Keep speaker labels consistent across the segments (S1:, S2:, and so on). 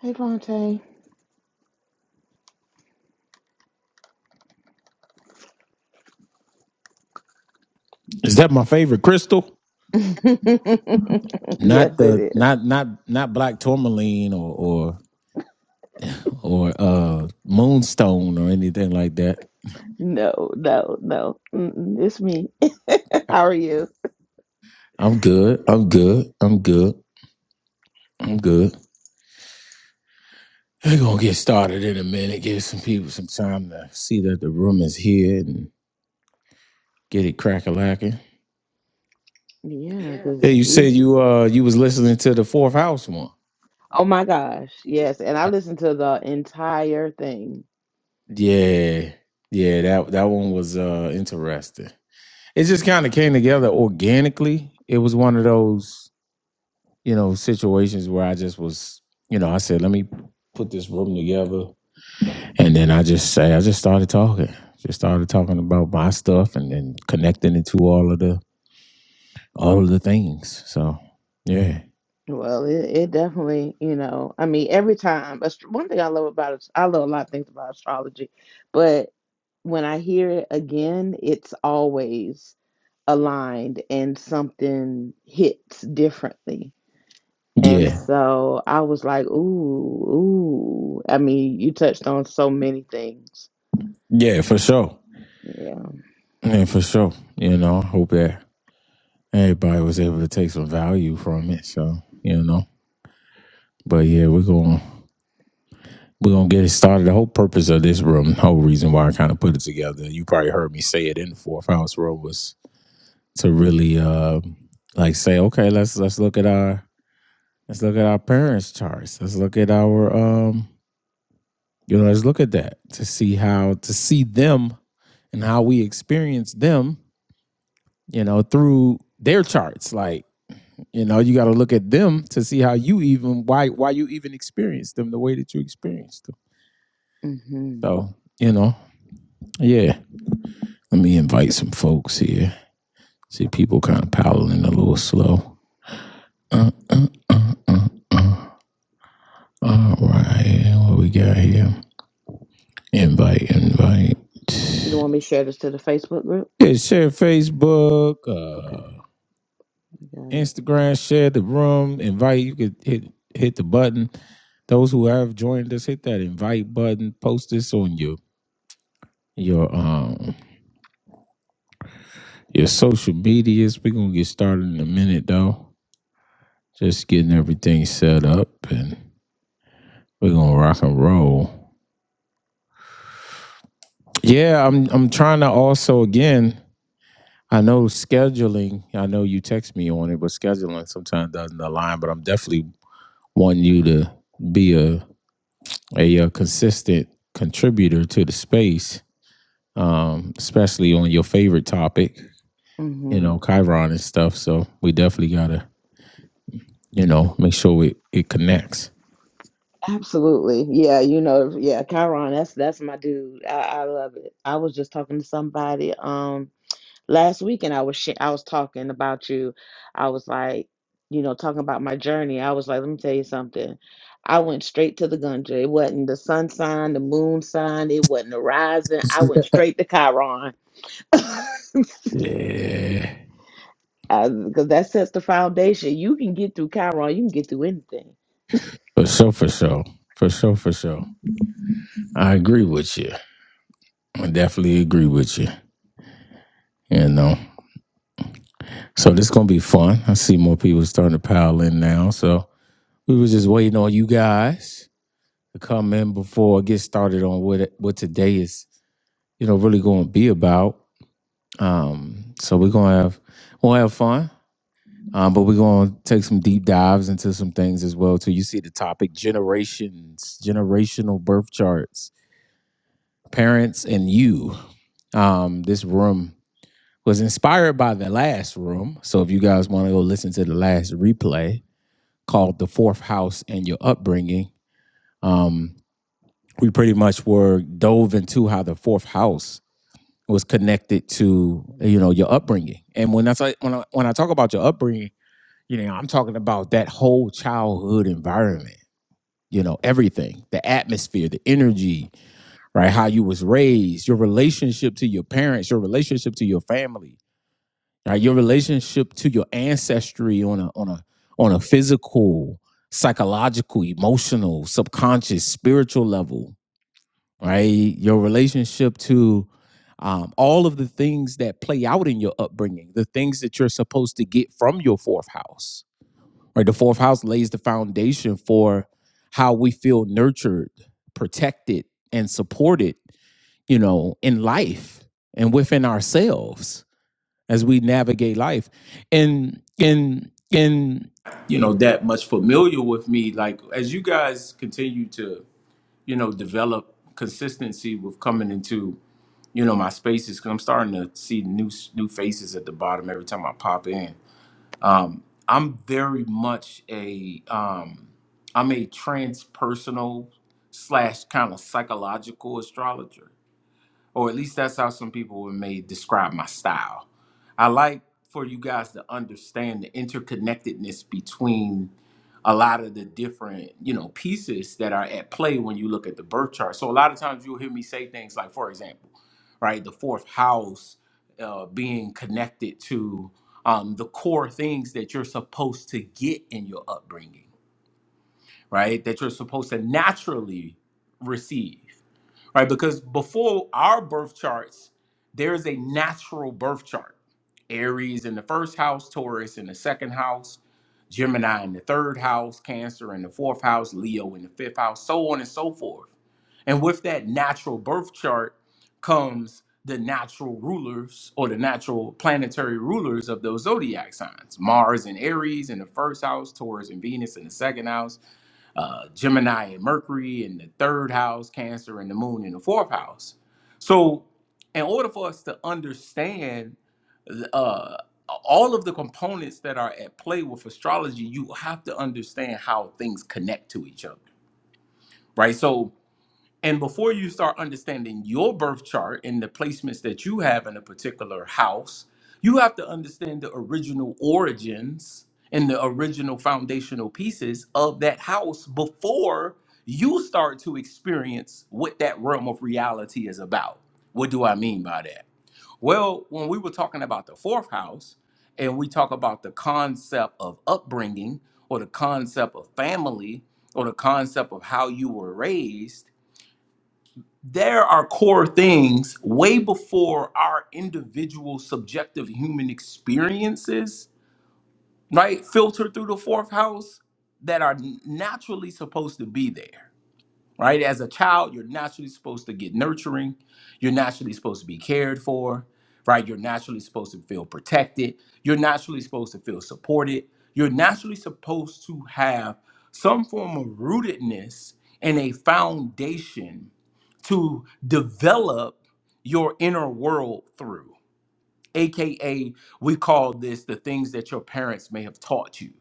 S1: Hey, Vontae.
S2: Is that my favorite crystal?
S1: yes,
S2: Not the
S1: it is.
S2: not not not black tourmaline or or or uh moonstone or anything like that.
S1: No, no, no. Mm-mm, it's me. How are you?
S2: I'm good. I'm good. I'm good. I'm good. We're gonna get started in a minute. Give some people some time to see that the room is here and get it crack a lacking.
S1: Yeah,
S2: Hey,
S1: because
S2: you
S1: you.
S2: said you uh you was listening to the fourth house one.
S1: Oh my gosh. Yes. And I listened to the entire thing.
S2: Yeah. Yeah, that that one was uh interesting. It just kind of came together organically. It was one of those. you know, situations where I just was, you know, I said, let me put this room together. And then I just say, I just started talking, just started talking about my stuff and then connecting it to all of the, all of the things. So yeah,
S1: Well, it, it definitely, you know, I mean, every time. ast- One thing I love about it, I love a lot of things about astrology, but when I hear it again, it's always aligned and something hits differently And
S2: yeah,
S1: so I was like, ooh, ooh. I mean, you touched on so many things.
S2: yeah, for sure.
S1: Yeah.
S2: Yeah, for sure. You know, I hope that everybody was able to take some value from it. So, you know, but yeah, we're going, to we're gonna get it started. The whole purpose of this room, the whole reason why I kind of put it together, you probably heard me say it in the fourth house room was to really uh like say okay let's let's look at our let's look at our parents charts let's look at our um you know let's look at that to see how to see them and how we experience them you know through their charts like you know you got to look at them to see how you even why why you even experience them the way that you experience them
S1: hmm
S2: so you know yeah let me invite some folks here see people kind of paddling a little slow uh, uh, uh, uh, uh. All right, what we got here? Invite, invite.
S1: You want me to share this to the Facebook group?
S2: Yeah, share Facebook,
S1: Okay,
S2: uh,
S1: I got it.
S2: Instagram, share the room, invite. You could hit hit the button. Those who have joined us, hit that invite button. Post this on your your um your social medias. We're gonna get started in a minute though. Just getting everything set up and we're gonna rock and roll. Yeah, I'm I'm trying to also again. I know scheduling, I know you text me on it, but scheduling sometimes doesn't align, but I'm definitely wanting you to be a, a, uh consistent contributor to the space, um, especially on your favorite topic, you know,
S1: hmm
S2: Chiron and stuff. So we definitely got to you know, make sure it, it connects.
S1: Absolutely. Yeah, you know, yeah, Chiron, that's that's my dude. I, I love it. I was just talking to somebody. Um, last weekend I was sh- I was talking about you. I was like, you know, talking about my journey. I was like, let me tell you something. I went straight to the Gunja. It wasn't the sun sign, the moon sign. It wasn't the rising. I went straight to Chiron
S2: Yeah.
S1: because that sets the foundation. You can get through Chiron. You can get through anything.
S2: For sure, for sure. For sure, for sure. I agree with you. I definitely agree with you. You know. So this gonna be fun. I see more people starting to pile in now. So we were just waiting on you guys. to come in before I get started on what it- what today is, you know, really going to be about. Um, so we're gonna have we'll have fun, um, but we're gonna take some deep dives into some things as well. too. you see the topic generations, generational birth charts, parents, and you. Um, this room was inspired by the last room. So if you guys want to go listen to the last replay called "The Fourth House and Your Upbringing," um, we pretty much were dove into how the fourth house was connected to you know your upbringing and when that's like when I, when I talk about your upbringing you know i'm talking about that whole childhood environment you know everything the atmosphere the energy right how you was raised your relationship to your parents your relationship to your family right your relationship to your ancestry on a on a on a physical psychological emotional subconscious spiritual level right? Your relationship to um, all of the things that play out in your upbringing, the things that you're supposed to get from your fourth house, right? The fourth house lays the foundation for how we feel nurtured, protected, and supported, you know, in life and within ourselves as we navigate life. And, and, and, you know, that much familiar with me. Like, as you guys continue to you know, develop consistency with coming into, you know, my spaces because I'm starting to see new new faces at the bottom every time I pop in. I'm very much a um, I'm a transpersonal slash kind of psychological astrologer or at least that's how some people may describe my style. I like for you guys to understand the interconnectedness between a lot of the different, you know, pieces that are at play when you look at the birth chart. So a lot of times you'll hear me say things like, for example, right, the fourth house uh, being connected to um, the core things that you're supposed to get in your upbringing, right? That you're supposed to naturally receive right? Because before our birth charts, there is a natural birth chart Aries in the first house, Taurus in the second house, Gemini in the third house, Cancer in the fourth house, Leo in the fifth house, so on and so forth. And with that natural birth chart comes the natural rulers or the natural planetary rulers of those zodiac signs Mars in Aries in the first house, Taurus and Venus in the second house uh, Gemini and Mercury in the third house, Cancer and the moon in the fourth house. So, in order for us to understand uh, all of the components that are at play with astrology, you have to understand how things connect to each other, right? So, and before you start understanding your birth chart and the placements that you have in a particular house, you have to understand the original origins and the original foundational pieces of that house before you start to experience what that realm of reality is about. What do I mean by that? Well, when we were talking about the fourth house and we talk about the concept of upbringing or the concept of family or the concept of how you were raised there are core things way before our individual subjective human experiences, right? Filtered through the fourth house that are naturally supposed to be there right? As a child, you're naturally supposed to get nurturing. You're naturally supposed to be cared for, right? You're naturally supposed to feel protected. You're naturally supposed to feel supported. You're naturally supposed to have some form of rootedness and a foundation to develop your inner world through AKA, we call this the things that your parents may have taught you,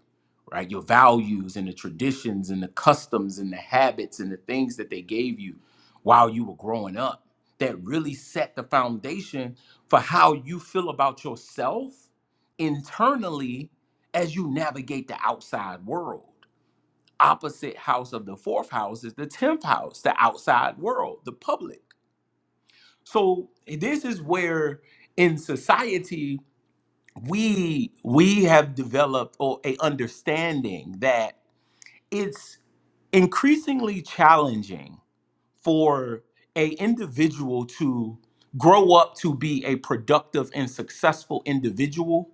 S2: right? Your values and the traditions and the customs and the habits and the things that they gave you while you were growing up that really set the foundation for how you feel about yourself internally as you navigate the outside world. Opposite house of the fourth house is the 10th house, the outside world, the public. So, this is where in society, we we have developed or a understanding that it's increasingly challenging for a individual to grow up to be a productive and successful individual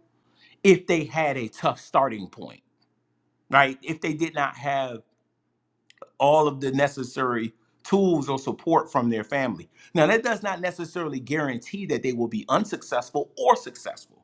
S2: if they had a tough starting point right if they did not have all of the necessary tools or support from their family now that does not necessarily guarantee that they will be unsuccessful or successful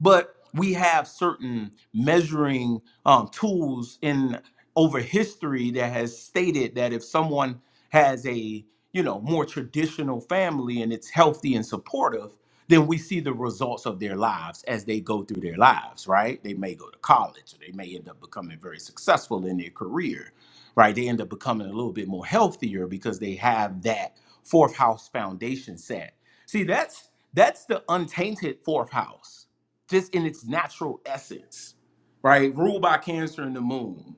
S2: but we have certain measuring um, tools in over history that has stated that if someone has a you know more traditional family and it's healthy and supportive then we see the results of their lives as they go through their lives right they may go to college or they may end up becoming very successful in their career right they end up becoming a little bit more healthier because they have that fourth house foundation set see that's that's the untainted fourth house just in its natural essence, right? Ruled by Cancer and the Moon,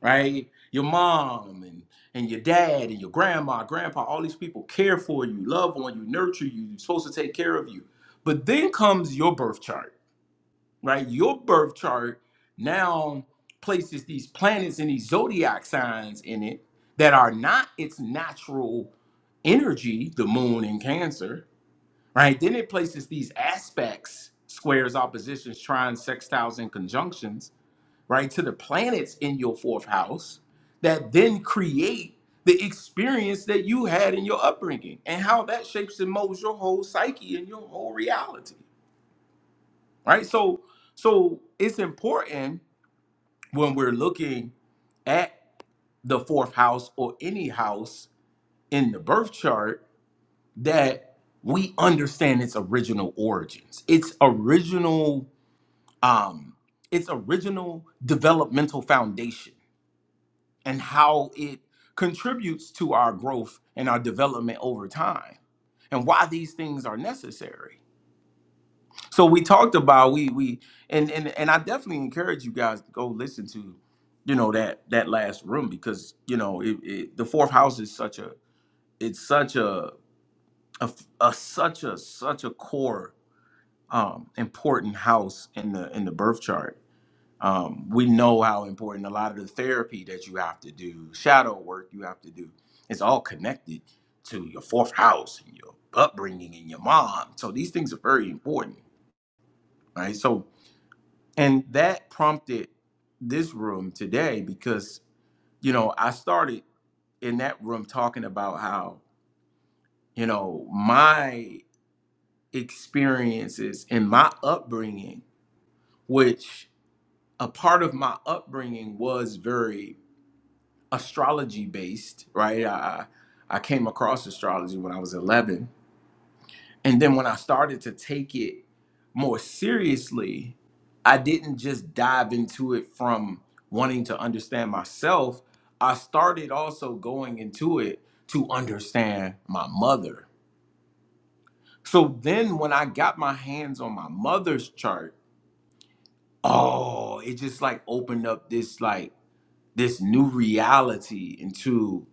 S2: right? Your mom and and your dad and your grandma, grandpa, all these people care for you, love on you, nurture you. You're supposed to take care of you. But then comes your birth chart, right? Your birth chart now places these planets and these zodiac signs in it that are not its natural energy, the moon in Cancer, right? Then it places these aspects, squares, oppositions, trines, sextiles, and conjunctions, right, to the planets in your fourth house that then create the experience that you had in your upbringing and how that shapes and molds your whole psyche and your whole reality, right? So, so it's important when we're looking at the fourth house or any house in the birth chart that we understand its original origins, its original um its original developmental foundation and how it contributes to our growth and our development over time and why these things are necessary. So we talked about we we and and and I definitely encourage you guys to go listen to you know that that last room because you know it, it the fourth house is such a it's such a a, a such a such a core um, important house in the in the birth chart. Um, we know how important a lot of the therapy that you have to do, shadow work you have to do, it's all connected to your fourth house and your upbringing and your mom. So these things are very important, right? So and that prompted this room today because you know, I started in that room talking about how, you know, my experiences and my upbringing, which a part of my upbringing was very astrology based, right? I I came across astrology when I was 11, and then when I started to take it more seriously, I didn't just dive into it from wanting to understand myself. I started also going into it to understand my mother. So then when I got my hands on my mother's chart, oh, it just like opened up this like this new reality into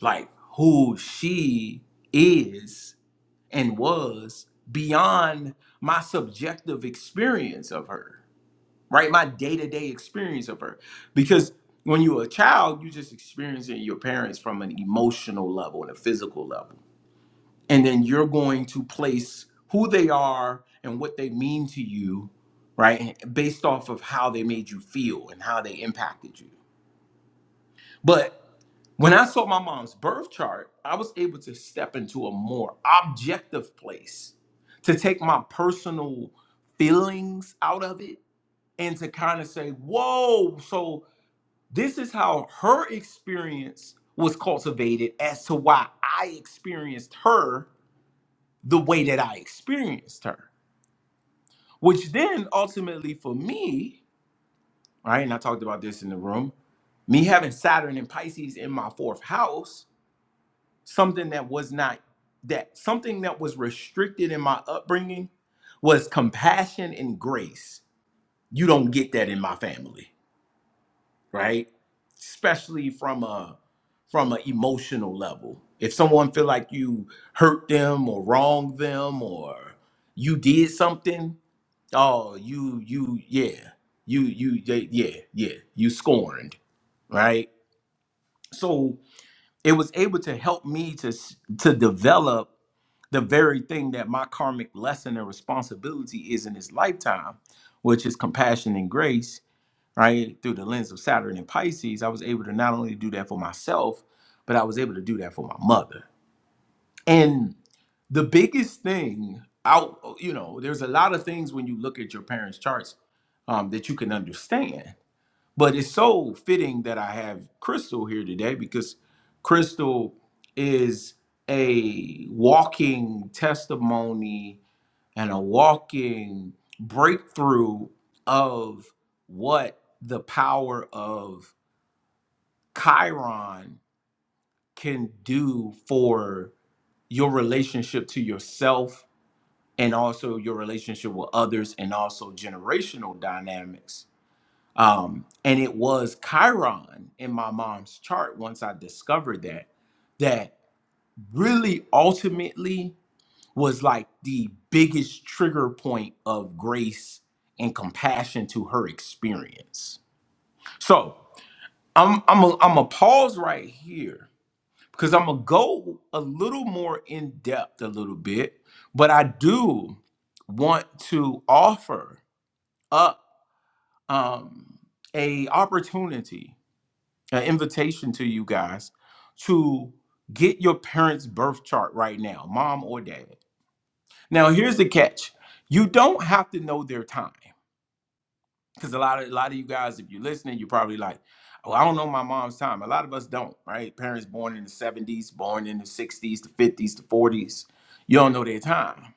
S2: like who she is and was beyond my subjective experience of her, right? My day to day experience of her. Because when you're a child, you're just experiencing your parents from an emotional level and a physical level. And then you're going to place who they are and what they mean to you, right? Based off of how they made you feel and how they impacted you. but. When I saw my mom's birth chart, I was able to step into a more objective place to take my personal feelings out of it and to kind of say, whoa, so this is how her experience was cultivated as to why I experienced her the way that I experienced her. Which then ultimately for me, right, and I talked about this in the room, me having Saturn and Pisces in my fourth house something that was not that something that was restricted in my upbringing was compassion and grace you don't get that in my family right especially from a from an emotional level if someone feel like you hurt them or wronged them or you did something oh you you yeah you you they- yeah yeah you scorned right so it was able to help me to s- to develop the very thing that my karmic lesson and responsibility is in this lifetime, which is compassion and grace, right? Through the lens of Saturn and Pisces, I was able to not only do that for myself, but I was able to do that for my mother. And the biggest thing out, you know, there's a lot of things when you look at your parents' charts um, that you can understand. But it's so fitting that I have Crystal here today because Crystal is a walking testimony and a walking breakthrough of what the power of Chiron can do for your relationship to yourself and also your relationship with others and also generational dynamics Um, and it was Chiron in my mom's chart once I discovered that, that really ultimately was like the biggest trigger point of grace and compassion to her experience. So I'm I'm a, I'm a pause right here because I'm gonna go a little more in depth a little bit, but I do want to offer up um, a opportunity an invitation to you guys to get your parents' birth chart right now, mom or dad. Now, here's the catch: you don't have to know their time, because a lot of a lot of you guys, if you're listening, you're probably like, "Oh, I don't know my mom's time." A lot of us don't, right? Parents born in the '70s, born in the '60s, the '50s, the '40s, you don't know their time,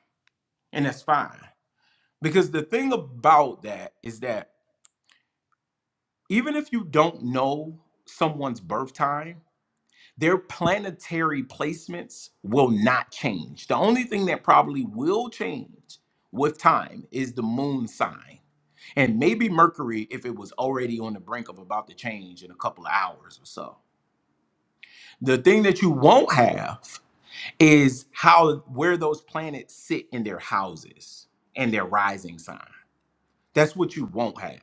S2: and that's fine. Because the thing about that is that even if you don't know someone's birth time their planetary placements will not change. The only thing that probably will change with time is the moon sign. And maybe Mercury, if it was already on the brink of about to change in a couple of hours or so. The thing that you won't have is how where those planets sit in their houses and their rising sign. That's what you won't have.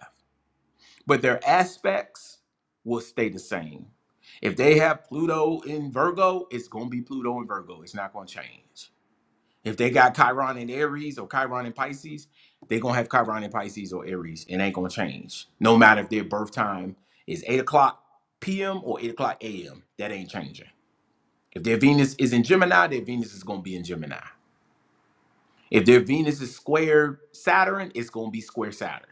S2: but their aspects will stay the same. If they have Pluto in Virgo, it's going to be Pluto in Virgo. It's not going to change. If they got Chiron in Aries or Chiron in Pisces, they're going to have Chiron in Pisces or Aries. It ain't going to change. No matter if their birth time is 8 o'clock p.m. or 8 o'clock a.m., that ain't changing. If their Venus is in Gemini, their Venus is going to be in Gemini. If their Venus is square Saturn, it's going to be square Saturn.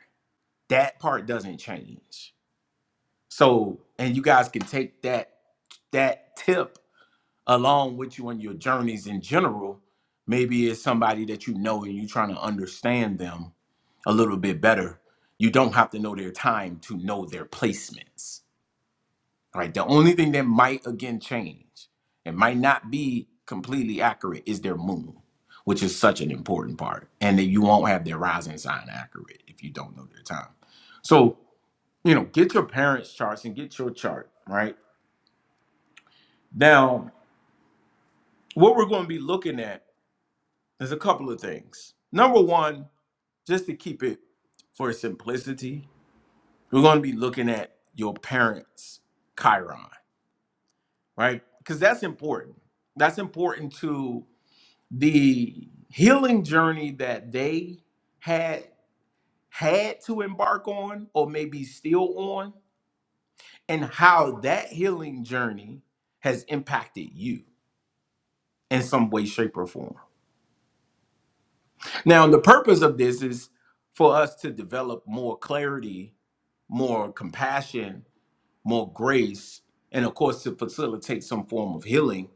S2: That part doesn't change So, and you guys can take that that tip along with you on your journeys in general. Maybe it's somebody that you know and you're trying to understand them a little bit better. You don't have to know their time to know their placements. Right. The only thing that might again change and might not be completely accurate is their moon, which is such an important part. And that you won't have their rising sign accurate if you don't know their time. So you know, get your parents' charts and get your chart, right? Now, what we're going to be looking at is a couple of things. Number one, just to keep it for simplicity, we're going to be looking at your parents' Chiron, right? Because that's important. That's important to the healing journey that they had had to embark on or maybe still on and how that healing journey has impacted you in some way, shape, or form. Now, the purpose of this is for us to develop more clarity, more compassion, more grace, and of course, to facilitate some form of healing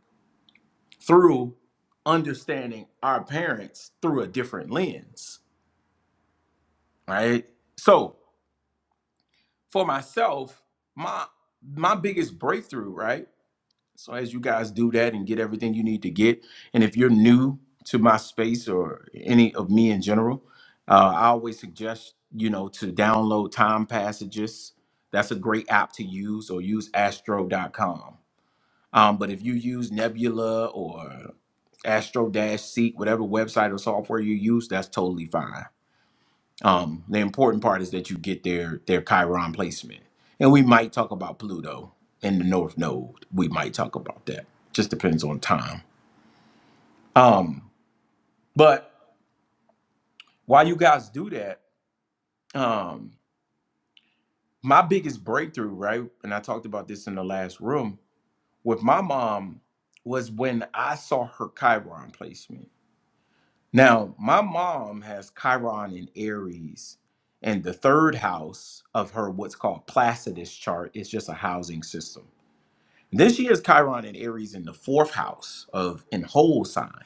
S2: through understanding our parents through a different lens, right? So, for myself, my my biggest breakthrough, right? So as you guys do that and get everything you need to get, and if you're new to my space or any of me in general, uh, I always suggest you know to download Time Passages. That's a great app to use, or use Astro.com. Um, but if you use Nebula or Astro Dash Seek, whatever website or software you use, that's totally fine. Um, the important part is that you get their their Chiron placement, and we might talk about Pluto in the North Node. We might talk about that. Just depends on time. Um, but while you guys do that, um, my biggest breakthrough, right? And I talked about this in the last room with my mom was when I saw her Chiron placement. Now, my mom has Chiron in Aries, and the third house of her what's called Placidus chart is just a housing system. This year's Chiron and Aries in the fourth house of in whole sign.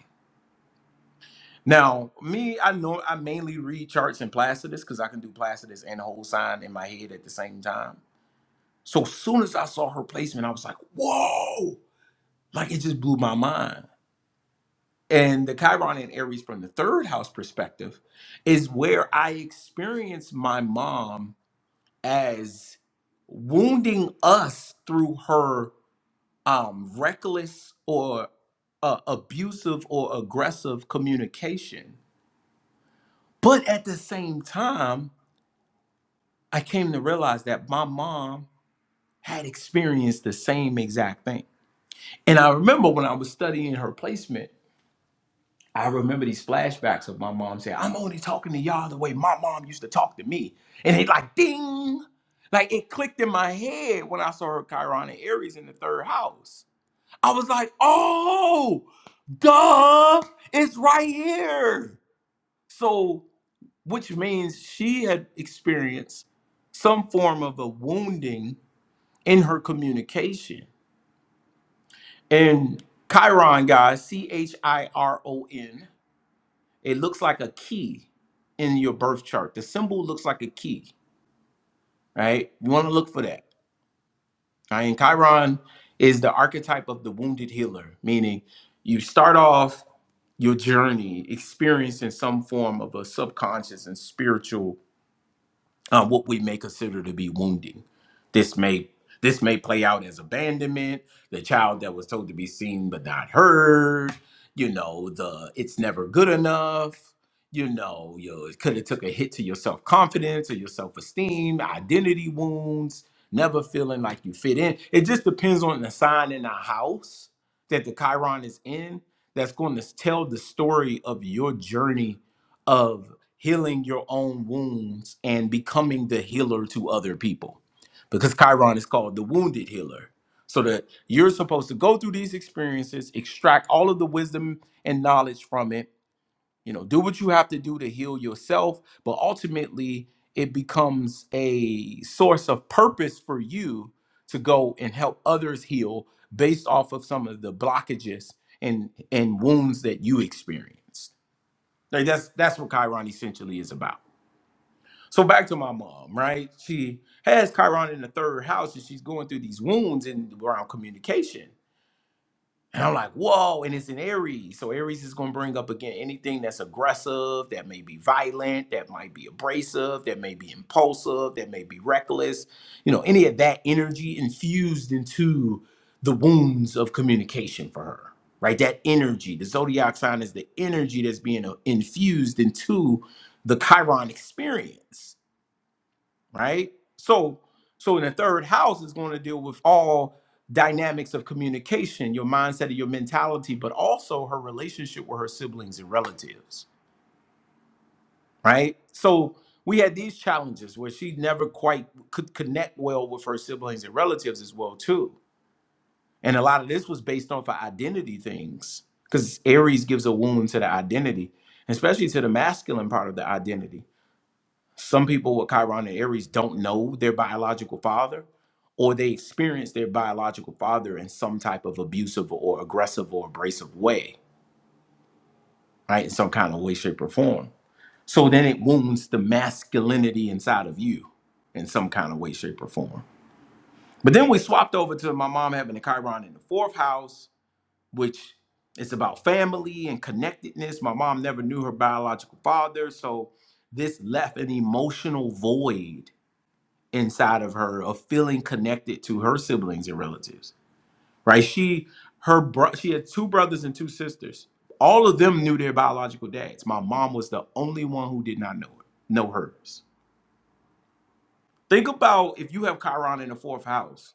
S2: Now, me, I know I mainly read charts in Placidus because I can do Placidus and whole sign in my head at the same time. So as soon as I saw her placement, I was like, whoa! Like it just blew my mind. And the Chiron and Aries from the third house perspective is where I experienced my mom as wounding us through her um, reckless or uh, abusive or aggressive communication. But at the same time, I came to realize that my mom had experienced the same exact thing. And I remember when I was studying her placement, I remember these flashbacks of my mom saying, I'm only talking to y'all the way my mom used to talk to me. And it like ding, like it clicked in my head when I saw her Chiron and Aries in the third house I was like, oh, duh, it's right here. So, which means she had experienced some form of a wounding in her communication. And Chiron, guys, C H I R O N, it looks like a key in your birth chart. The symbol looks like a key, right? You want to look for that. I mean, Chiron is the archetype of the wounded healer, meaning you start off your journey experiencing some form of a subconscious and spiritual uh, what we may consider to be wounding. This may this may play out as abandonment, the child that was told to be seen but not heard. You know, the it's never good enough. You know, you it could have took a hit to your self confidence or your self esteem, identity wounds, never feeling like you fit in. It just depends on the sign in the house that the Chiron is in that's going to tell the story of your journey healing your own wounds and becoming the healer to other people. Because Chiron is called the wounded healer. So that you're supposed to go through these experiences, extract all of the wisdom and knowledge from it, you know, do what you have to do to heal yourself, but ultimately it becomes a source of purpose for you to go and help others heal based off of some of the blockages and and wounds that you experienced. Like that's that's what Chiron essentially is about. So back to my mom, right? She has Chiron in the third house and she's going through these wounds in around communication. And I'm like, whoa, and it's in Aries. So Aries is gonna bring up again anything that's aggressive, that may be violent, that might be abrasive, that may be impulsive, that may be reckless, you know, any of that energy infused into the wounds of communication for her. Right, that energy, the zodiac sign is the energy that's being uh, infused into the Chiron experience right? So, so in the third house is going to deal with all dynamics of communication, your mindset, and your mentality, but also her relationship with her siblings and relatives, right? So we had these challenges where she never quite could connect well with her siblings and relatives as well too, and a lot of this was based off of identity things because Aries gives a wound to the identity, especially to the masculine part of the identity Some people with Chiron and Aries don't know their biological father, or they experience their biological father in some type of abusive or aggressive or abrasive way, right? In some kind of way, shape, or form. So then it wounds the masculinity inside of you in some kind of way, shape, or form. But then we swapped over to my mom having a Chiron in the fourth house, which is about family and connectedness. My mom never knew her biological father. So this left an emotional void inside of her of feeling connected to her siblings and relatives right she her bro- she had two brothers and two sisters all of them knew their biological dads my mom was the only one who did not know her, know hers think about if you have chiron in the fourth house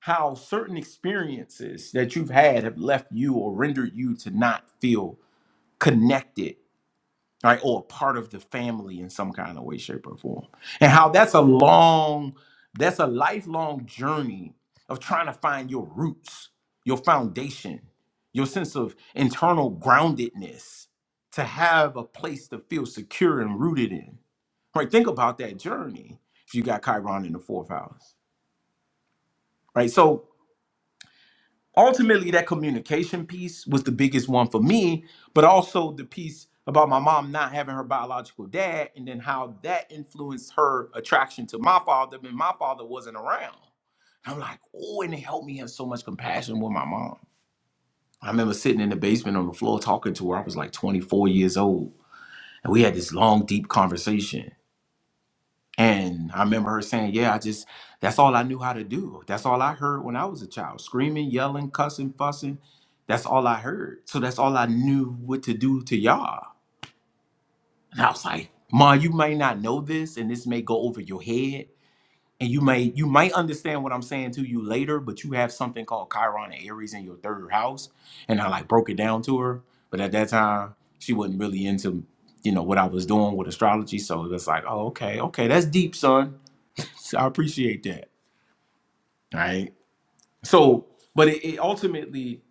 S2: how certain experiences that you've had have left you or rendered you to not feel connected right? Or part of the family in some kind of way, shape, or form. And how that's a long, that's a lifelong journey of trying to find your roots, your foundation, your sense of internal groundedness, to have a place to feel secure and rooted in. Right? Think about that journey if you got Chiron in the fourth house. Right. So ultimately that communication piece was the biggest one for me but also the piece about my mom not having her biological dad and then how that influenced her attraction to my father when my father wasn't around i'm like oh and it helped me have so much compassion with my mom i remember sitting in the basement on the floor talking to her i was like 24 years old and we had this long deep conversation and I remember her saying, Yeah, I just, that's all I knew how to do. That's all I heard when I was a child screaming, yelling, cussing, fussing. That's all I heard. So that's all I knew what to do to y'all. And I was like, Ma, you may not know this, and this may go over your head. And you may you might understand what I'm saying to you later, but you have something called Chiron and Aries in your third house. And I like broke it down to her. But at that time, she wasn't really into, you know, what I was doing with astrology. So it was like, oh, okay, okay, that's deep, son so I appreciate that. Right. So, but it, it ultimately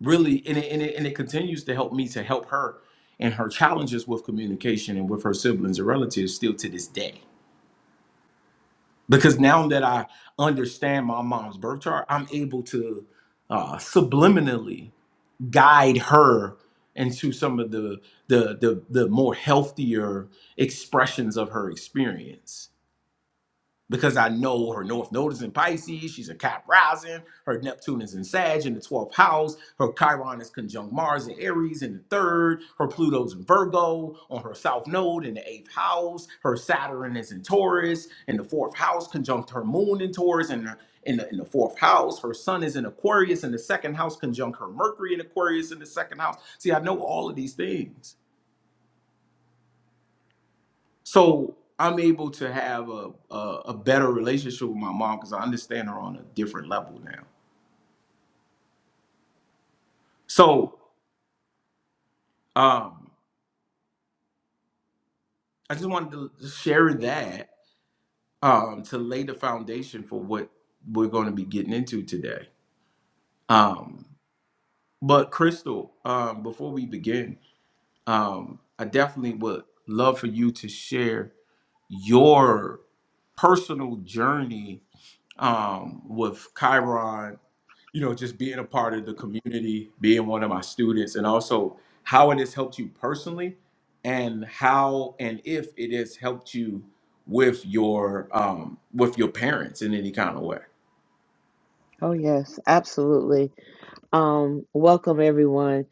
S2: really and it, and it and it continues to help me to help her and her challenges with communication and with her siblings and relatives still to this day. Because now that I understand my mom's birth chart, I'm able to uh, subliminally guide her into some of the the the, the more healthier expressions of her experience because I know her North Node is in Pisces, she's a Cap rising, her Neptune is in Sag in the 12th house, her Chiron is conjunct Mars in Aries in the third, her Pluto's in Virgo on her South Node in the eighth house, her Saturn is in Taurus in the fourth house, conjunct her Moon in Taurus and in the, in the fourth house, her sun is in Aquarius in the second house, conjunct her Mercury in Aquarius in the second house. See, I know all of these things. So I'm able to have a a, a better relationship with my mom because I understand her on a different level now. So um, I just wanted to share that um, to lay the foundation for what we're going to be getting into today. Um, but Crystal, um, before we begin, um, I definitely would love for you to share your personal journey um, with Chiron you know, just being a part of the community, being one of my students, and also how it has helped you personally, and how and if it has helped you with your um, with your parents in any kind of way.
S1: Oh yes, absolutely. Um, welcome everyone.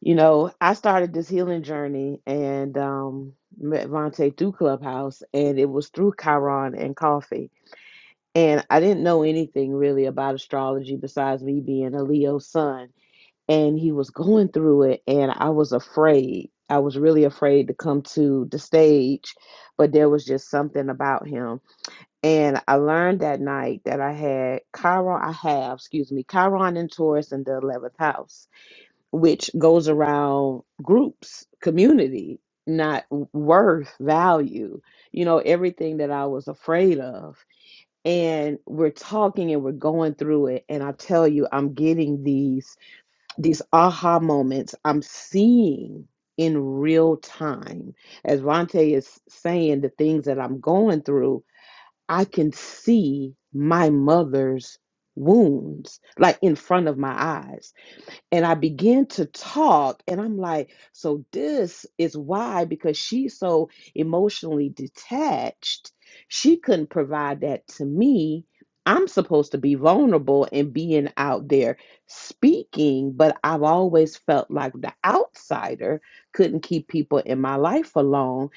S1: You know, I started this healing journey and um, met Vontae through Clubhouse, and it was through Chiron and coffee and I didn't know anything really about astrology besides me being a Leo sun. And he was going through it, and I was afraid. I was really afraid to come to the stage, but there was just something about him. And I learned that night that I had Chiron, I have, excuse me, Chiron and Taurus in the 11th house, which goes around groups, community, not worth, value, you know, everything that I was afraid of and we're talking and we're going through it and i tell you i'm getting these these aha moments i'm seeing in real time as ronte is saying the things that i'm going through i can see my mother's wounds like in front of my eyes and I began to talk, and I'm like, so this is why, because she's so emotionally detached, she couldn't provide that to me. I'm supposed to be vulnerable and being out there speaking, but I've always felt like the outsider couldn't keep people in my life for long.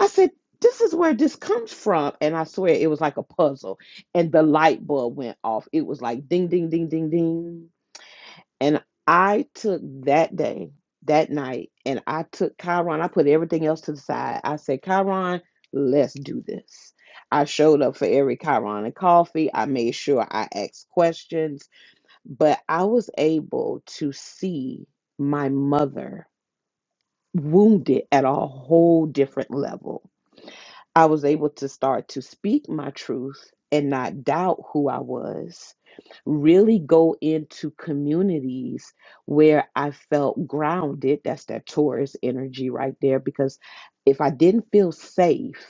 S1: I said, this is where this comes from. And I swear it was like a puzzle. And the light bulb went off. It was like ding, ding, ding, ding, ding and I took that day, that night, and I took Chiron. I put everything else to the side. I said, Chiron, let's do this. I showed up for every Chiron and coffee. I made sure I asked questions, but I was able to see my mother wounded at a whole different level I was able to start to speak my truth and not doubt who I was, really go into communities where I felt grounded. That's that Taurus energy right there. Because if I didn't feel safe,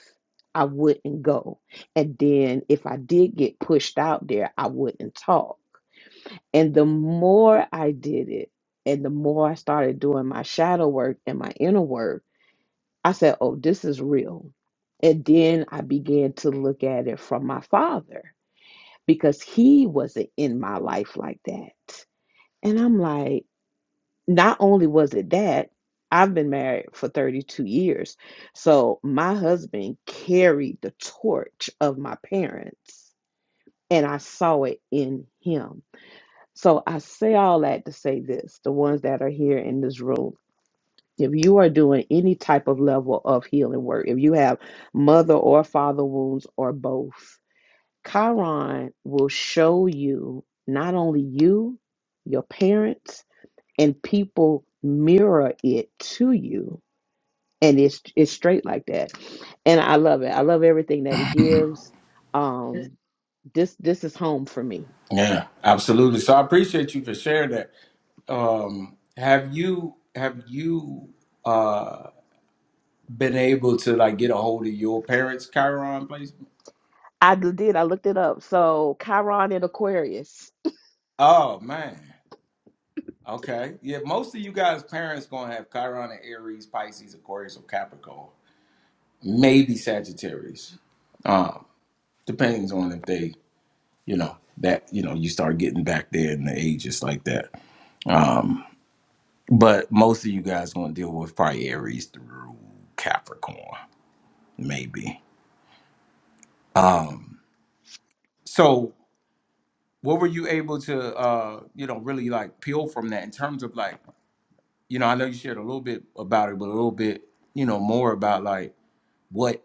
S1: I wouldn't go. And then if I did get pushed out there, I wouldn't talk. And the more I did it, and the more I started doing my shadow work and my inner work, I said, oh, this is real. And then I began to look at it from my father because he wasn't in my life like that. And I'm like, not only was it that, I've been married for 32 years. So my husband carried the torch of my parents, and I saw it in him. So I say all that to say this the ones that are here in this room. If you are doing any type of level of healing work, if you have mother or father wounds or both, Chiron will show you not only you, your parents, and people mirror it to you. And it's it's straight like that. And I love it. I love everything that it gives. Um this this is home for me.
S2: Yeah, absolutely. So I appreciate you for sharing that. Um, have you have you uh been able to like get a hold of your parents' Chiron placement?
S1: I did, I looked it up. So Chiron and Aquarius.
S2: Oh man. Okay. Yeah, most of you guys' parents gonna have Chiron in Aries, Pisces, Aquarius, or Capricorn. maybe Sagittarius. Um, depends on if they, you know, that you know, you start getting back there in the ages like that. Um, but most of you guys gonna deal with probably Aries through Capricorn, maybe. Um, so what were you able to uh, you know, really like peel from that in terms of like, you know, I know you shared a little bit about it, but a little bit, you know, more about like what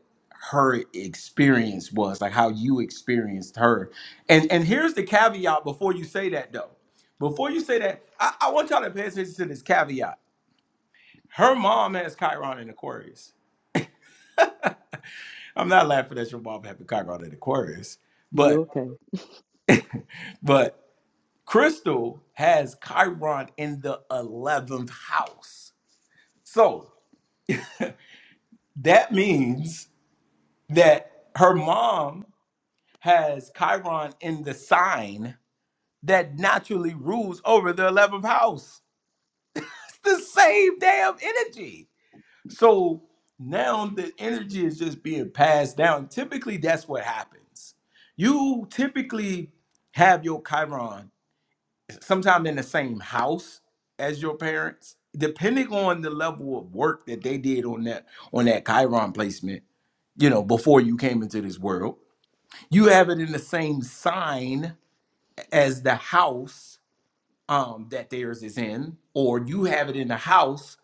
S2: her experience was, like how you experienced her. And and here's the caveat before you say that though. Before you say that, I, I want y'all to pay attention to this caveat. Her mom has Chiron in Aquarius. I'm not laughing at your mom having Chiron in Aquarius,
S1: You
S2: but
S1: okay?
S2: but Crystal has Chiron in the 11th house. So that means that her mom has Chiron in the sign that naturally rules over the 11th house. It's the same damn energy. So now the energy is just being passed down. Typically, that's what happens. You typically have your Chiron sometime in the same house as your parents, depending on the level of work that they did on that on that Chiron placement. You know, before you came into this world, you have it in the same sign as the house um, that theirs is in, or you have it in the house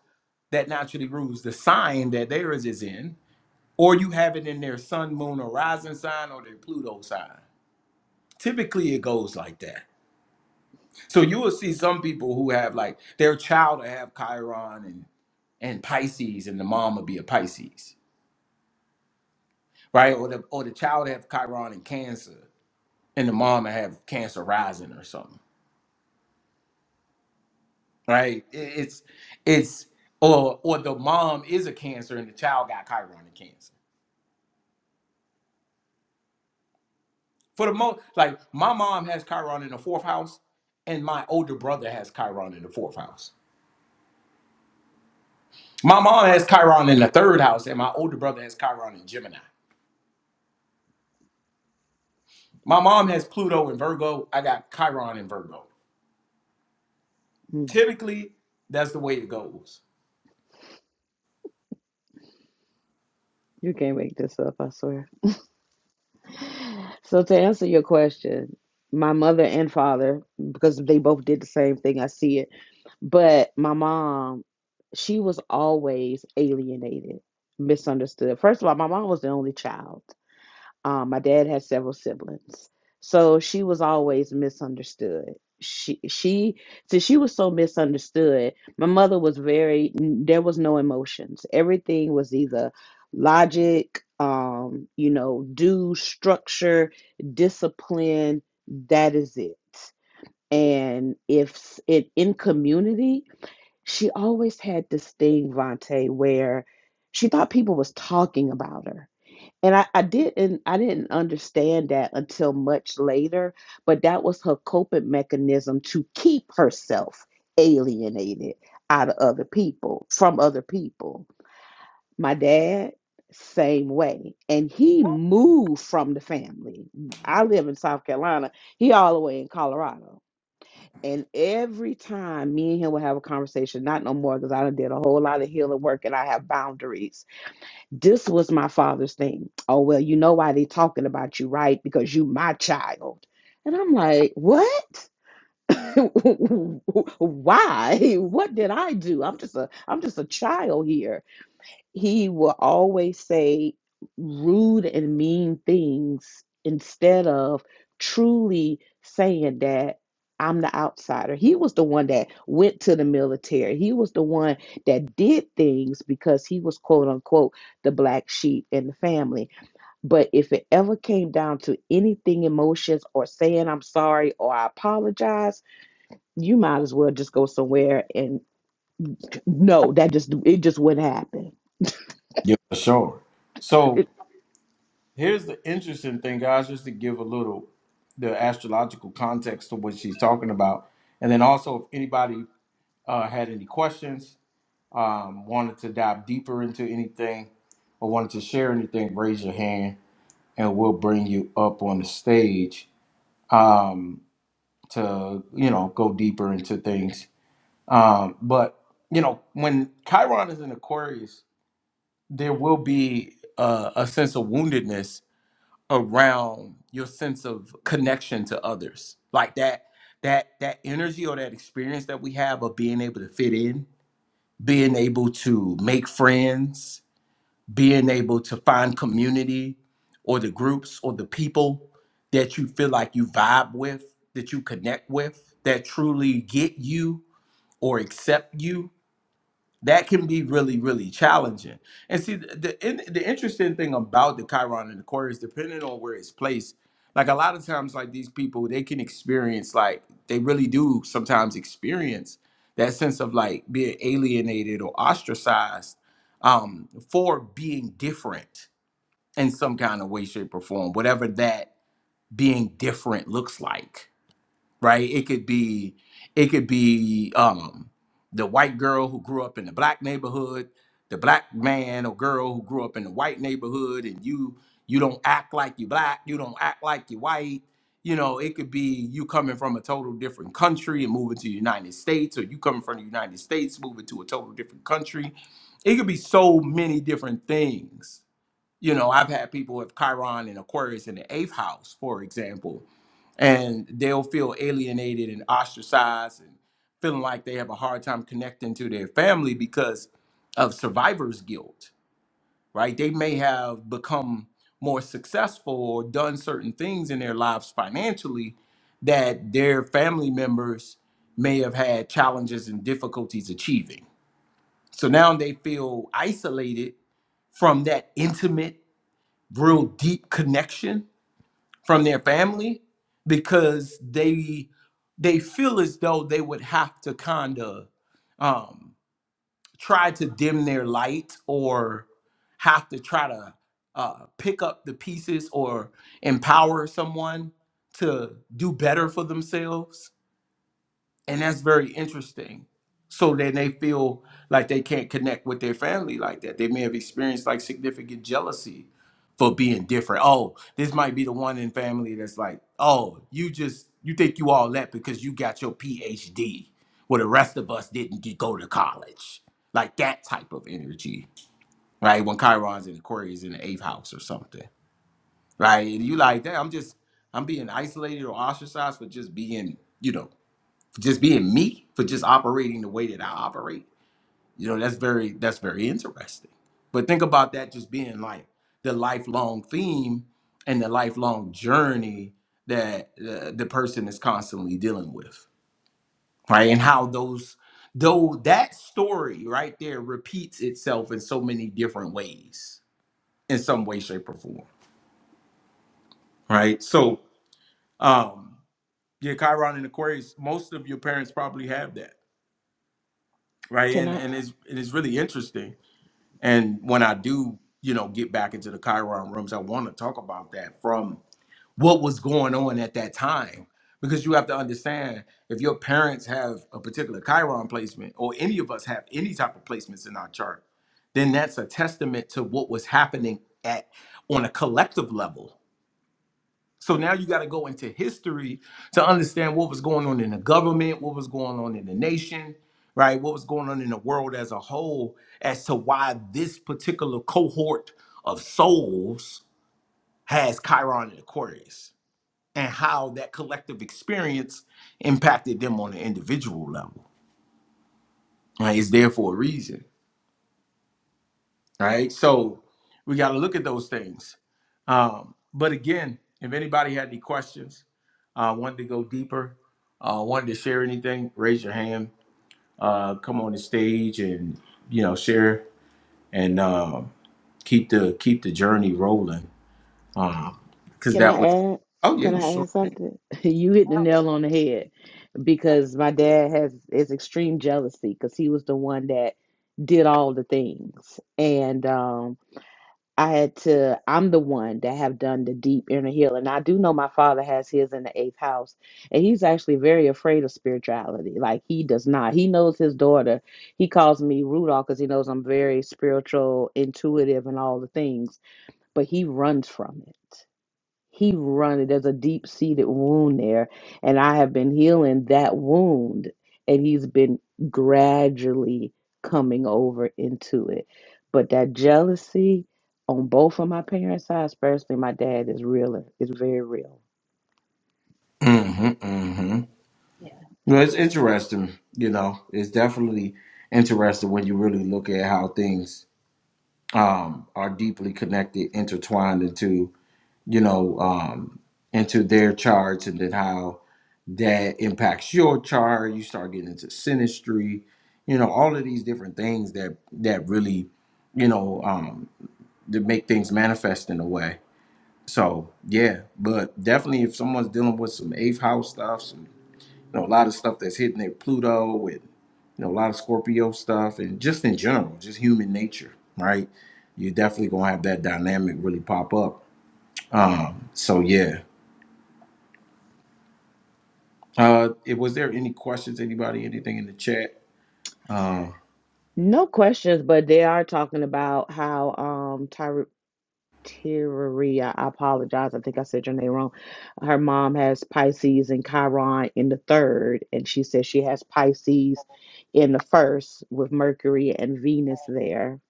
S2: that naturally rules the sign that theirs is in, or you have it in their sun, moon, or rising sign, or their Pluto sign. Typically, it goes like that. So you will see some people who have like their child will have Chiron and and Pisces, and the mom would be a Pisces, right? Or the or the child have Chiron and Cancer, and the mom would have Cancer rising or something right? It- It's it's or or the mom is a cancer and the child got Chiron chironic cancer. For the most, like my mom has Chiron in the fourth house, and my older brother has Chiron in the fourth house. My mom has Chiron in the third house, and my older brother has Chiron in Gemini. My mom has Pluto in Virgo. I got Chiron in Virgo.
S1: Mm,
S2: Typically, that's the way it goes.
S1: You can't make this up, I swear. So to answer your question, my mother and father, because they both did the same thing, I see it. But my mom, she was always alienated, misunderstood. First of all, my mom was the only child. Um, my dad had several siblings, so she was always misunderstood. She she since she was so misunderstood, my mother was very n- there was no emotions. Everything was either logic, um, you know, do structure, discipline. That is it. And if s- it in community, she always had this thing, Vontae, where she thought people was talking about her and I, I didn't I didn't understand that until much later, but that was her coping mechanism to keep herself alienated out of other people from other people. My dad, same way. And he moved from the family. I live in South Carolina. He all the way in Colorado. And every time me and him would have a conversation, not no more because I done did a whole lot of healing work and I have boundaries this was my father's thing. Oh, well, you know why they talking about you, right? Because you my child. And I'm like, what? why? What did I do? I'm just a I'm just a child here he will always say rude and mean things instead of truly saying that I'm the outsider. He was the one that went to the military. He was the one that did things because he was quote unquote the black sheep in the family. But if it ever came down to anything emotions or saying I'm sorry or I apologize, you might as well just go somewhere and no, that just it just wouldn't happen.
S2: Yeah, for sure. So
S1: It,
S2: Here's the interesting thing, guys, just to give a little the astrological context to what she's talking about, and then also if anybody uh, had any questions, um, wanted to dive deeper into anything, or wanted to share anything, raise your hand, and we'll bring you up on the stage um, to you know go deeper into things. Um, but you know when Chiron is in Aquarius, there will be uh, a sense of woundedness around your sense of connection to others like that that that energy or that experience that we have of being able to fit in being able to make friends being able to find community or the groups or the people that you feel like you vibe with that you connect with that truly get you or accept you that can be really really challenging and see the the, in, the interesting thing about the chiron and aquarius depending on where it's placed like a lot of times like these people they can experience like they really do sometimes experience that sense of like being alienated or ostracized um for being different in some kind of way shape or form whatever that being different looks like right? It could be it could be um the white girl who grew up in the black neighborhood, the black man or girl who grew up in the white neighborhood, and you you don't act like you black, you don't act like you white. You know, it could be you coming from a total different country and moving to the United States, or you coming from the United States moving to a total different country. It could be so many different things. You know, I've had people with Chiron and Aquarius in the eighth house, for example, and they'll feel alienated and ostracized and feeling like they have a hard time connecting to their family because of survivor's guilt, right? They may have become more successful or done certain things in their lives financially that their family members may have had challenges and difficulties achieving. So now they feel isolated from that intimate, real deep connection from their family because they they feel as though they would have to kind of um, try to dim their light or have to try to uh, pick up the pieces or empower someone to do better for themselves and that's very interesting so then they feel like they can't connect with their family like that they may have experienced like significant jealousy for being different oh this might be the one in family that's like oh you just you think you all that because you got your phd where the rest of us didn't get, go to college like that type of energy right when chiron's in aquarius in the eighth house or something right and you like that i'm just i'm being isolated or ostracized for just being you know just being me for just operating the way that I operate. You know, that's very that's very interesting. But think about that just being like the lifelong theme and the lifelong journey that uh, the person is constantly dealing with, right? And how those though that story right there repeats itself in so many different ways, in some way, shape, or form, right? So, um, yeah, Chiron and Aquarius, most of your parents probably have that, right?
S1: Can
S2: And
S1: I?
S2: and it's it is really interesting And when I do, you know, get back into the Chiron rooms, I want to talk about that from what was going on at that time. Because you have to understand if your parents have a particular Chiron placement, or any of us have any type of placements in our chart, then that's a testament to what was happening at on a collective level so now you got to go into history to understand what was going on in the government, what was going on in the nation, right? What was going on in the world as a whole as to why this particular cohort of souls has Chiron and Aquarius and how that collective experience impacted them on an individual level. Right? It's there for a reason. right? So we got to look at those things. Um, but again, if anybody had any questions, uh, wanted to go deeper, uh, wanted to share anything, raise your hand. Uh, come on the stage and you know share and uh, keep the keep the journey rolling. Because
S1: Can
S2: that
S1: I
S2: was
S1: add?
S2: oh yeah,
S1: Can
S2: you
S1: I
S2: sure.
S1: add something? You hit the nail on the head because my dad has is extreme jealousy because he was the one that did all the things, and um, I had to. I'm the one that have done the deep inner healing. I do know my father has his in the eighth house, and he's actually very afraid of spirituality. Like he does not. He knows his daughter. He calls me Rudolph because he knows I'm very spiritual, intuitive, and all the things, but he runs from it he running. There's a deep seated wound there, and I have been healing that wound, and he's been gradually coming over into it. But that jealousy on both of my parents' sides, especially my dad, is real. It's very real.
S2: Mm-hmm, mm-hmm.
S1: Yeah.
S2: Well, it's interesting. You know, it's definitely interesting when you really look at how things um, are deeply connected, intertwined into you know, um, into their charts and then how that impacts your chart. You start getting into synastry, you know, all of these different things that that really, you know, um, that make things manifest in a way. So yeah, but definitely if someone's dealing with some eighth house stuff, some you know, a lot of stuff that's hitting their Pluto and you know, a lot of Scorpio stuff and just in general, just human nature, right? You're definitely gonna have that dynamic really pop up. Um, so yeah. Uh, it, was there any questions? Anybody? Anything in the chat? Um,
S1: No questions, but they are talking about how um Tyra. Tyria. I apologize. I think I said your name wrong. Her mom has Pisces and Chiron in the third, and she says she has Pisces in the first with Mercury and Venus there.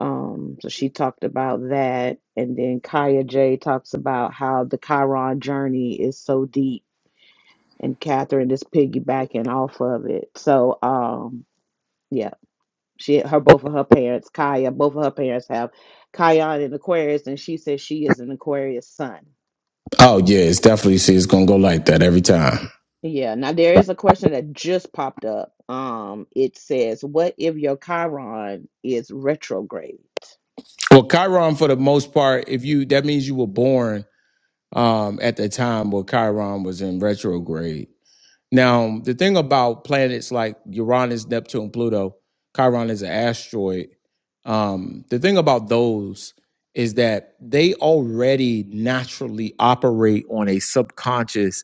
S1: Um, so she talked about that, and then Kaya J talks about how the Chiron journey is so deep, and Catherine is piggybacking off of it. So, um. yeah, she her both of her parents kaya both of her parents have kaya in aquarius and she says she is an aquarius sun
S2: Oh yeah, it's definitely see it's gonna go like that every time.
S1: yeah now there
S2: Right.
S1: is a question that just popped up um it says what if your chiron is retrograde
S2: Well, Chiron for the most part, if you that means you were born um at the time where Chiron was in retrograde. Now, the thing about planets like Uranus, Neptune, Pluto, Chiron is an asteroid. Um, the thing about those is that they already naturally operate on a subconscious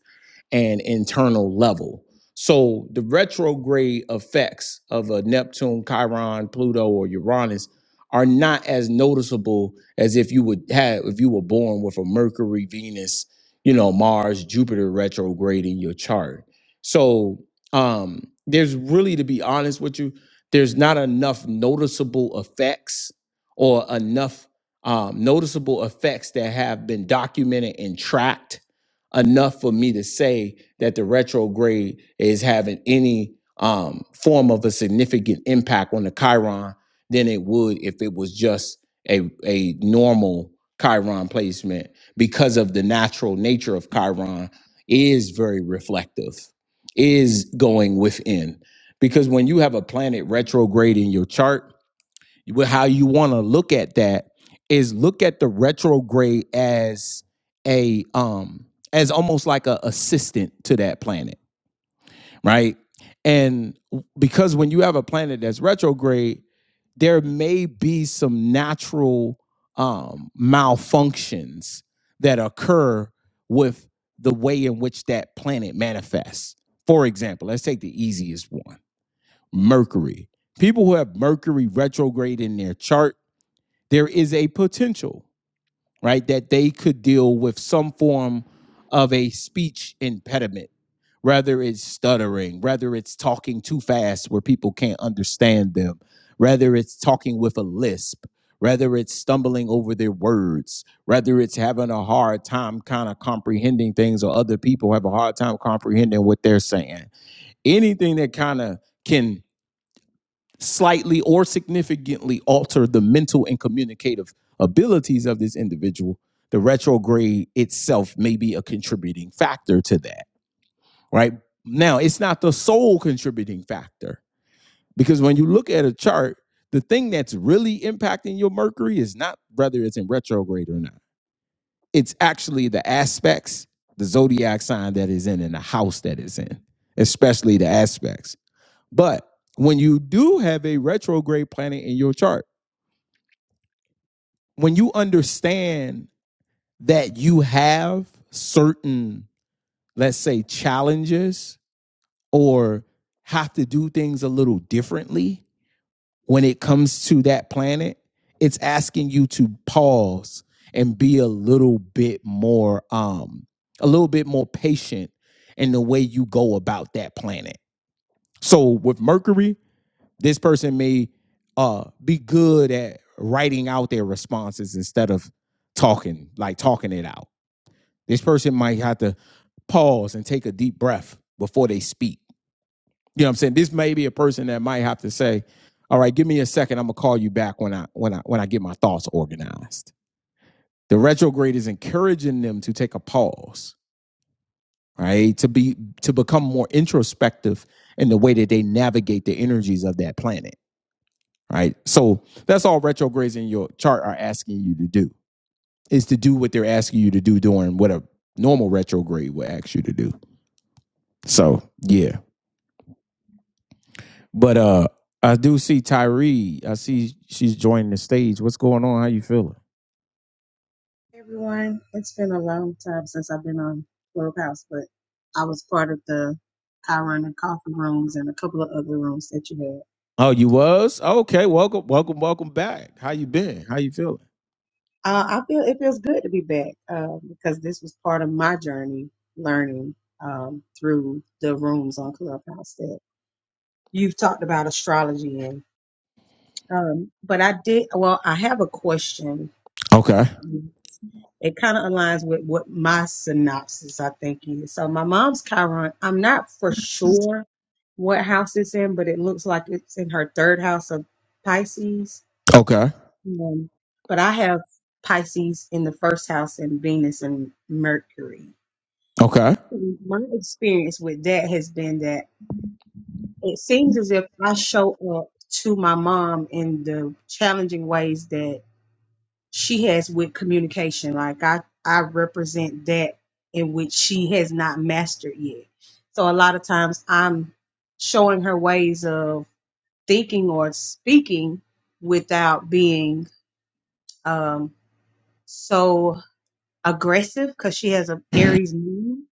S2: and internal level. So the retrograde effects of a Neptune, Chiron, Pluto, or Uranus are not as noticeable as if you would have if you were born with a Mercury, Venus, you know, Mars, Jupiter retrograde in your chart so um, there's really, to be honest with you, there's not enough noticeable effects or enough um, noticeable effects that have been documented and tracked enough for me to say that the retrograde is having any um, form of a significant impact on the Chiron than it would if it was just a, a normal Chiron placement because of the natural nature of Chiron is very reflective is going within. Because when you have a planet retrograde in your chart, well, how you want to look at that is look at the retrograde as a um as almost like a assistant to that planet right? And because when you have a planet that's retrograde, there may be some natural um, malfunctions that occur with the way in which that planet manifests. For example, let's take the easiest one Mercury. People who have Mercury retrograde in their chart, there is a potential right? That they could deal with some form of a speech impediment, whether it's stuttering, whether it's talking too fast where people can't understand them, whether it's talking with a lisp, whether it's stumbling over their words, whether it's having a hard time kind of comprehending things or other people have a hard time comprehending what they're saying. Anything that kind of can slightly or significantly alter the mental and communicative abilities of this individual, the retrograde itself may be a contributing factor to that, right? Now, it's not the sole contributing factor because when you look at a chart, the thing that's really impacting your Mercury is not whether it's in retrograde or not. It's actually the aspects, the zodiac sign that is in, and the house that is in, especially the aspects. But when you do have a retrograde planet in your chart, when you understand that you have certain, let's say, challenges or have to do things a little differently when it comes to that planet, it's asking you to pause and be a little bit more, um, a little bit more patient in the way you go about that planet. So with Mercury, this person may uh be good at writing out their responses instead of talking like talking it out this person might have to pause and take a deep breath before they speak you know what i'm saying this may be a person that might have to say all right give me a second i'm gonna call you back when i when i when i get my thoughts organized the retrograde is encouraging them to take a pause right to be to become more introspective in the way that they navigate the energies of that planet right? So that's all retrogrades in your chart are asking you to do is to do what they're asking you to do during what a normal retrograde would ask you to do. So yeah, but uh, I do see Tyree. I see she's joining the stage. What's going on? How you feeling?
S3: everyone. It's been a long time since I've been on Clubhouse, but I was part of the Chiron and Coffee rooms and a couple of other rooms that you
S2: Oh, you was? Okay, welcome,
S3: had.
S2: welcome, welcome back. How you been? How you feeling?
S3: Uh, I feel it feels good to be back uh, because this was part of my journey learning um, through the rooms on Clubhouse that you've talked about astrology in. Um, but I did, well, I have a question
S2: Okay.
S3: it kind of aligns with what my synopsis I think is. So my mom's Chiron, I'm not for sure what house it's in, but it looks like it's in her third house of Pisces.
S2: Okay.
S3: Um, but I have Pisces in the first house and Venus and Mercury.
S2: Okay.
S3: My experience with that has been that it seems as if I show up to my mom in the challenging ways that. she has with communication. Like I, I represent that in which she has not mastered yet. So a lot of times I'm showing her ways of thinking or speaking without being um, so aggressive because she has an Aries moon.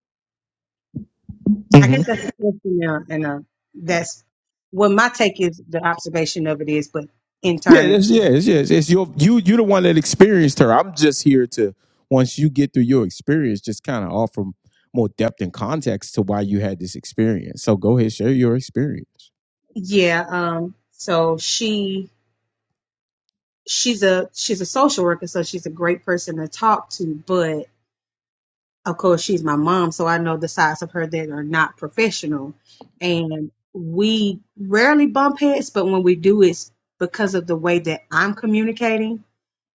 S3: I
S2: Hmm.
S3: guess that's a question now, and uh, that's what my take is. The observation of it is, but in
S2: Yeah,
S3: turn,
S2: that's
S3: it's
S2: yeah, it's, yeah. It's, it's your you you're the one that experienced her. I'm just here to once you get through your experience, just kind of offer more depth and context to why you had this experience. So go ahead, share your experience.
S3: yeah. Um, so she she's a she's a social worker, so she's a great person to talk to. But of course, she's my mom, so I know the sides of her that are not professional, and we rarely bump heads. But when we do, it's because of the way that I'm communicating,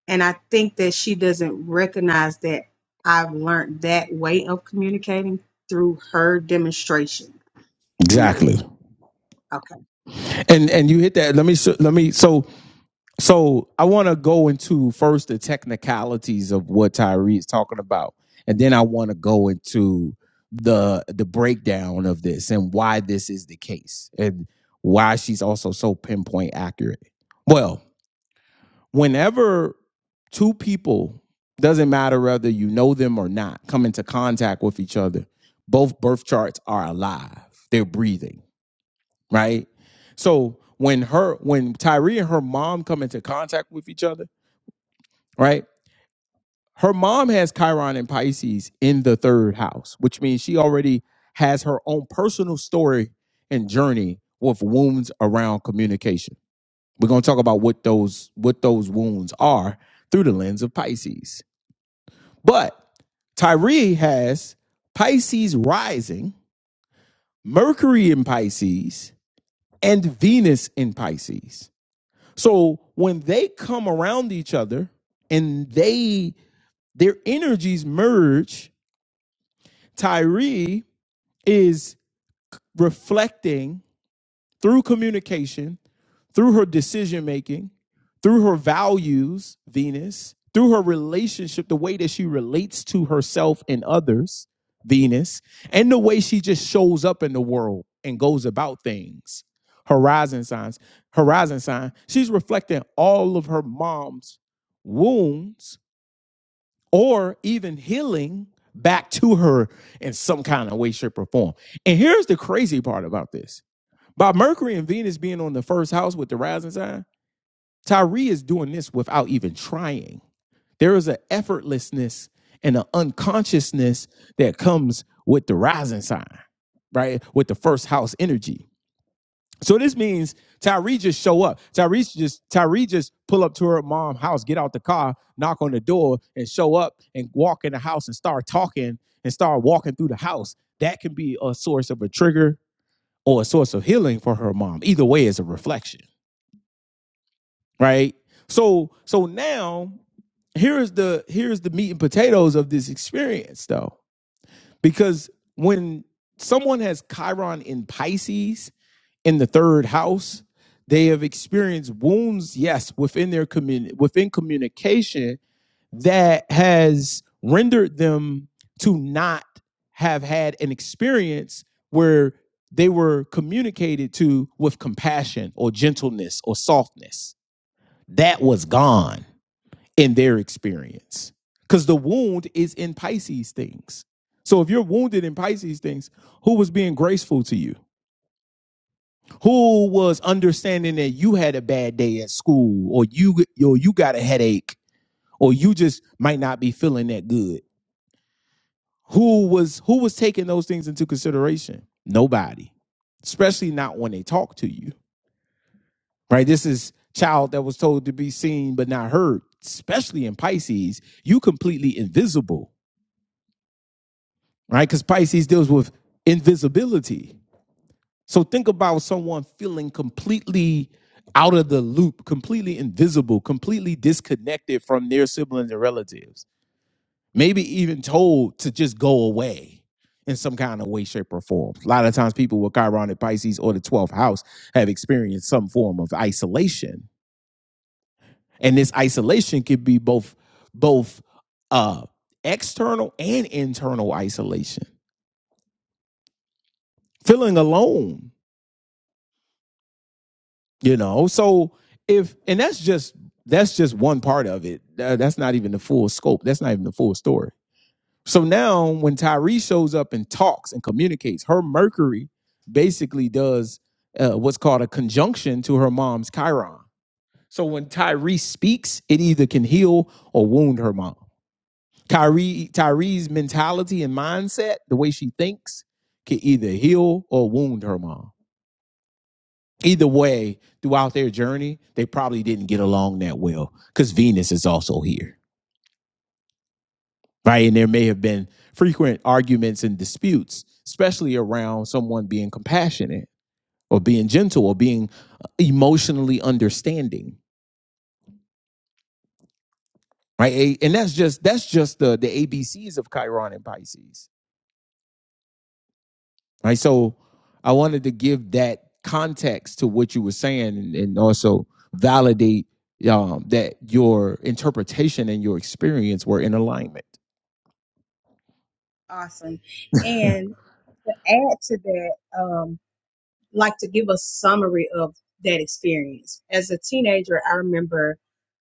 S3: and I think that she doesn't recognize that I've learned that way of communicating through her demonstration. Maybe
S2: Exactly.
S3: okay,
S2: And and you hit that. Let me s- let me so So I want to go into first the technicalities of what Tyree is talking about, and then I want to go into the the breakdown of this and why this is the case and why she's also so pinpoint accurate. Well, whenever two people doesn't matter whether you know them or not come into contact with each other, both birth charts are alive. They're breathing, right? So when her when Tyree and her mom come into contact with each other right? Her mom has Chiron and Pisces in the third house, which means she already has her own personal story and journey with wounds around communication. We're going to talk about what those what those wounds are through the lens of Pisces. But Tyree has Pisces rising, Mercury in Pisces, and Venus in Pisces. So when they come around each other and they their energies merge, Tyree is reflecting through communication, through her decision making, through her values, Venus, through her relationship, the way that she relates to herself and others, Venus, and the way she just shows up in the world and goes about things. Horizon signs, horizon sign. She's reflecting all of her mom's wounds or even healing back to her in some kind of way, shape, or form. And here's the crazy part about this. By Mercury and Venus being on the first house with the rising sign, Tyree is doing this without even trying. There is an effortlessness and an unconsciousness that comes with the rising sign, right? With the first house energy. So this means Tyree just show up. Tyree just Tyree just pull up to her mom's house, get out the car, knock on the door, and show up and walk in the house and start talking and start walking through the house. That can be a source of a trigger or a source of healing for her mom. Either way is a reflection, right? So so now here is the here's the meat and potatoes of this experience though. Because when someone has Chiron in Pisces, in the third house. They have experienced wounds, yes, within their community, within communication that has rendered them to not have had an experience where they were communicated to with compassion or gentleness or softness. That was gone in their experience because the wound is in Pisces things. So if you're wounded in Pisces things, who was being graceful to you? who was understanding that you had a bad day at school or you or you got a headache or you just might not be feeling that good who was who was taking those things into consideration nobody especially not when they talk to you right this is child that was told to be seen but not heard especially in pisces you completely invisible right because pisces deals with invisibility So think about someone feeling completely out of the loop, completely invisible, completely disconnected from their siblings and relatives. Maybe even told to just go away in some kind of way, shape, or form. A lot of times people with Chironic Pisces or the 12th house have experienced some form of isolation. And this isolation could be both both uh external and internal isolation. Feeling alone you know so if and that's just that's just one part of it that's not even the full scope that's not even the full story so now when tyree shows up and talks and communicates her mercury basically does uh, what's called a conjunction to her mom's chiron so when tyree speaks it either can heal or wound her mom Kyrie, Tyree's mentality and mindset, the way she thinks, can either heal or wound her mom either way, throughout their journey, they probably didn't get along that well because Venus is also here, right? And there may have been frequent arguments and disputes, especially around someone being compassionate or being gentle or being uh, emotionally understanding, right? And that's just that's just the the ABCs of Chiron and Pisces Right. So I wanted to give that context to what you were saying and, and also validate um, that your interpretation and your experience were in alignment.
S3: awesome, and to add to that. um. like to give a summary of that experience. As a teenager, I remember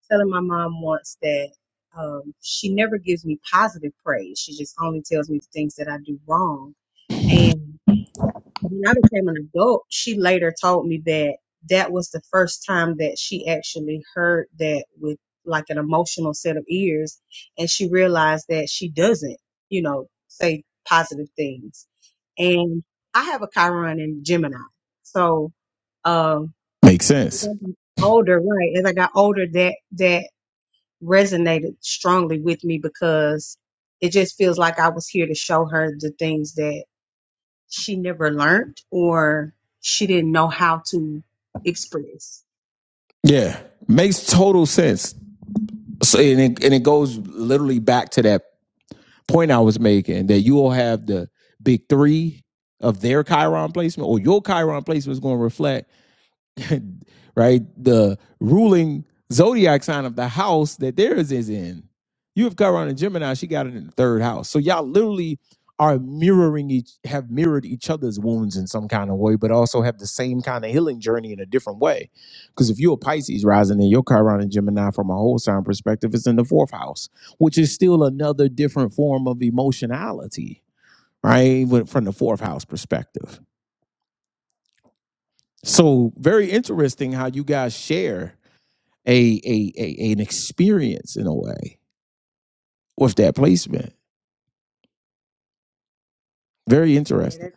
S3: telling my mom once that um, she never gives me positive praise. She just only tells me the things that I do wrong. And when I became an adult, she later told me that that was the first time that she actually heard that with like an emotional set of ears. And she realized that she doesn't, you know, say positive things. And I have a Chiron in Gemini. So, um,
S2: Makes
S3: as
S2: sense.
S3: I got older, right? As I got older, that, that resonated strongly with me because it just feels like I was here to show her the things that she never learned or she didn't know how to express.
S2: Yeah, makes total sense. So and it, and it goes literally back to that point I was making that you will have the big three of their Chiron placement or your Chiron placement is going to reflect right? The ruling zodiac sign of the house that theirs is in. You have Chiron and Gemini, she got it in the third house. So y'all literally are mirroring each have mirrored each other's wounds in some kind of way, but also have the same kind of healing journey in a different way. Because if you're a Pisces rising and your Chiron and Gemini from a whole sign perspective is in the fourth house, which is still another different form of emotionality, right? When- From the fourth house perspective. So very interesting how you guys share a, a, a an experience in a way with that placement. Very
S3: Yeah,
S2: interesting.
S3: that,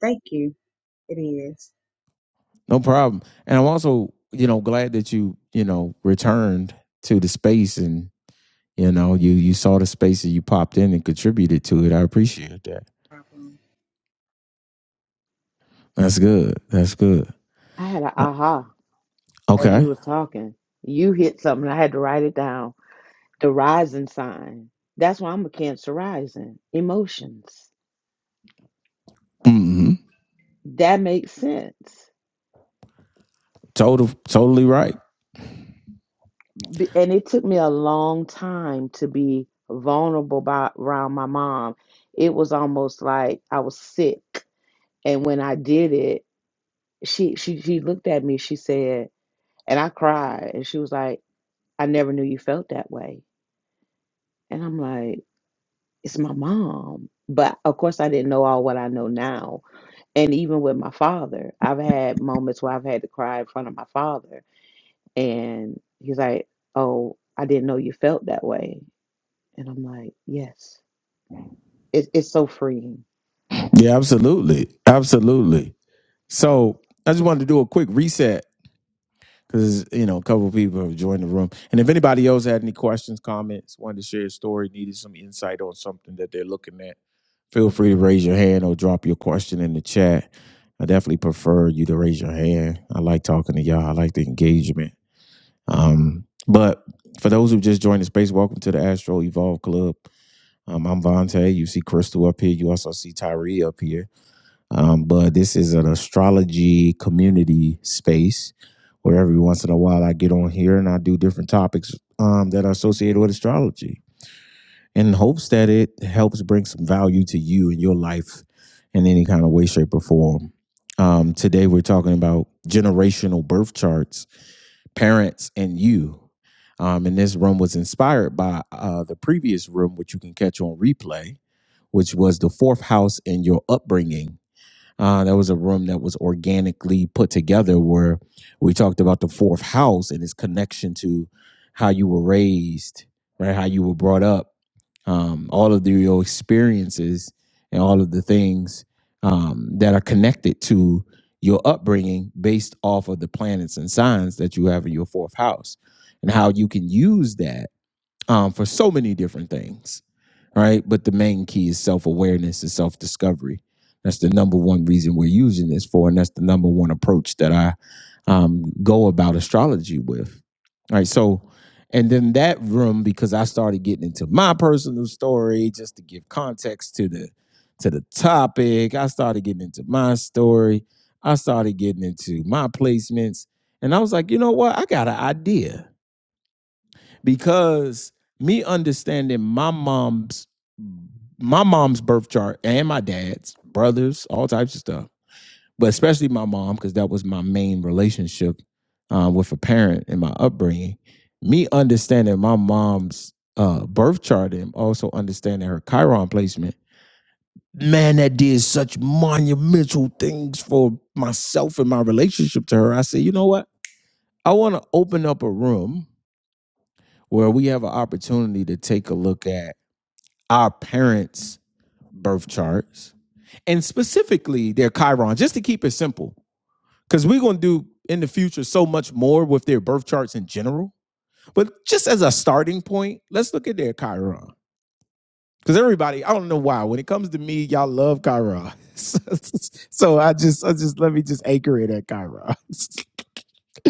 S3: thank you. It is.
S2: No problem. And I'm also, you know, glad that you, you know, returned to the space and, you know, you you saw the space and you popped in and contributed to it. I appreciate that. That's good. That's good.
S1: i had an
S2: Uh,
S1: aha as you
S2: Okay.
S1: was talking you hit something i had to write it down the rising sign that's why i'm a cancer rising emotions
S2: Mm-hmm.
S1: that makes sense
S2: Total, totally right.
S1: B- and it took me a long time to be vulnerable by, around my mom. It was almost like I was sick, and when I did it, she she she looked at me. She said, and I cried, and she was like, "I never knew you felt that way." And I'm like, "It's my mom." But of course, I didn't know all what I know now. And even with my father, I've had moments where I've had to cry in front of my father, and he's like, "Oh, I didn't know you felt that way." And I'm like, yes, it, it's so freeing.
S2: Yeah, absolutely. Absolutely. So I just wanted to do a quick reset because you know a couple of people have joined the room, and if anybody else had any questions, comments, wanted to share a story, needed some insight on something that they're looking at, feel free to raise your hand or drop your question in the chat. I definitely prefer you to raise your hand. I like talking to y'all. I like the engagement. Um, but for those who just joined the space, welcome to the Astro Evolve Club. Um, I'm Vontae. You see Crystal up here. You also see Tyree up here. Um, but this is an astrology community space where every once in a while I get on here and I do different topics um, that are associated with astrology in hopes that it helps bring some value to you in your life in any kind of way, shape, or form. Um, today we're talking about generational birth charts, parents, and you. Um, and this room was inspired by uh, the previous room, which you can catch on replay, which was the fourth house in your upbringing uh, that was a room that was organically put together where we talked about the fourth house and its connection to how you were raised, right? How you were brought up, um, all of the, your experiences and all of the things um, that are connected to your upbringing based off of the planets and signs that you have in your fourth house and how you can use that um, for so many different things right? But the main key is self awareness and self discovery. That's the number one reason we're using this for, and that's the number one approach that I um, go about astrology with. All right, so and then that room because I started getting into my personal story just to give context to the to the topic. I started getting into my story. I started getting into my placements, and I was like, you know what? I got an idea because me understanding my mom's my mom's birth chart and my dad's brothers all types of stuff but especially my mom because that was my main relationship uh, with a parent in my upbringing me understanding my mom's uh, birth chart and also understanding her chiron placement man that did such monumental things for myself and my relationship to her i said you know what i want to open up a room where we have an opportunity to take a look at our parents' birth charts and specifically their Chiron, just to keep it simple. Because we're going to do in the future so much more with their birth charts in general. But just as a starting point, let's look at their Chiron. Because everybody, I don't know why, when it comes to me, y'all love Chiron. so I just, I just let me just anchor it at Chiron.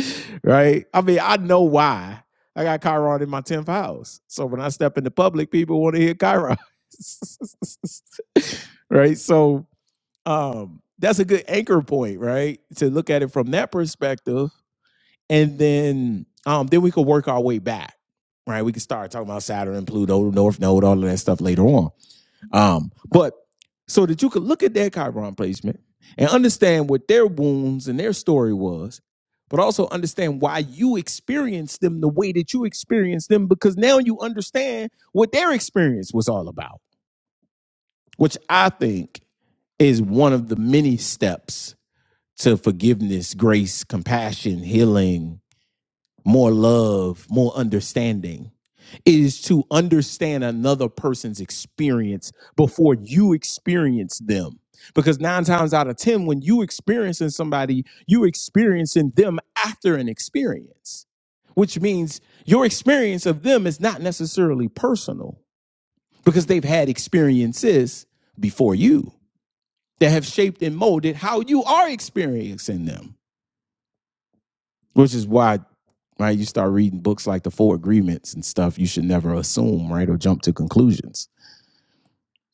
S2: right? I mean, I know why. I got Chiron in my 10th house. So when I step into public, people want to hear Chiron. right? So um that's a good anchor point, right? To look at it from that perspective. And then um then we could work our way back. Right? We could start talking about Saturn and Pluto, North Node, all of that stuff later on. Um, but so that you could look at their Chiron placement and understand what their wounds and their story was, but also understand why you experienced them the way that you experienced them, because now you understand what their experience was all about, which I think is one of the many steps to forgiveness, grace, compassion, healing, more love, more understanding is to understand another person's experience before you experience them. Because nine times out of 10, when you experiencing somebody, you experiencing them after an experience, which means your experience of them is not necessarily personal because they've had experiences before you that have shaped and molded how you are experiencing them, which is why right? You start reading books like The Four Agreements and stuff, you should never assume, right? Or jump to conclusions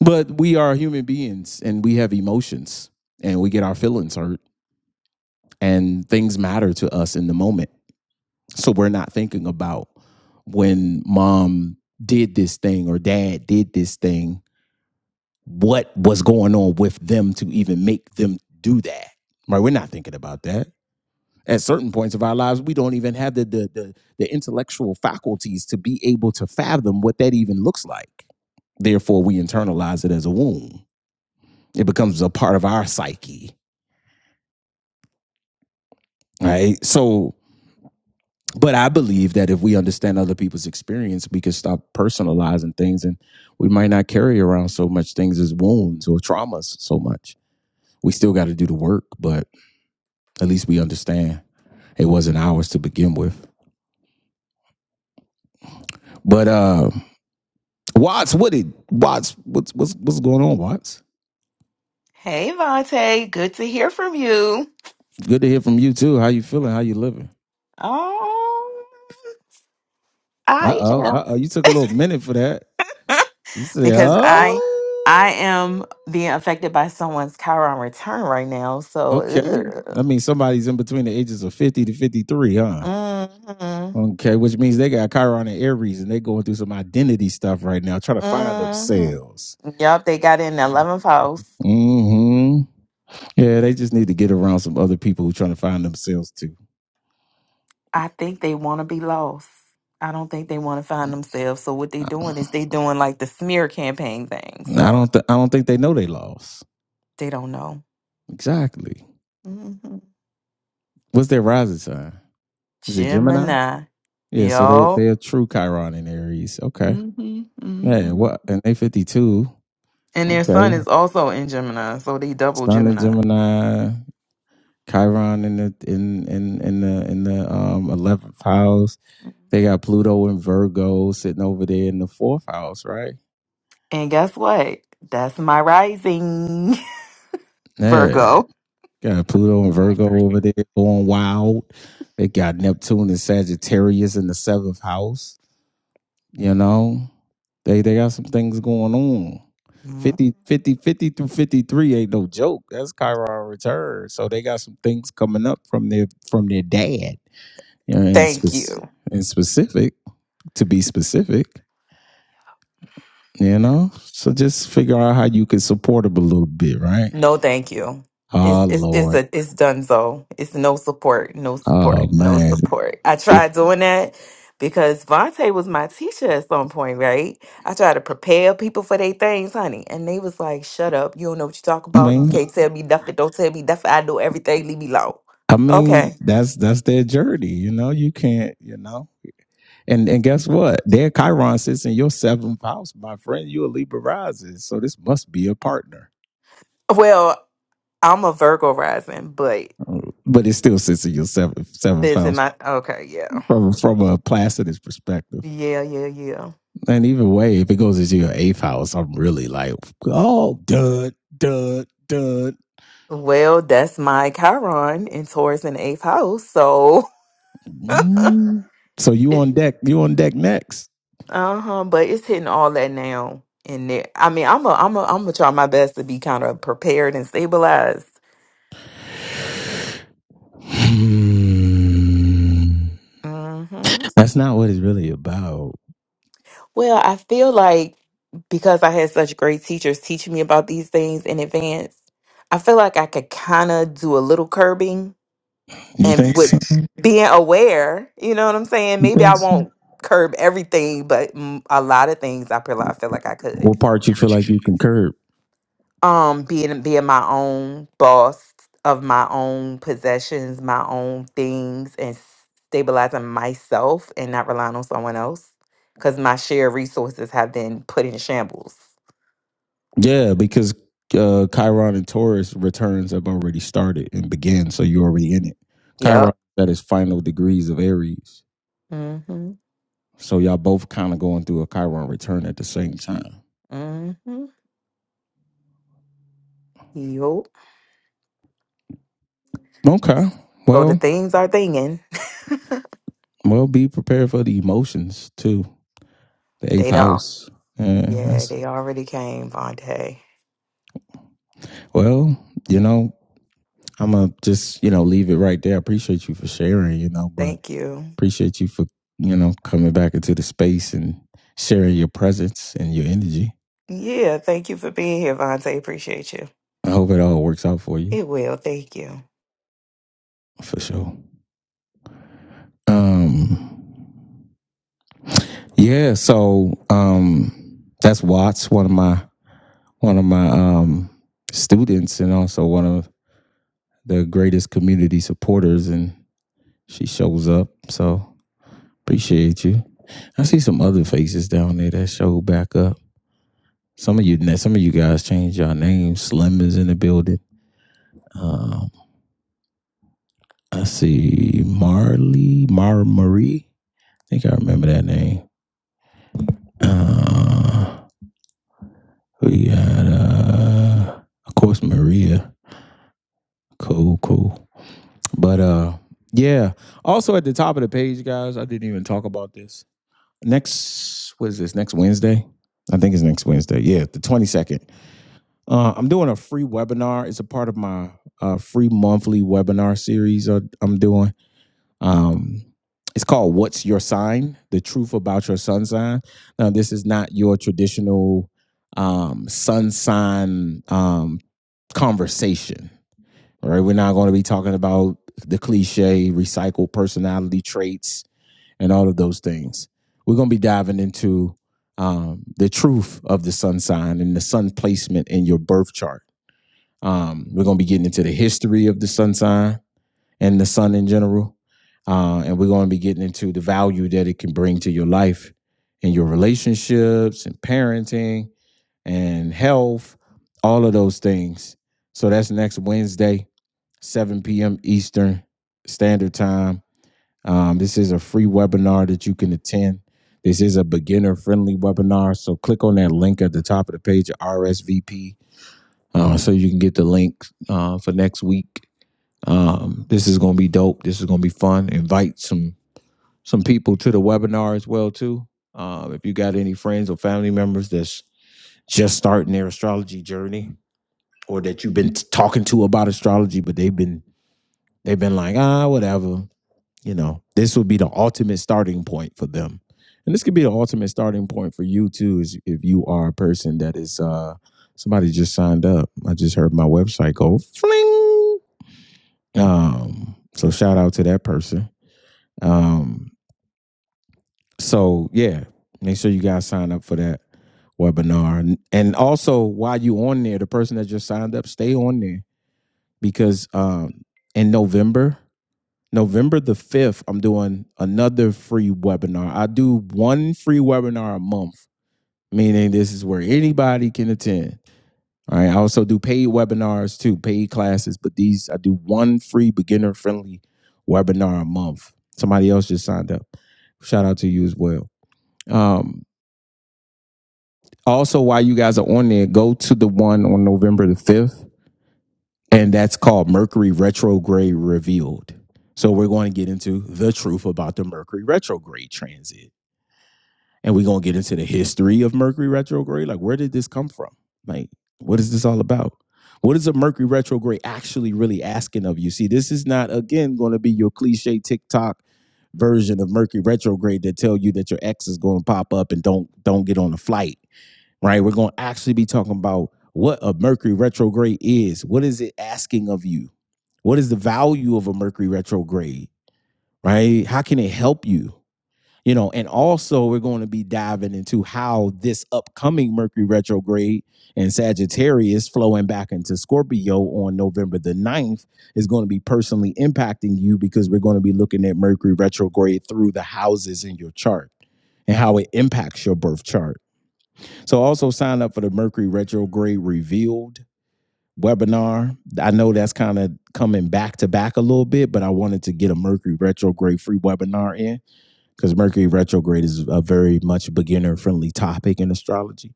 S2: But we are human beings and we have emotions and we get our feelings hurt and things matter to us in the moment. So we're not thinking about when mom did this thing or dad did this thing, what was going on with them to even make them do that. Right? We're not thinking about that. At certain points of our lives, we don't even have the the the, the intellectual faculties to be able to fathom what that even looks like. Therefore, we internalize it as a wound It becomes a part of our psyche, right? Mm-hmm. So, but I believe that if we understand other people's experience, we can stop personalizing things and we might not carry around so much things as wounds or traumas so much. We still got to do the work, but at least we understand it wasn't ours to begin with. But uh Watts, what did Watts? What's what's what's going on, Watts?
S4: Hey, Vontae, good to hear from you.
S2: Good to hear from you too. How you feeling? How you living?
S4: Oh,
S2: Uh
S4: I
S2: oh,
S4: am
S2: uh oh. You took a little minute for that. You say,
S4: because I
S2: oh.
S4: I am being affected by someone's Chiron return right now. So,
S2: Okay. That means somebody's in between the ages of 50 to 53, huh?
S4: mm
S2: Okay, which means they got Chiron and Aries and they're going through some identity stuff right now, trying to find
S4: mm-hmm.
S2: themselves.
S4: yep, they got in the eleventh house.
S2: hmm Yeah, they just need to get around some other people who trying to find themselves too.
S4: I think they want to be lost. I don't think they want to find themselves. So, what they
S2: I
S4: doing is they doing like the smear campaign thing.
S2: I
S4: So
S2: don't th- I don't think they know they lost.
S4: they don't know.
S2: Exactly.
S4: hmm
S2: What's their rising sign? Is it Gemini?
S4: Gemini,
S2: Yeah, so they
S4: yo.
S2: they are true Chiron and Aries. Okay. Yeah,
S4: Mm-hmm,
S2: what and they fifty two.
S4: And their
S2: Okay.
S4: sun is also in Gemini, so they double
S2: Sun in
S4: Gemini.
S2: Gemini. Chiron in the in in in the in the um eleventh house. They got Pluto and Virgo sitting over there in the fourth house, right?
S4: And guess what? That's my rising,
S2: Yeah,
S4: Virgo.
S2: got Pluto and Virgo over there going wild. They got Neptune and Sagittarius in the seventh house. You know, they they got some things going on.
S4: Mhm.
S2: 50 50 50 through 53 ain't no joke. That's Chiron return. So they got some things coming up from their from their dad. You know, in,
S4: Thank you.
S2: spec in specific. to be specific, you know? So just figure out how you can support them a little bit, right?
S4: No, thank you. It's
S2: Oh
S4: it's it's
S2: Lord.
S4: a it's done so. It's no support, no support,
S2: Oh
S4: no
S2: man.
S4: support. I
S2: This-
S4: tried doing that because Vontae was my teacher at some point, right? I tried to prepare people for their things, honey, and they was like, "Shut up! You don't know what you talk
S2: I
S4: about. You
S2: mean
S4: can't tell me nothing. Don't tell me nothing. I know everything. Leave me alone."
S2: I mean
S4: Okay.
S2: that's that's their journey, you know. You can't, you know. And and guess what? Their Chiron sits in your seventh house, my friend. You a Libra rising. So this must be a partner.
S4: Well, I'm a Virgo rising, but
S2: But it still sits in your seventh seventh
S4: it's in
S2: house
S4: my okay, yeah.
S2: from from a Placidus perspective.
S4: Yeah, yeah, yeah.
S2: And even way, if it goes into your eighth house, I'm really like, oh, dud, dud, dud.
S4: Well, that's my Chiron in Taurus in the eighth house. So
S2: Mm. So you
S4: it,
S2: on deck? You on deck next?
S4: uh-huh, but it's hitting all that now in there. I mean, I'm a I'm a I'm gonna try my best to be kind of prepared and stabilized.
S2: Hmm.
S4: hmm
S2: That's not what it's really about.
S4: Well, I feel like because I had such great teachers teaching me about these things in advance, I feel like I could kind of do a little curbing
S2: You
S4: and
S2: think? So?
S4: with being aware, you know what I'm saying?
S2: You
S4: Maybe
S2: think?
S4: I
S2: So?
S4: won't curb everything, but mm, a lot of things I feel I feel like I could.
S2: What part you feel like you can curb?
S4: Um, being being my own boss of my own possessions, my own things, and stabilizing myself and not relying on someone else because my shared resources have been put in shambles.
S2: Yeah, because uh, Chiron and Taurus returns have already started and began, so you're already in it.
S4: Yep.
S2: Chiron is at his final degrees of Aries,
S4: Mm-hmm.
S2: so y'all both kind of going through a Chiron return at the same time.
S4: Mm-hmm. Yup.
S2: Okay,
S4: So the
S2: well,
S4: things are thinging.
S2: well, be prepared for the emotions too. The eighth
S4: They don't.
S2: house, yeah,
S4: Yeah,
S2: that's
S4: they already came, Vontae.
S2: well, you know, I'm gonna just you know leave it right there. I appreciate you for sharing, you know, but
S4: Thank you.
S2: appreciate you for you know coming back into the space and sharing your presence and your energy.
S4: Yeah, thank you for being here, Vontae. Appreciate you.
S2: I hope it all works out for you
S4: It will. Thank you.
S2: for sure. Um, yeah. So um, that's Watts, one of my one of my um, students, and also one of the greatest community supporters, and she shows up. So appreciate you. I see some other faces down there that show back up. Some of you, some of you guys changed your names. Slim is in the building. Um, I see Marley, Mara Marie. I think I remember that name. Uh, We got uh of course Maria. Cool, cool. But uh yeah. Also at the top of the page, guys, I didn't even talk about this. Next what is this? Next Wednesday? I think it's next Wednesday. Yeah, the 22nd. Uh, I'm doing a free webinar. It's a part of my uh, free monthly webinar series uh, I'm doing. Um, it's called What's Your Sign? The Truth About Your Sun Sign. Now, this is not your traditional um, sun sign um, conversation, all right? We're not going to be talking about the cliche, recycled personality traits, and all of those things. We're going to be diving into um, the truth of the sun sign and the sun placement in your birth chart. Um, we're going to be getting into the history of the sun sign and the sun in general. Uh, and we're going to be getting into the value that it can bring to your life and your relationships and parenting and health, all of those things. So that's next Wednesday, 7 p.m. Eastern Standard Time. Um, this is a free webinar that you can attend. This is a beginner friendly webinar. So click on that link at the top of the page, RSVP, uh, so you can get the link uh, for next week um, this is gonna be dope. This is gonna be fun. Invite some some people to the webinar as well too. Um, if you got any friends or family members that's just starting their astrology journey, or that you've been t- talking to about astrology, but they've been they've been like ah whatever, you know, this would be the ultimate starting point for them, and this could be the ultimate starting point for you too. Is if you are a person that is uh somebody just signed up. I just heard my website go fling. Um, so shout out to that person Um, so yeah, make sure you guys sign up for that webinar. And- also while you on there, the person that just signed up, stay on there because um in November, November the 5th, I'm doing another free webinar. I do one free webinar a month, meaning this is where anybody can attend. All right. I also do paid webinars too, paid classes, but these I do one free beginner friendly webinar a month. Somebody else just signed up. Shout out to you as well. Um, also, while you guys are on there, go to the one on November the 5th, and that's called Mercury Retrograde Revealed. So, we're going to get into the truth about the Mercury retrograde transit. And we're going to get into the history of Mercury retrograde. Like, where did this come from? Like, what is this all about? What is a Mercury retrograde actually really asking of you? See, this is not, again, going to be your cliche TikTok version of Mercury retrograde that tell you that your ex is going to pop up and don't don't get on a flight right? We're going to actually be talking about what a Mercury retrograde is. What is it asking of you? What is the value of a Mercury retrograde, right? How can it help you? You know, and also we're going to be diving into how this upcoming Mercury retrograde and Sagittarius flowing back into Scorpio on November the ninth is going to be personally impacting you because we're going to be looking at Mercury retrograde through the houses in your chart and how it impacts your birth chart so also sign up for the Mercury retrograde revealed webinar. I know that's kind of coming back to back a little bit, but I wanted to get a Mercury retrograde free webinar in because Mercury retrograde is a very much beginner friendly topic in astrology.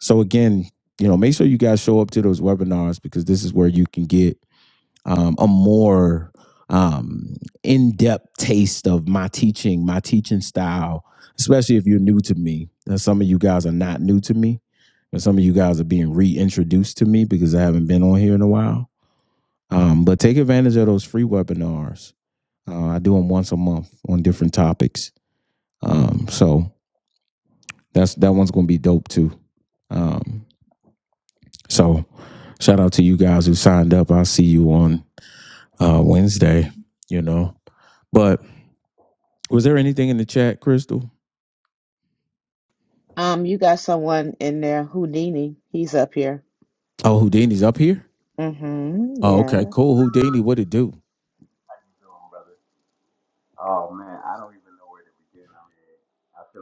S2: So again, you know, make sure you guys show up to those webinars because this is where you can get um, a more um, in-depth taste of my teaching, my teaching style, especially if you're new to me. And some of you guys are not new to me, and some of you guys are being reintroduced to me because I haven't been on here in a while. Um, but take advantage of those free webinars. Uh, I do them once a month on different topics. Um, so that's that one's going to be dope too. Um, so shout out to you guys who signed up. I'll see you on uh, Wednesday. You know, but Was there anything in the chat, Crystal?
S1: Um, you got someone in there, Houdini. He's up here.
S2: Oh, Houdini's up here.
S1: Mm-hmm.
S2: Oh, okay,
S1: Yes.
S2: cool. Houdini, what it do?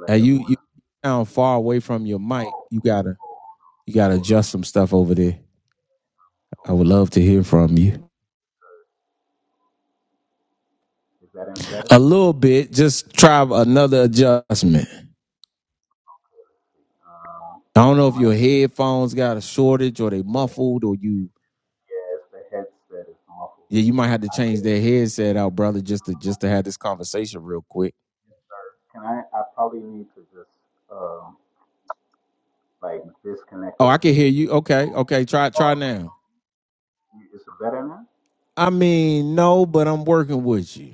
S2: And you you sound far away from your mic. You gotta you gotta adjust some stuff over there. I would love to hear from you a little bit. Just try another adjustment. I don't know if your headphones got a shortage or they muffled or you yeah you might have to change that headset out, brother, just to just to have this conversation real quick. Oh, I can hear you. Okay, okay. Try try now. I mean, no, but I'm working with you.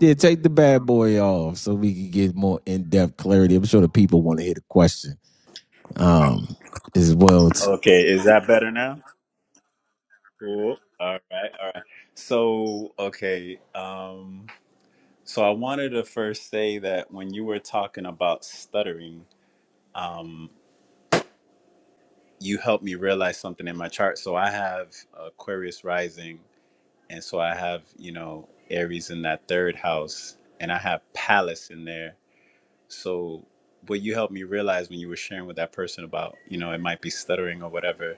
S2: Yeah, take the bad boy off so we can get more in depth clarity. I'm sure the people want to hear the question um, as well.
S5: Okay, is that better now? Cool. All right, all right. So, okay, um, so I wanted to first say that when you were talking about stuttering, um, you helped me realize something in my chart. So I have Aquarius rising, and so I have, you know, Aries in that third house, and I have Palace in there. So what you helped me realize when you were sharing with that person about, you know, it might be stuttering or whatever,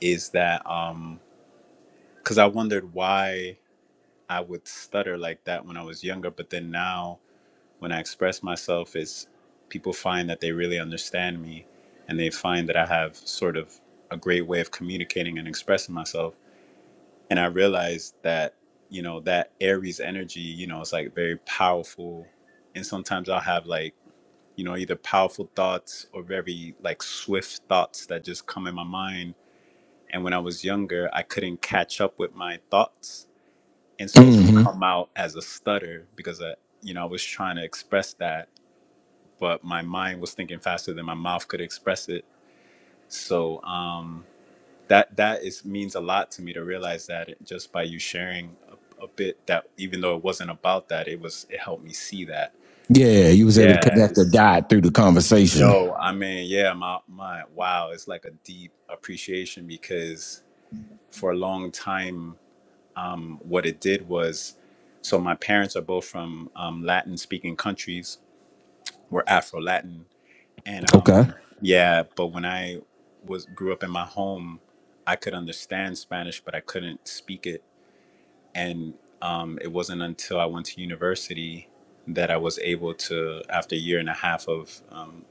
S5: is that um because I wondered why I would stutter like that when I was younger, but then now when I express myself, is people find that they really understand me, and they find that I have sort of a great way of communicating and expressing myself. And I realized that you know that Aries energy, you know, is like very powerful, and sometimes I'll have like you know either powerful thoughts or very like swift thoughts that just come in my mind. And when I was younger, I couldn't catch up with my thoughts and so it would
S2: hmm
S5: come out as a stutter because I, you know, I was trying to express that, but my mind was thinking faster than my mouth could express it. So um, that that is means a lot to me to realize that it, just by you sharing a, a bit that even though it wasn't about that, it was it helped me see that.
S2: Yeah, you was able to
S5: Yeah,
S2: connect the
S5: it's
S2: dot through the conversation.
S5: yo, I mean, yeah, my my wow, it's like a deep appreciation because for a long time um, what it did was so my parents are both from um, latin speaking countries we're afro latin and
S2: Okay,
S5: um, yeah but when i was grew up in my home i could understand spanish but i couldn't speak it and um, it wasn't until i went to university that i was able to after a year and a half of um,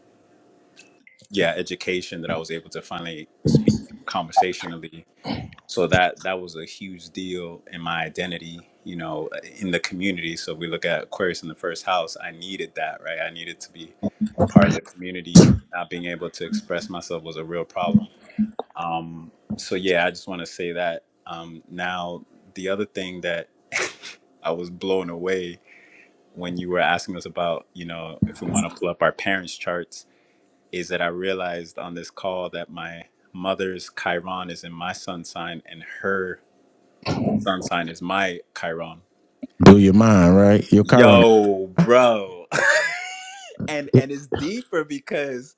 S5: yeah education that i was able to finally speak conversationally so that that was a huge deal in my identity you know in the community so if we look at aquarius in the first house i needed that right i needed to be part of the community not being able to express myself was a real problem um so yeah i just want to say that um now the other thing that i was blown away when you were asking us about you know if we want to pull up our parents charts is that i realized on this call that my mother's chiron is in my sun sign and her sun sign is my Chiron.
S2: blew your mind, right? Your Chiron.
S5: Yo, bro. and and it's deeper because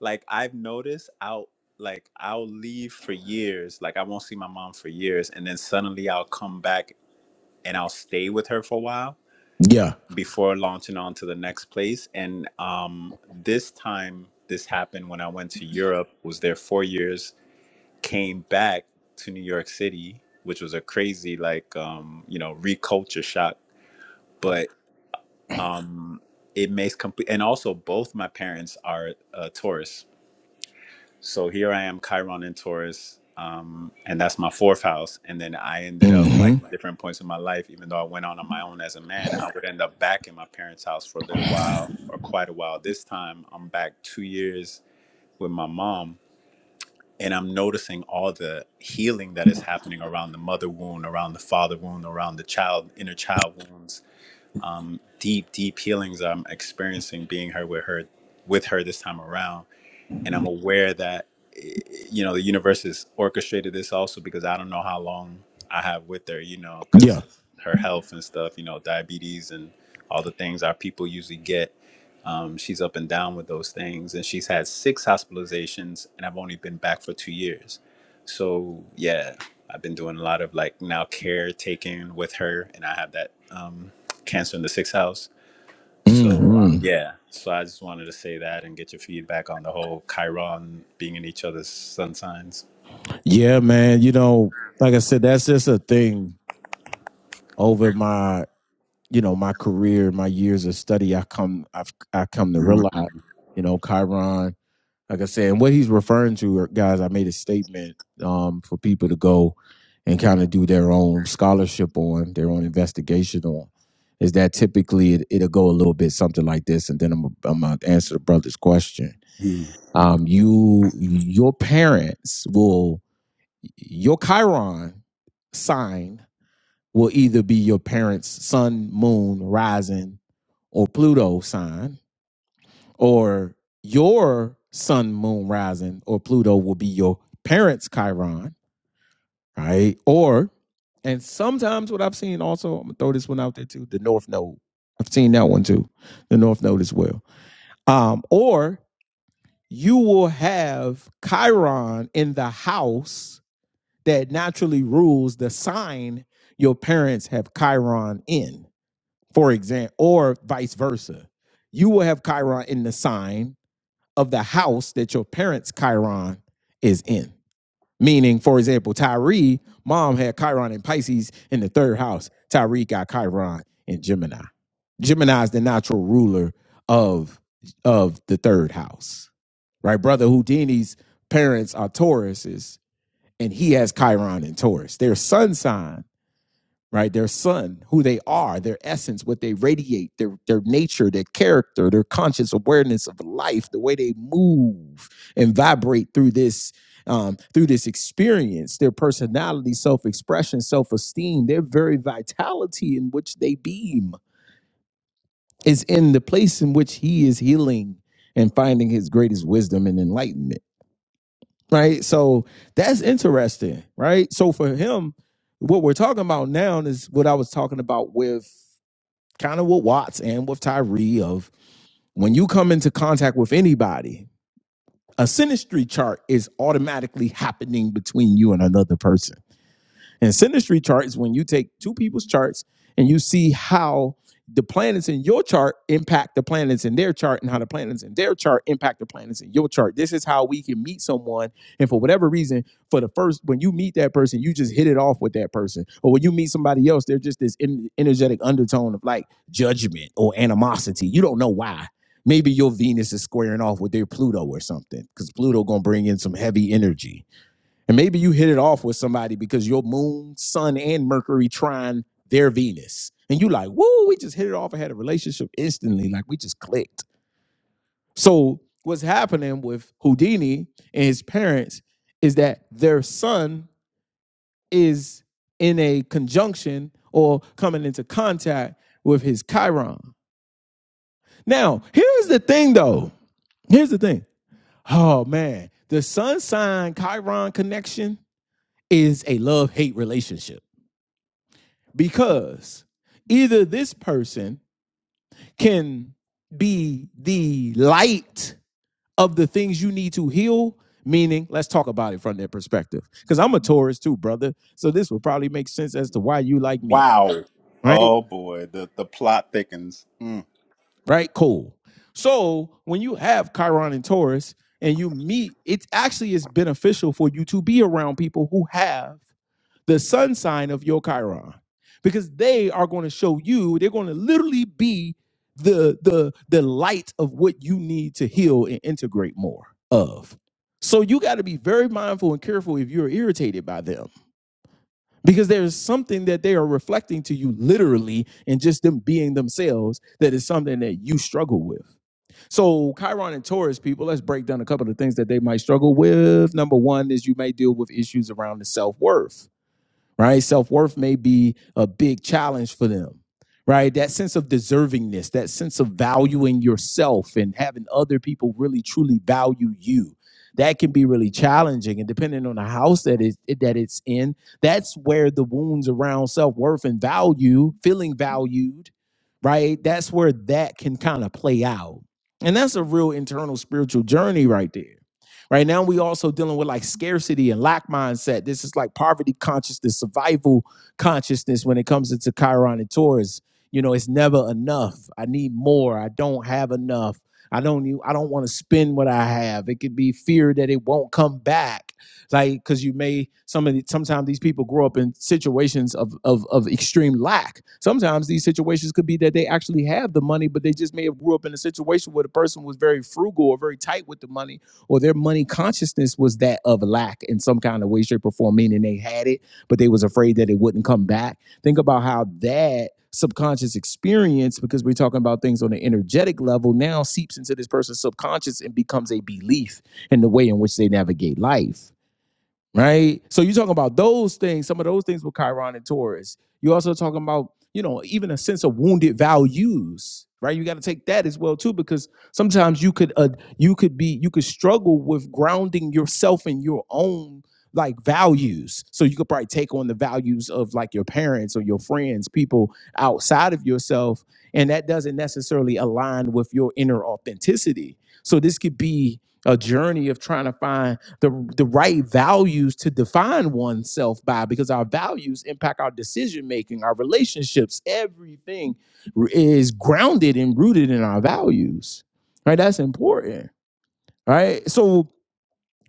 S5: like I've noticed I'll like I'll leave for years. Like I won't see my mom for years and then suddenly I'll come back and I'll stay with her for a while
S2: Yeah.
S5: before launching on to the next place. And um this time this happened when I went to Europe, was there four years, came back to New York City, which was a crazy like um, you know, reculture shock. But um, it makes complete. And also, both my parents are uh, Taurus, so here I am, Chiron in Taurus, um, and that's my fourth house. And then I ended up like
S2: hmm
S5: at different points in my life, even though I went on on my own as a man, I would end up back in my parents' house for a little while or quite a while. This time, I'm back two years with my mom. And I'm noticing all the healing that is happening around the mother wound, around the father wound, around the child, inner child wounds um, deep, deep healings I'm experiencing being her with her, with her this time around and I'm aware that eh, you know the universe has orchestrated this also because I don't know how long I have with her, you know,
S2: Yeah.
S5: because her health and stuff, you know, diabetes and all the things our people usually get. Um, she's up and down with those things, and she's had six hospitalizations, and I've only been back for two years. So yeah, I've been doing a lot of like now caretaking with her, and I have that um, cancer in the sixth house so um,
S2: hmm
S5: yeah, so I just wanted to say that and get your feedback on the whole Chiron being in each other's sun signs.
S2: Yeah, man. You know, like I said, that's just a thing over my you know my career my years of study i come i've i come to realize you know chiron like i said and what he's referring to are- guys i made a statement um for people to go and kind of do their own scholarship on their own investigation on is that typically it, it'll go a little bit something like this and then i'm i'm gonna answer the brother's question
S5: Mhm.
S2: um you your parents will your chiron sign will either be your parents sun moon rising or Pluto sign or your sun, moon, rising, or Pluto will be your parents' Chiron, right? Or, and sometimes what I've seen also, I'm gonna throw this one out there too, the North Node. I've seen that one too, the North Node as well. Um, or you will have Chiron in the house that naturally rules the sign your parents have Chiron in, for example, or vice versa. You will have Chiron in the sign of the house that your parents' Chiron is in. Meaning, for example, Tyree, mom had Chiron in Pisces in the third house. Tyree got Chiron in Gemini. Gemini is the natural ruler of of the third house. Right? Brother Houdini's parents are Tauruses, and he has Chiron in Taurus. Their sun sign right? Their son, who they are, their essence, what they radiate, their their nature, their character, their conscious awareness of life, the way they move and vibrate through this um, through this experience, their personality, self expression, self esteem, their very vitality in which they beam is in the place in which he is healing and finding his greatest wisdom and enlightenment. Right. So that's interesting. Right. So for him, what we're talking about now is what I was talking about with kind of with Watts and with Tyree of when you come into contact with anybody, a sinistry chart is automatically happening between you and another person and synastry charts, when you take two people's charts and you see how the planets in your chart impact the planets in their chart and how the planets in their chart impact the planets in your chart. This is how we can meet someone. And for whatever reason, for the first, when you meet that person, you just hit it off with that person. Or when you meet somebody else, there's just this en- energetic undertone of like judgment or animosity. You don't know why. Maybe your Venus is squaring off with their Pluto or something because Pluto going to bring in some heavy energy and maybe you hit it off with somebody because your moon, sun, and Mercury trine their Venus. And you like, woo, we just hit it off. I had a relationship instantly. Like we just clicked. So what's happening with Houdini and his parents is that their son is in a conjunction or coming into contact with his Chiron. Now, here's the thing though. Here's the thing. Oh man, the sun sign Chiron connection is a love hate relationship. because either this person can be the light of the things you need to heal meaning let's talk about it from their perspective because i'm a taurus too brother so this will probably make sense as to why you like me
S5: Wow.
S2: right
S5: Oh boy, the the plot thickens. Mm.
S2: right cool so when you have chiron and taurus and you meet it actually is beneficial for you to be around people who have the sun sign of your Chiron because they are going to show you, they're going to literally be the the the light of what you need to heal and integrate more of. So you got to be very mindful and careful if you're irritated by them because there's something that they are reflecting to you literally and just them being themselves that is something that you struggle with. So Chiron and Taurus people, let's break down a couple of things that they might struggle with. Number 1 is you may deal with issues around the self-worth right? Self worth may be a big challenge for them, right? That sense of deservingness, that sense of valuing yourself and having other people really truly value you. That can be really challenging, and depending on the house that is that it's in, that's where the wounds around self worth and value, feeling valued, right? That's where that can kind of play out, and that's a real internal spiritual journey right there Right now, we also dealing with like scarcity and lack mindset. This is like poverty consciousness, survival consciousness when it comes into Chiron and Taurus. You know, it's never enough. I need more. I don't have enough. I don't. need- I don't want to spend what I have. It could be fear that it won't come back. Like because you may some of the, sometimes these people grow up in situations of, of of extreme lack. Sometimes these situations could be that they actually have the money, but they just may have grew up in a situation where the person was very frugal or very tight with the money or their money consciousness was that of lack in some kind of way, shape, or form, meaning they had it, but they was afraid that it wouldn't come back. Think about how that subconscious experience, because we're talking about things on an energetic level, now seeps into this person's subconscious and becomes a belief in the way in which they navigate life right? So you're talking about those things, some of those things with Chiron and Taurus. You're also talking about, you know, even a sense of wounded values, right? You got to take that as well too, because sometimes you could, uh, you could be, you could struggle with grounding yourself in your own like values. So you could probably take on the values of like your parents or your friends, people outside of yourself, and that doesn't necessarily align with your inner authenticity. So this could be a journey of trying to find the the right values to define oneself by because our values impact our decision making our relationships everything is grounded and rooted in our values right that's important right so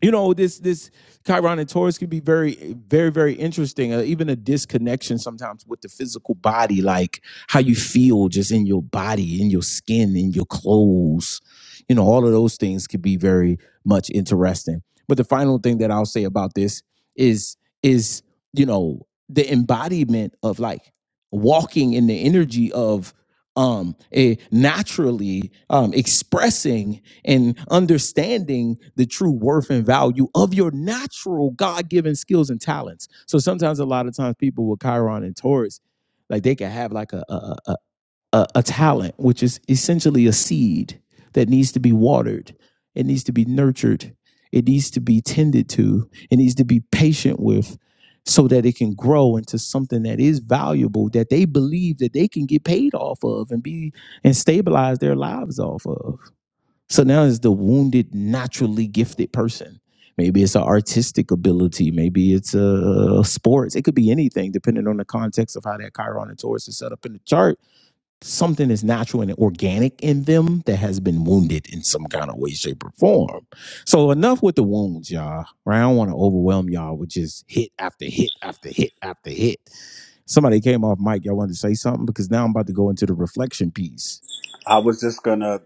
S2: you know this this Chiron and Taurus can be very very very interesting. Uh, even a disconnection sometimes with the physical body, like how you feel just in your body, in your skin, in your clothes. You know, all of those things could be very much interesting. But the final thing that I'll say about this is is you know the embodiment of like walking in the energy of um a naturally um expressing and understanding the true worth and value of your natural God-given skills and talents. So sometimes, a lot of times, people with Chiron and Taurus, like they can have like a a, a, a a talent, which is essentially a seed that needs to be watered, it needs to be nurtured, it needs to be tended to, it needs to be patient with. So that it can grow into something that is valuable that they believe that they can get paid off of and be and stabilize their lives off of. So now it's the wounded, naturally gifted person. Maybe it's an artistic ability. Maybe it's a uh, sports. It could be anything, depending on the context of how that Chiron and Taurus is set up in the chart. Something is natural and organic in them that has been wounded in some kind of way, shape, or form. So enough with the wounds, y'all. Right? I don't want to overwhelm y'all with just hit after hit after hit after hit. Somebody came off mic. Y'all wanted to say something because now I'm about to go into the reflection piece.
S5: I was just gonna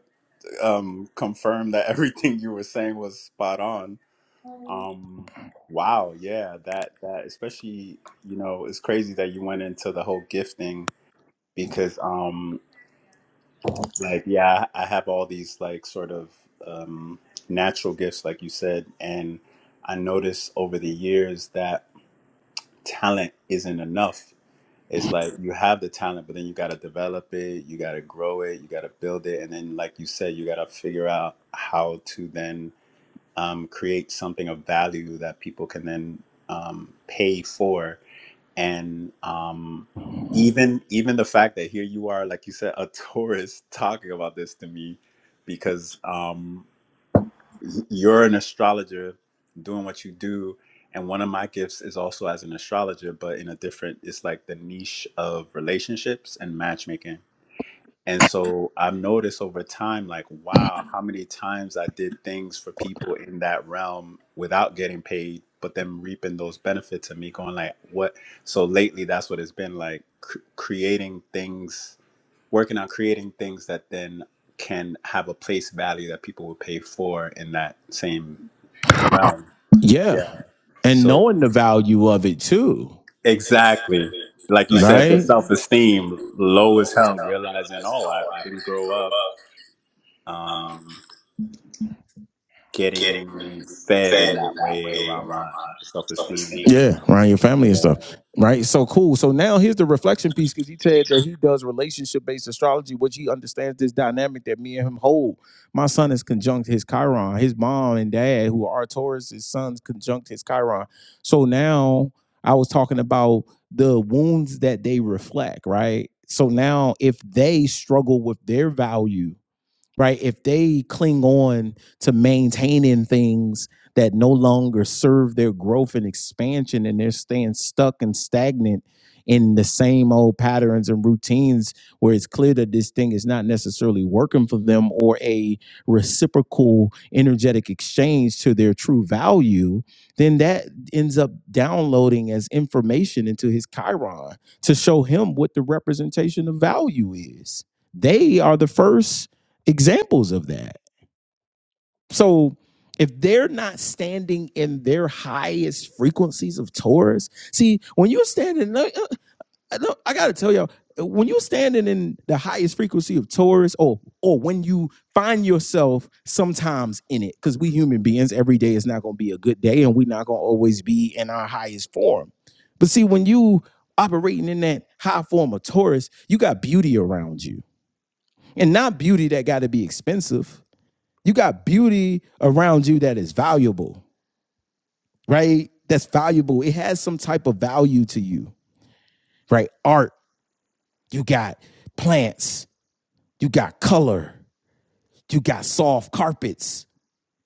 S5: um, confirm that everything you were saying was spot on. Um, wow, yeah, that that especially you know it's crazy that you went into the whole gifting because um, Like, yeah, I have all these like sort of um, natural gifts, like you said, and I noticed over the years that talent isn't enough. It's like you have the talent, but then you got to develop it, you got to grow it, you got to build it, and then, like you said, you got to figure out how to then um, create something of value that people can then um, pay for and um even even the fact that here you are like you said a tourist talking about this to me because um y- you're an astrologer doing what you do and one of my gifts is also as an astrologer but in a different it's like the niche of relationships and matchmaking and so I've noticed over time, like, wow, how many times I did things for people in that realm without getting paid, but them reaping those benefits and me going, like, what? So lately, that's what it's been like cr- creating things, working on creating things that then can have a place value that people will pay for in that same realm.
S2: Yeah.
S5: Yeah.
S2: And
S5: So
S2: knowing the value of it too.
S5: exactly.
S2: Exactly.
S5: Like you
S2: Like
S5: said, the
S2: right?
S5: self
S2: Self esteem
S5: esteem low as
S2: low as
S5: hell,
S2: hell,
S5: realizing,
S2: realizing,
S5: oh, I,
S2: oh, I
S5: I didn't
S2: could
S5: grow
S2: grow
S5: up.
S2: up. Um,
S5: Um,
S2: getting
S5: getting fed in
S2: fed in
S5: that
S2: that
S5: way
S2: way
S5: around
S2: around
S5: my
S2: my
S5: self
S2: self esteem.
S5: esteem.
S2: Yeah, around your family and stuff.
S5: Yeah.
S2: Right. So cool. So now here's the reflection piece because he said that he does relationship based astrology, which he understands this dynamic that me and him hold. My son is conjunct his Chiron. His mom and dad, who are Taurus, his sons conjunct his Chiron. So now I was talking about the wounds that they reflect, right? So now if they struggle with their value right? If they cling on to maintaining things that no longer serve their growth and expansion and they're staying stuck and stagnant in the same old patterns and routines where it's clear that this thing is not necessarily working for them or a reciprocal energetic exchange to their true value then that ends up downloading as information into his chiron to show him what the representation of value is they are the first examples of that. So if they're not standing in their highest frequencies of Taurus, see, when you're standing, no, uh, uh, no, I gotta tell y'all, uh, when you're standing in the highest frequency of Taurus, or or when you find yourself sometimes in it, because we human beings, every day is not gonna be a good day, and we're not gonna always be in our highest form. But see, when you operating in that high form of Taurus, you got beauty around you, and not beauty that got to be expensive you got beauty around you that is valuable, right? That's valuable. It has some type of value to you, right? Art, you got plants, you got color, you got soft carpets,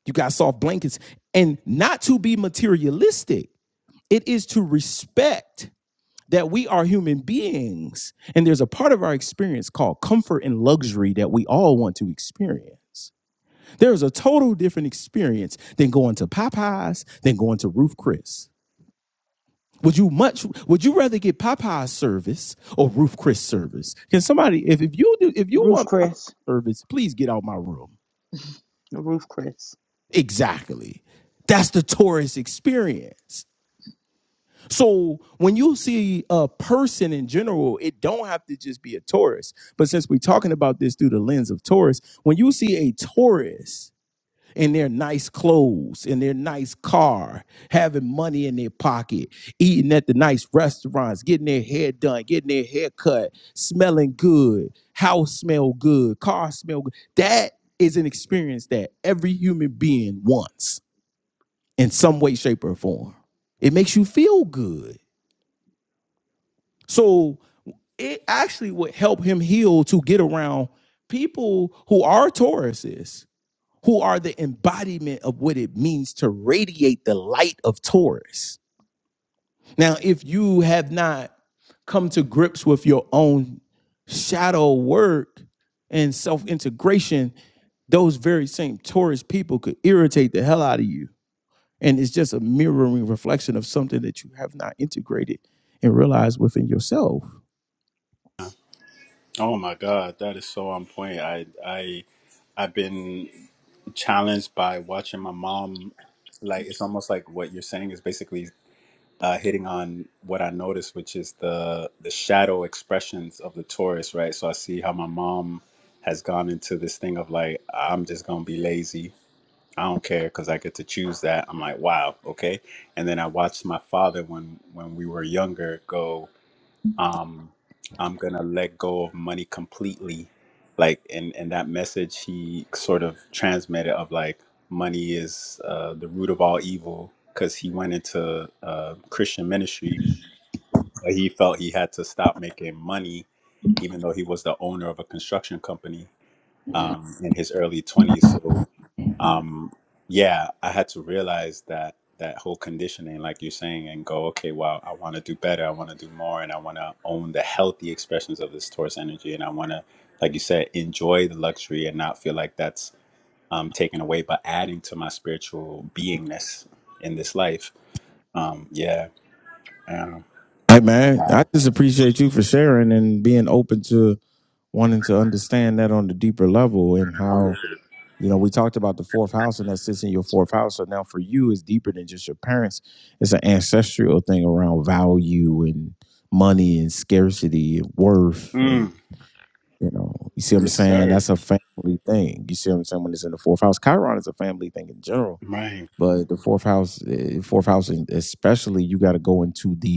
S2: you got soft blankets. And not to be materialistic, it is to respect that we are human beings. And there's a part of our experience called comfort and luxury that we all want to experience. There's a total different experience than going to Popeyes than going to Roof Chris. Would you much would you rather get Popeyes service or Roof Chris service? Can somebody if, if you do if you
S1: Roof
S2: want Popeyes
S1: Chris.
S2: service, please get out my room.
S1: Roof Chris.
S2: Exactly. That's the tourist experience. So when you see a person in general, it don't have to just be a tourist. But since we're talking about this through the lens of tourists, when you see a tourist in their nice clothes, in their nice car, having money in their pocket, eating at the nice restaurants, getting their hair done, getting their hair cut, smelling good, house smell good, car smell good. That is an experience that every human being wants in some way, shape, or form. It makes you feel good. So it actually would help him heal to get around people who are Tauruses who are the embodiment of what it means to radiate the light of Taurus. Now, if you have not come to grips with your own shadow work and self integration, those very same Taurus people could irritate the hell out of you and it's just a mirroring reflection of something that you have not integrated and realized within yourself.
S5: Oh my God, that is so on point. I I I've been challenged by watching my mom. Like it's almost like what you're saying is basically uh, hitting on what I noticed, which is the the shadow expressions of the Taurus, right? So I see how my mom has gone into this thing of like I'm just gonna be lazy I don't care because I get to choose that. I'm like, wow, okay. And then I watched my father when when we were younger go, um, I'm gonna let go of money completely, like, and and that message he sort of transmitted of like money is uh, the root of all evil because he went into uh, Christian ministry, but he felt he had to stop making money, even though he was the owner of a construction company um, in his early 20s. So, um, yeah, I had to realize that that whole conditioning, like you're saying, and go, okay, wow, I want to do better. I want to do more, and I want to own the healthy expressions of this Taurus energy, and I want to, like you said, enjoy the luxury and not feel like that's um, taken away, but adding to my spiritual beingness in this life. Um, yeah. Um,
S2: Hey man, I just appreciate you for sharing and being open to wanting to understand that on the deeper level and how you know we talked about the fourth house and that sits in your fourth house so now for you it's deeper than just your parents it's an ancestral thing around value and money and scarcity and worth
S5: mm,
S2: and you know you see what i'm
S5: yes,
S2: saying
S5: sir.
S2: that's a family thing you see what i'm saying when it's in the fourth house chiron is a family thing in general
S5: Right.
S2: but the fourth house, eh, fourth house, and especially you got to go into the,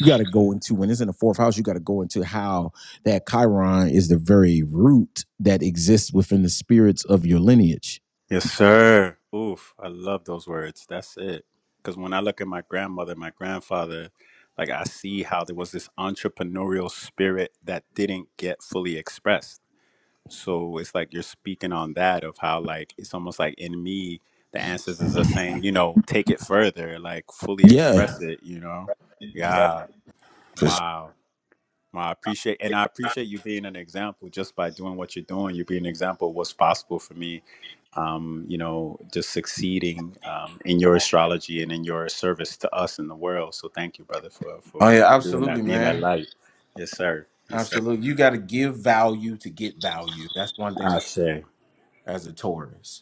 S2: you got to go into when it's in the fourth house, you got to go into how that Chiron is the very root that exists within the spirits of your lineage.
S5: Yes, sir. Oof, I love those words. That's it. Because when I look at my grandmother, my grandfather, like I see how there was this entrepreneurial spirit that didn't get fully expressed. So it's like you're speaking on that of how, like, it's almost like in me, the ancestors are saying, you know, take it further, like fully
S2: Yeah,
S5: express it, you know? Yeah. Wow. Well, I appreciate, and I appreciate you being an example just by doing what you're doing. You be an example of what's possible for me um, you know, just succeeding um, in your astrology and in your service to us in the world. So thank you, brother, for for
S2: Oh yeah,
S5: doing
S2: absolutely,
S5: that, being that
S2: man.
S5: light. Yes, sir. Yes, sir.
S2: Absolutely. You got to give value to get value. That's one thing I,
S5: I say.
S2: as a Taurus.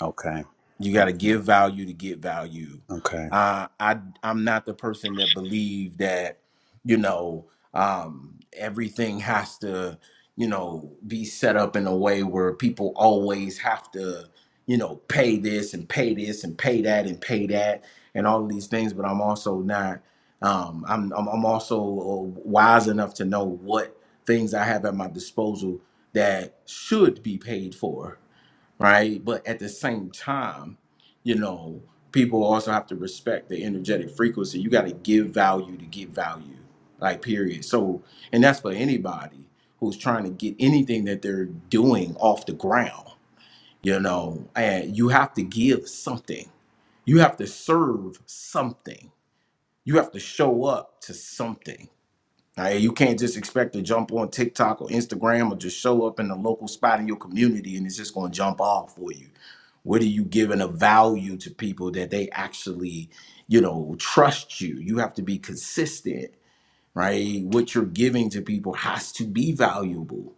S5: Okay.
S2: You got to
S5: Okay.
S2: give value to get value.
S5: Okay.
S2: Uh, I I'm not the person that believe that you know um, everything has to you know be set up in a way where people always have to you know pay this and pay this and pay that and pay that and all of these things. But I'm also not. Um, I'm, I'm I'm also uh, wise enough to know what things I have at my disposal that should be paid for right? But at the same time, you know, people also have to respect the energetic frequency. You got to give value to get value, like period. So, and that's for anybody who's trying to get anything that they're doing off the ground. You know, and you have to give something. You have to serve something. You have to show up to something now, you can't just expect to jump on TikTok or Instagram or just show up in the local spot in your community and it's just going to jump off for you. What are you giving a value to people that they actually, you know, trust you? You have to be consistent, right? What you're giving to people has to be valuable,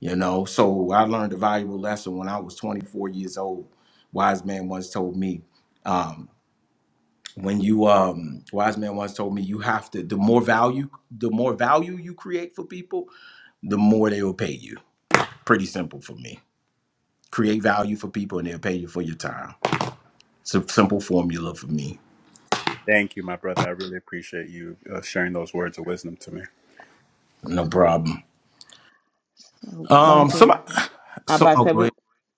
S2: you know? So I learned a valuable lesson when I was 24 years old. Wise man once told me, um, when you um wise man once told me you have to the more value the more value you create for people the more they will pay you pretty simple for me create value for people and they'll pay you for your time it's a simple formula for me
S5: Thank you, my brother. I really appreciate you uh, sharing those words of wisdom to me.
S2: no problem
S1: So,
S2: um
S1: Vontae,
S2: somebody
S1: I
S2: so
S1: about to
S2: oh
S1: say
S2: go
S1: we
S2: ahead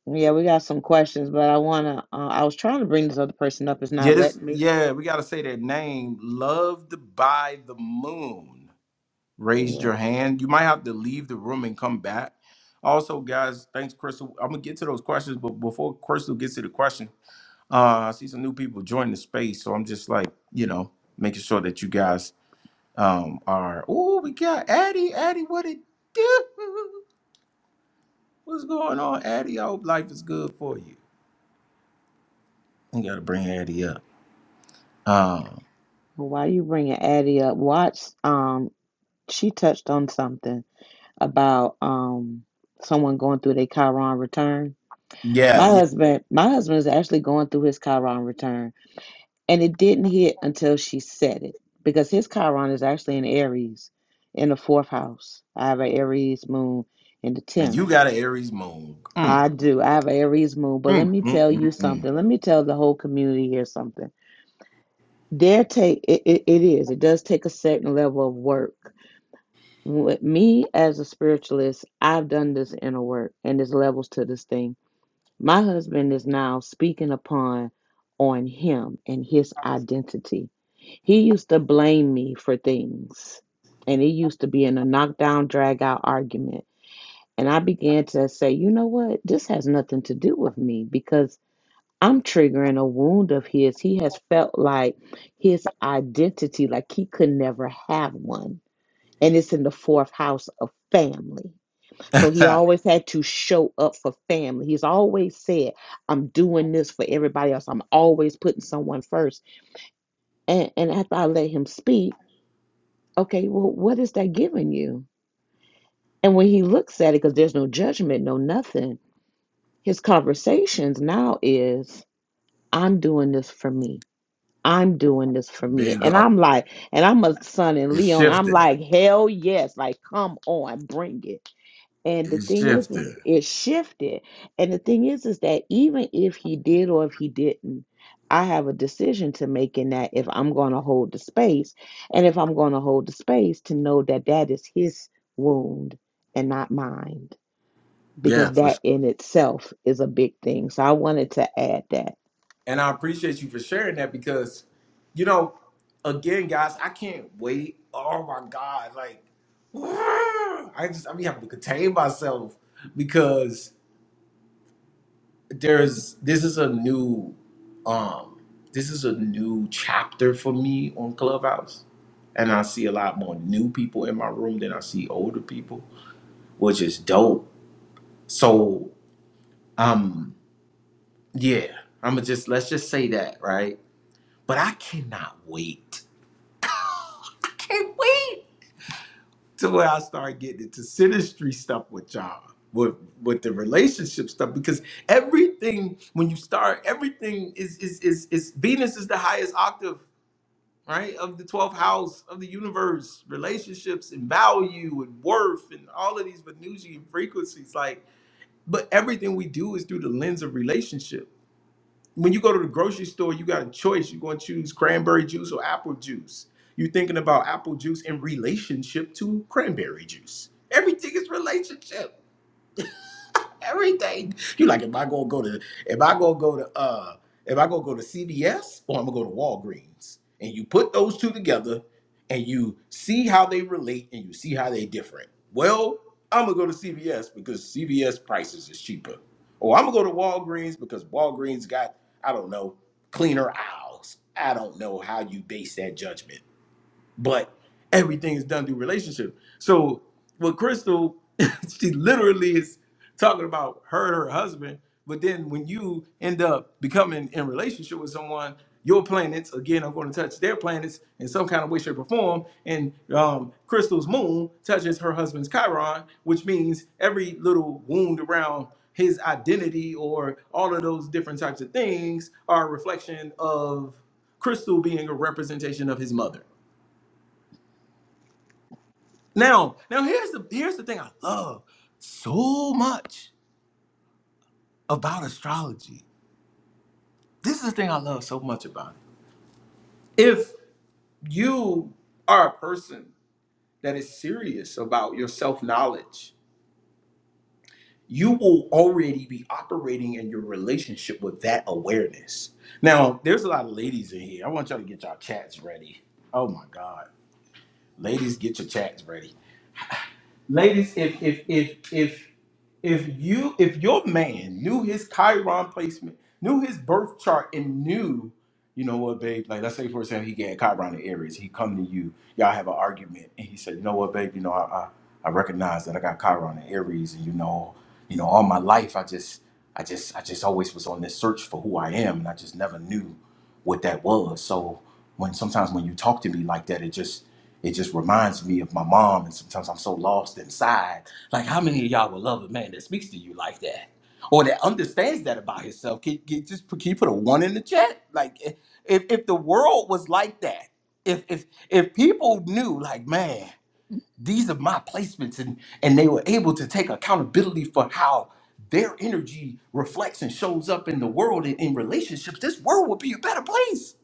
S1: yeah we got some questions, but I wanna uh, I was trying to bring this other person up. It's
S2: yeah
S1: not
S2: this
S1: letting me.
S2: yeah we gotta say that name loved by the moon raised
S1: Yeah.
S2: your hand you might have to leave the room and come back also guys thanks crystal i'm gonna get to those questions but before crystal gets to the question Uh, I see some new people join the space, so I'm just like, you know, making sure that you guys um are. Oh, we got Addie. Addie, what it do? What's going on, Addie? I hope life is good for you. We gotta bring Addie up. Um,
S1: Why you bringing Addie up? Watch. Um, she touched on something about um someone going through their Chiron return
S2: yeah,
S1: My
S2: yeah.
S1: husband, my husband is actually going through his Chiron return, and it didn't hit until she said it because his Chiron is actually in Aries, in the fourth house. I have an Aries moon in the
S2: And
S1: tenth.
S2: you got an Aries moon. Mm,
S1: I do. I have an Aries moon, but let
S2: mm,
S1: me
S2: mm,
S1: tell you
S2: mm,
S1: something. Let me tell the whole community here something. There take it, it, it is. It does take a certain level of work. With me as a spiritualist, I've done this inner work, and there's levels to this thing My husband is now speaking upon on him and his identity. He used to blame me for things, and it used to be in a knockdown, drag out argument. And I began to say, you know what? This has nothing to do with me because I'm triggering a wound of his. He has felt like his identity, like he could never have one. And it's in the fourth house of family. So he
S2: mm.
S1: always had to show up for family. He's always said, I'm doing this for everybody else. I'm always putting someone first. And and after I let him speak, okay, well, what is that giving you? And when he looks at it, because there's no judgment, no nothing, his conversations now is, I'm doing this for me. I'm doing this for me. And
S2: Bingo.
S1: I'm like, and I'm a son in
S2: It's
S1: Leon. I'm
S2: shifting.
S1: like, hell yes. Like, come on, bring it And the
S2: It's
S1: thing is, is
S2: shifting.
S1: it shifted. And the thing is, is that even if he did or if he didn't, I have a decision to make in that if I'm going to hold the space and if I'm going to hold the space to know that that is his wound and not mine,
S2: Yeah,
S1: because
S2: for
S1: that in itself is a big thing. So I wanted to add that.
S2: And I appreciate you for sharing that because, you know, again, guys, I can't wait. Oh my God. Like, I just, I be having to contain myself because there's, this is a new, um, this is a new chapter for me on Clubhouse. And I see a lot more new people in my room than I see older people, which is dope. So, um, yeah, I'm gonna just, let's just say that, right? But I cannot wait can't wait till I start getting into sinistry stuff with y'all, with with the relationship stuff, because everything when you start, everything is is is is Venus is the highest octave, right, of the twelfth house of the universe, relationships and value and worth and all of these Venusian frequencies, like. But everything we do is through the lens of relationship when you go to the grocery store, you got a choice. You're going to choose cranberry juice or apple juice. You're thinking about apple juice in relationship to cranberry juice. Everything is relationship. everything. You like, am I gonna go to if I gonna go to uh if I gonna go to CVS or I'm gonna go to Walgreens? And you put those two together and you see how they relate and you see how they different. Well, I'm gonna go to CVS because CVS prices is cheaper. Or I'm gonna go to Walgreens because Walgreens got, I don't know, cleaner aisles. I don't know how you base that judgment but everything is done through relationship. So with Crystal, she literally is talking about her and her husband. But then when you end up becoming in relationship with someone, your planets again are going to touch their planets in some kind of way, shape, or form. And um, Crystal's moon touches her husband's Chiron, which means every little wound around his identity or all of those different types of things are a reflection of Crystal being a representation of his mother. Now, now here's the here's the thing I love so much about astrology. This is the thing I love so much about it. If you are a person that is serious about your self-knowledge, you will already be operating in your relationship with that awareness. Now, there's a lot of ladies in here. I want y'all to get y'all chats ready. Oh my God. Ladies, get your chats ready Ladies, if if if if if you if your man knew his Chiron placement, knew his birth chart, and knew, you know what, babe, like let's say for example he got Chiron in Aries, he come to you, y'all have an argument, and he said, you know what, babe, you know I I, I recognize that I got Chiron in Aries, and you know, you know, all my life I just I just I just always was on this search for who I am, and I just never knew what that was. So when sometimes when you talk to me like that, it just it just reminds me of my mom, and sometimes I'm so lost inside. Like, how many of y'all would love a man that speaks to you like that, or that understands that about himself? Can, can just put- can you put a one in the chat? Like, if if the world was like that, if if if people knew, like, man, these are my placements, and and they were able to take accountability for how their energy reflects and shows up in the world and in relationships, this world would be a better place.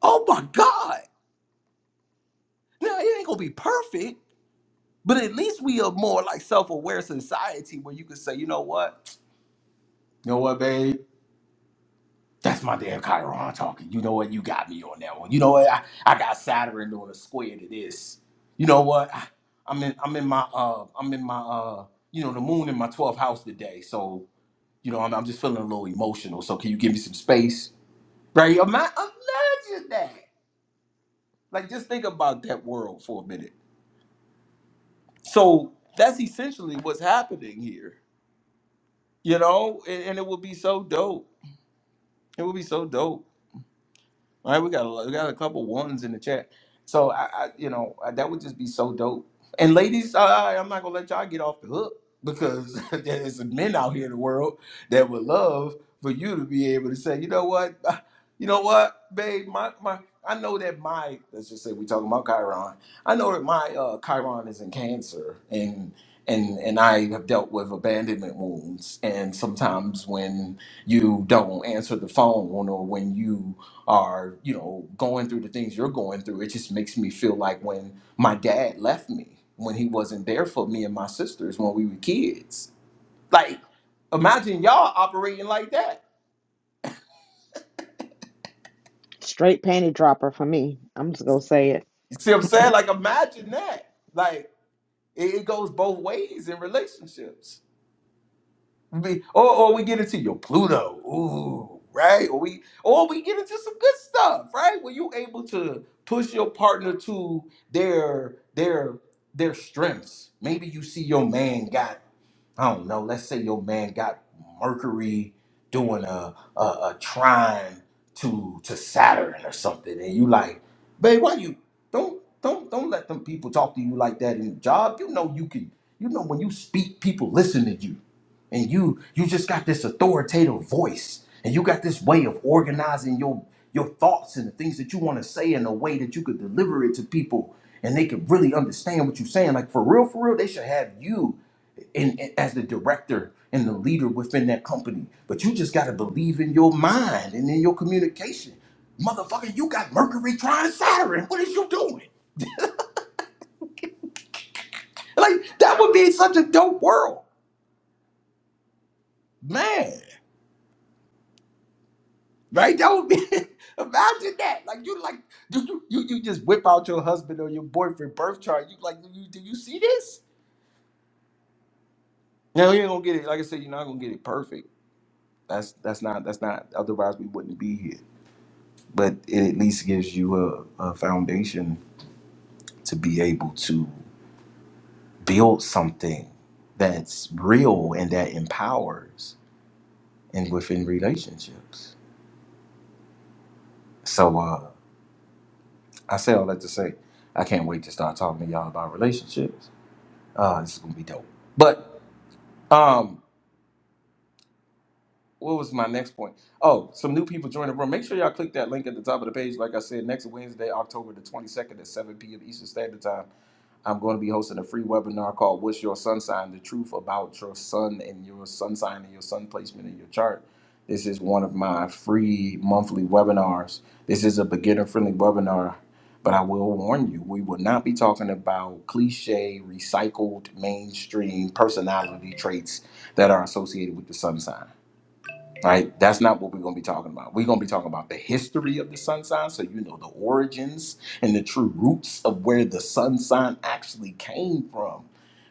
S2: Oh my God! Now it ain't gonna be perfect But at least we are more like self-aware society where you can say, you know what? You know what, babe? That's my damn Chiron talking. You know what? You got me on that one. You know what? I, I got Saturn doing a square to this. You know what? I, I'm in I'm in my uh I'm in my uh you know the moon in my 12th house today. So, you know, I'm, I'm just feeling a little emotional. So can you give me some space? Right? Ima- Imagine that. Like just think about that world for a minute. So that's essentially what's happening here you know, and, and it would be so dope. It would be so dope. All right, we got a, we got a couple ones in the chat. So I, I you know, I, that would just be so dope. And ladies, I, I'm not gonna let y'all get off the hook because there's some men out here in the world that would love for you to be able to say, you know what, Ah, you know what, babe, my my. I know that my let's just say we talking about Chiron. I know that my uh, Chiron is in Cancer, and and and I have dealt with abandonment wounds. And sometimes when you don't answer the phone, or when you are you know going through the things you're going through it just makes me feel like when my dad left me when he wasn't there for me and my sisters when we were kids like imagine y'all operating like that
S1: Straight panty dropper for me. I'm just going to say it.
S2: you see what i'm saying like imagine that like it, it goes both ways in relationships We- Or, or we get into your Pluto, ooh, right? Or we or we get into some good stuff, right? Where you able to push your partner to their their their strengths. Maybe you see your man got, I don't know, let's say your man got Mercury doing a a, a trine to to Saturn or something, and you like, babe, why you don't don't don't let them people talk to you like that in the job. You know you can you know when you speak, people listen to you and you you just got this authoritative voice and you got this way of organizing your your thoughts and the things that you want to say in a way that you could deliver it to people and they could really understand what you're saying like for real for real they should have you in, in- as the director and the leader within that company but you just got to believe in your mind and in your communication motherfucker you got mercury trine saturn what is you doing like that would be such a dope world man Right? That would be imagine that. Like you like do you, you you just whip out your husband or your boyfriend birth chart. You like do you do you see this? No, you ain't gonna get it. Like I said, you're not gonna get it perfect. That's that's not that's not otherwise we wouldn't be here. But it at least gives you a, a foundation to be able to build something that's real and that empowers and within relationships. So uh I say all that to say I can't wait to start talking to y'all about relationships Uh, this is gonna be dope. But um, what was my next point? Oh, some new people joined the room. Make sure y'all click that link at the top of the page. Like I said, next Wednesday, October the 22nd at 7 p.m. Eastern Standard Time. I'm going to be hosting a free webinar called What's Your Sun Sign? The Truth About Your Sun and Your Sun Sign and Your Sun Placement in Your Chart. This is one of my free monthly webinars. This is a beginner friendly webinar, but I will warn you, we will not be talking about cliche, recycled, mainstream personality traits that are associated with the sun sign right? That's not what we're going to be talking about. We're going to be talking about the history of the sun sign, so you know the origins and the true roots of where the sun sign actually came from.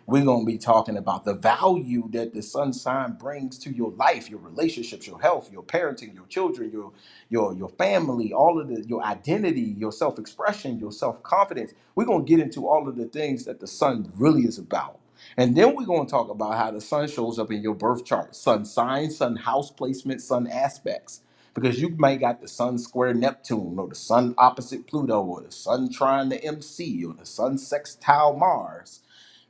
S2: We're going to be talking about the value that the sun sign brings to your life, your relationships, your health, your parenting, your children, your your your family, all of the your identity, your self-expression, your self-confidence. We're going to get into all of the things that the sun really is about and then we're going to talk about how the sun shows up in your birth chart sun sign, sun house placement, sun aspects. Because you may got the sun square Neptune, or the sun opposite Pluto, or the sun trine the MC, or the sun sextile Mars,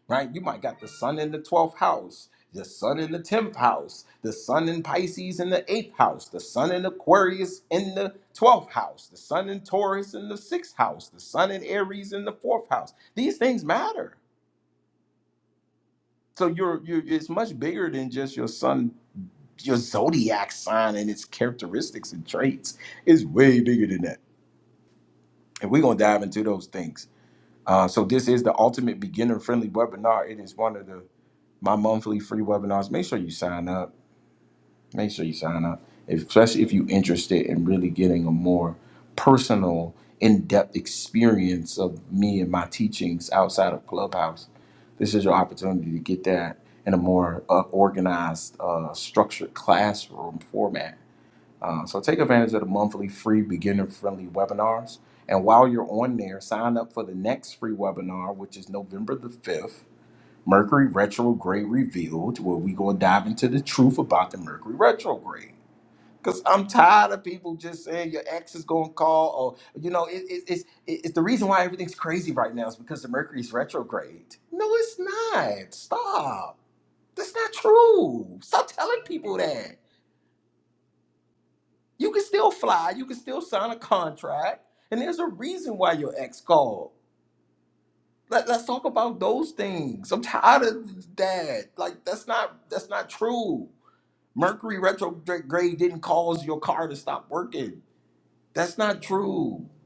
S2: right? You might got the sun in the 12th house, the sun in the 10th house, the sun in Pisces in the 8th house, the sun in Aquarius in the 12th house, the sun in Taurus in the 6th house, the sun in Aries in the 4th house. These things matter so you're you it's much bigger than just your sun your zodiac sign and its characteristics and traits it's way bigger than that and we're going to dive into those things uh, so this is the ultimate beginner friendly webinar it is one of the my monthly free webinars make sure you sign up make sure you sign up, If- especially if you're interested in really getting a more personal, in-depth experience of me and my teachings outside of Clubhouse. This is your opportunity to get that in a more uh, organized, uh, structured classroom format. Uh, so take advantage of the monthly free beginner-friendly webinars. And while you're on there, sign up for the next free webinar, which is November the 5th Mercury retrograde revealed, where we gonna dive into the truth about the Mercury retrograde. Cause I'm tired of people just saying your ex is gonna call, or you know, it, it, it's it, it's the reason why everything's crazy right now is because the Mercury's retrograde. No, it's not. Stop. That's not true. Stop telling people that. You can still fly. You can still sign a contract, and there's a reason why your ex called. Let, let's talk about those things. I'm tired of that. Like that's not that's not true. Mercury retrograde didn't cause your car to stop working. That's not true.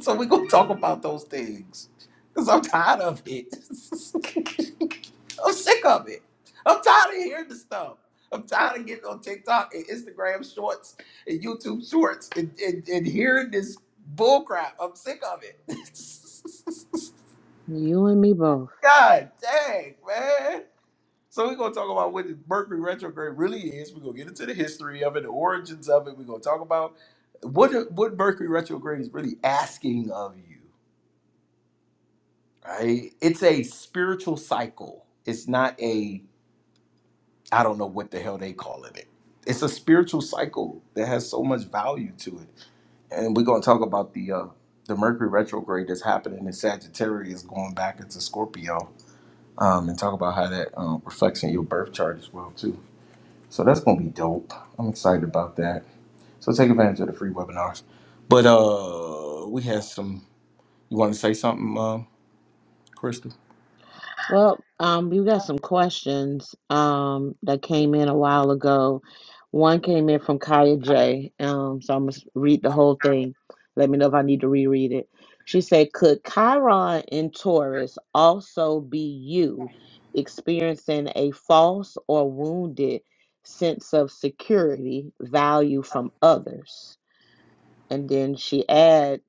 S2: So we're gonna talk about those things. Cause I'm tired of it. I'm sick of it. I'm tired of hearing the stuff. I'm tired of getting on TikTok and Instagram shorts and YouTube shorts and, and, and hearing this bullcrap. I'm sick of it.
S1: You and me both.
S2: God dang, man. So we're gonna talk about what Mercury retrograde really is. We're gonna get into the history of it, the origins of it. We're gonna talk about what what Mercury retrograde is really asking of you, right? It's a spiritual cycle. It's not a I don't know what the hell they calling it. It's a spiritual cycle that has so much value to it, and we're gonna talk about the uh, the Mercury retrograde that's happening in Sagittarius going back into Scorpio, um, and talk about how that um, reflects in your birth chart as well too. So that's gonna be dope. I'm excited about that. So take advantage of the free webinars. But uh we had some you wanna say something, uh, Krista?
S1: Well, um, you got some questions um that came in a while ago. One came in from Kaya J. Um, so I'm gonna read the whole thing. Let me know if I need to reread it. She said, "Could Chiron in Taurus also be you experiencing a false or wounded sense of security value from others?" And then she adds,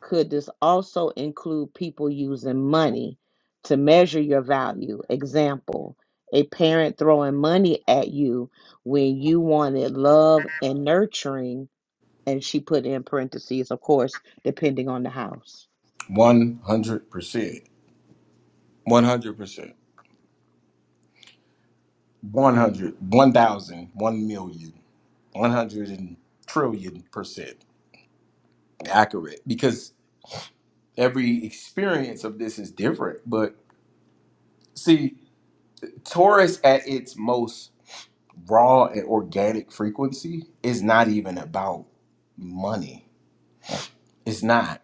S1: could this also include people using money to measure your value? Example, a parent throwing money at you when you wanted love and nurturing. And she put in parentheses, of course, depending on the house.
S2: One hundred percent. One hundred percent. One hundred One thousand. One million. One hundred and trillion percent accurate. Because every experience of this is different. But see, Taurus at its most raw and organic frequency is not even about money. It's not.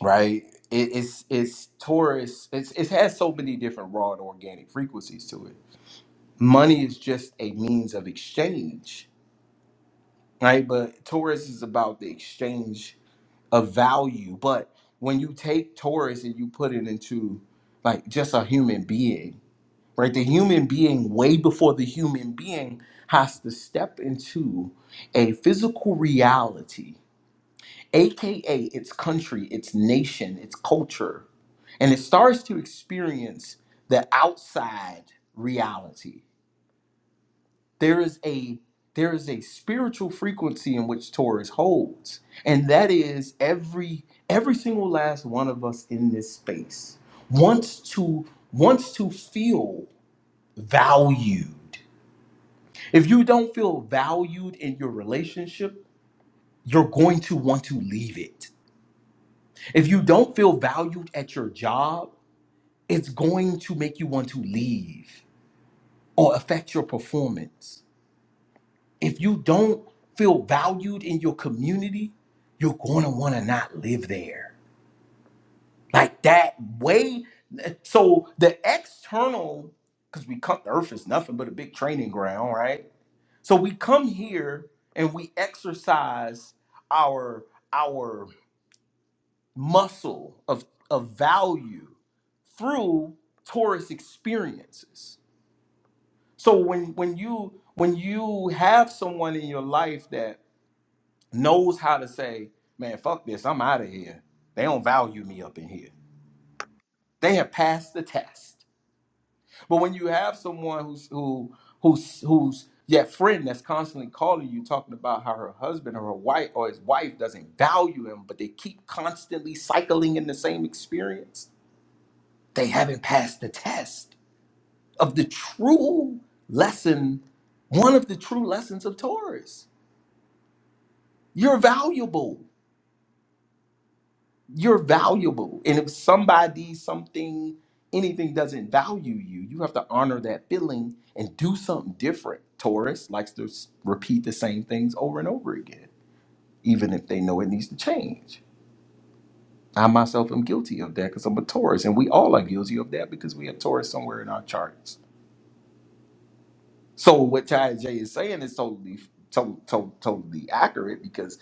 S2: right? It, it's it's Taurus. It's it has so many different raw and organic frequencies to it. Money is just a means of exchange, right? But Taurus is about the exchange of value. But when you take Taurus and you put it into like just a human being, right? The human being, way before the human being has to step into a physical reality AKA its country, its nation, its culture. And it starts to experience the outside reality. There is a there is a spiritual frequency in which Taurus holds, and that is every every single last one of us in this space wants to wants to feel valued. If you don't feel valued in your relationship, you're going to want to leave it If you don't feel valued at your job, it's going to make you want to leave or affect your performance. If you don't feel valued in your community, you're going to want to not live there. Like that way. So the external, because we come, earth is nothing but a big training ground, right? So we come here and we exercise our our muscle of, of value through Taurus experiences. So when when you when you have someone in your life that knows how to say, man, fuck this, I'm out of here. They don't value me up in here. They have passed the test. But when you have someone who's who who's who's that friend that's constantly calling you talking about how her husband or her wife or his wife doesn't value him, but they keep constantly cycling in the same experience They haven't passed the test of the true lesson, one of the true lessons of Taurus. You're valuable. You're valuable. And if somebody, something, anything doesn't value you, you have to honor that feeling and do something different. Taurus likes to s- repeat the same things over and over again, even if they know it needs to change. I myself am guilty of that because I'm a Taurus, and we all are guilty of that because we have Taurus somewhere in our charts So what Ty J is saying is totally, to, to, totally accurate because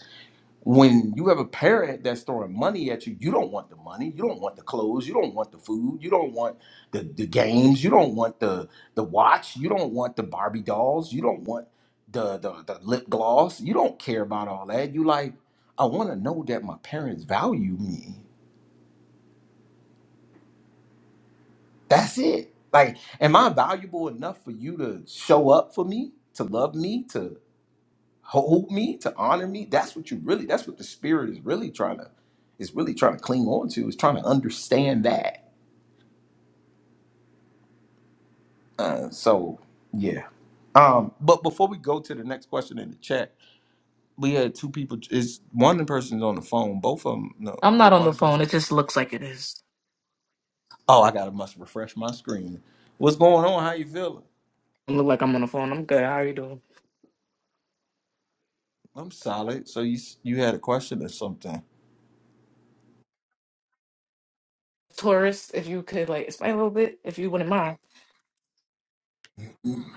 S2: when you have a parent that's throwing money at you, you don't want the money, you don't want the clothes, you don't want the food, you don't want the, the games, you don't want the the watch, you don't want the Barbie dolls, you don't want the the, the lip gloss, you don't care about all that. You like, I want to know that my parents value me. That's it. Like, am I valuable enough for you to show up for me, to love me, to? hold me, to honor me. That's what you really, that's what the spirit is really trying to, is really trying to cling on to, is trying to understand that. Uh, so yeah. Um, but before we go to the next question in the chat, we had two people. Is one person's on the phone? Both of them. No,
S6: I'm
S2: we
S6: not
S2: had
S6: on the
S2: one
S6: phone.
S2: person.
S6: It just looks like it is.
S2: Oh, I gotta must refresh my screen. What's going on? How you feeling?
S6: I look like I'm on the phone. I'm good. How are you doing?
S2: I'm solid. So you you had a question or something?
S6: Taurus, if you could like explain a little bit, if you wouldn't mind.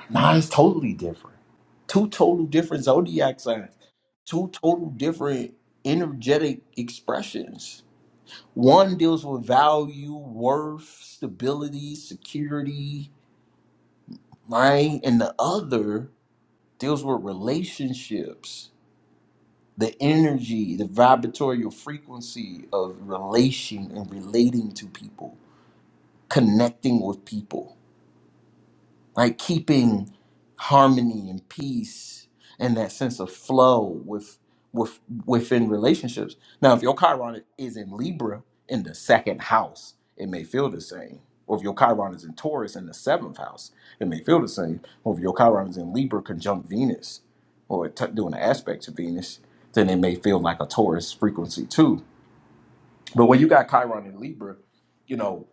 S2: Nah, it's totally different. Two total different zodiac signs, two total different energetic expressions. One deals with value, worth, stability, security, right? And the other deals with relationships, the energy, the vibratory frequency of relation and relating to people, connecting with people like keeping harmony and peace and that sense of flow with with within relationships. Now, if your Chiron is in Libra in the second house, it may feel the same. Or if your Chiron is in Taurus in the seventh house, it may feel the same. Or if your Chiron is in Libra conjunct Venus, or t- doing an aspect to Venus, then it may feel like a Taurus frequency too. But when you got Chiron in Libra, you know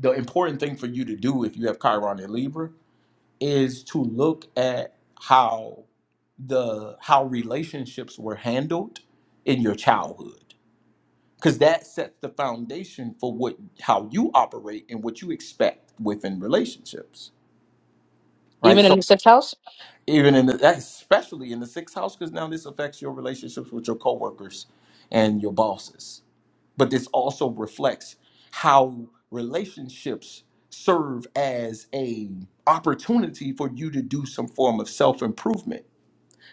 S2: the important thing for you to do if you have Chiron in Libra is to look at how the how relationships were handled in your childhood because that sets the foundation for what how you operate and what you expect within relationships right
S6: Even in the
S2: so
S6: sixth house?
S2: even in the, that especially in the sixth house because now this affects your relationships with your coworkers and your bosses but this also reflects how relationships serve as a opportunity for you to do some form of self-improvement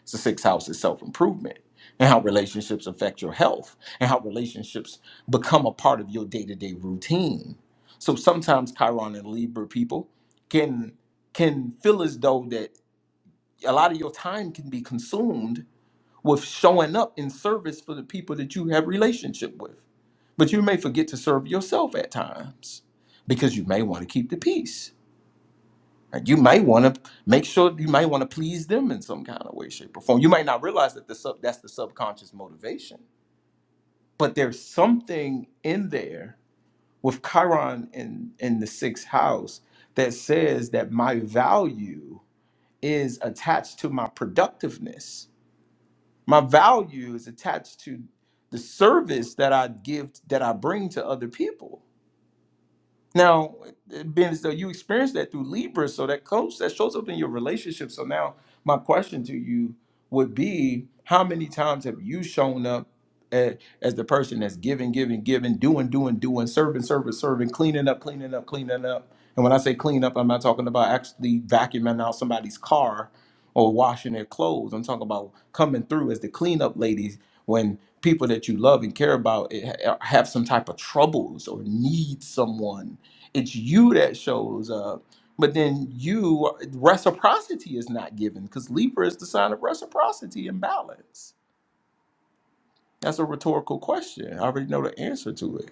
S2: It's the sixth house is self improvement and how relationships affect your health and how relationships become a part of your day to day routine. So sometimes Chiron and Libra people can can feel as though that a lot of your time can be consumed with showing up in service for the people that you have relationship with. But you may forget to serve yourself at times because you may want to keep the peace Right? You might want to make sure you might want to please them in some kind of way, shape, or form. You might not realize that the sub that's the subconscious motivation, but there's something in there with Chiron in in the sixth house that says that my value is attached to my productiveness. My value is attached to the service that I give that I bring to other people Now, it being as though you experienced that through Libra, so that comes that shows up in your relationship. So now, my question to you would be: How many times have you shown up a- as the person that's giving, giving, giving, doing, doing, doing, serving, serving, serving, cleaning up, cleaning up, cleaning up? And when I say clean up, I'm not talking about actually vacuuming out somebody's car or washing their clothes. I'm talking about coming through as the cleanup ladies when people that you love and care about eh, ha- have some type of troubles or need someone it's you that shows up but then you reciprocity is not given because libra is the sign of reciprocity and balance that's a rhetorical question i already know the answer to it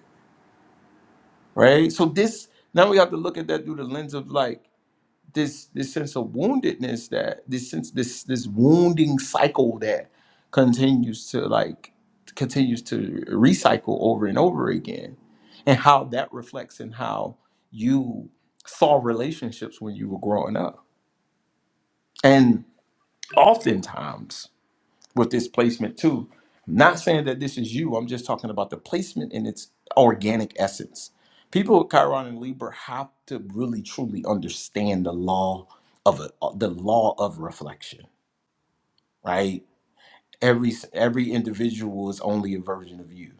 S2: right so this now we have to look at that through the lens of like this this sense of woundedness that this sense this this wounding cycle that continues to like continues to recycle over and over again and how that reflects in how you saw relationships when you were growing up and oftentimes with this placement too. I'm Not saying that this is you. I'm just talking about the placement and its organic essence. People with Chiron and Libra have to really truly understand the law of a, uh, the law of reflection, right? Every every individual is only a version of you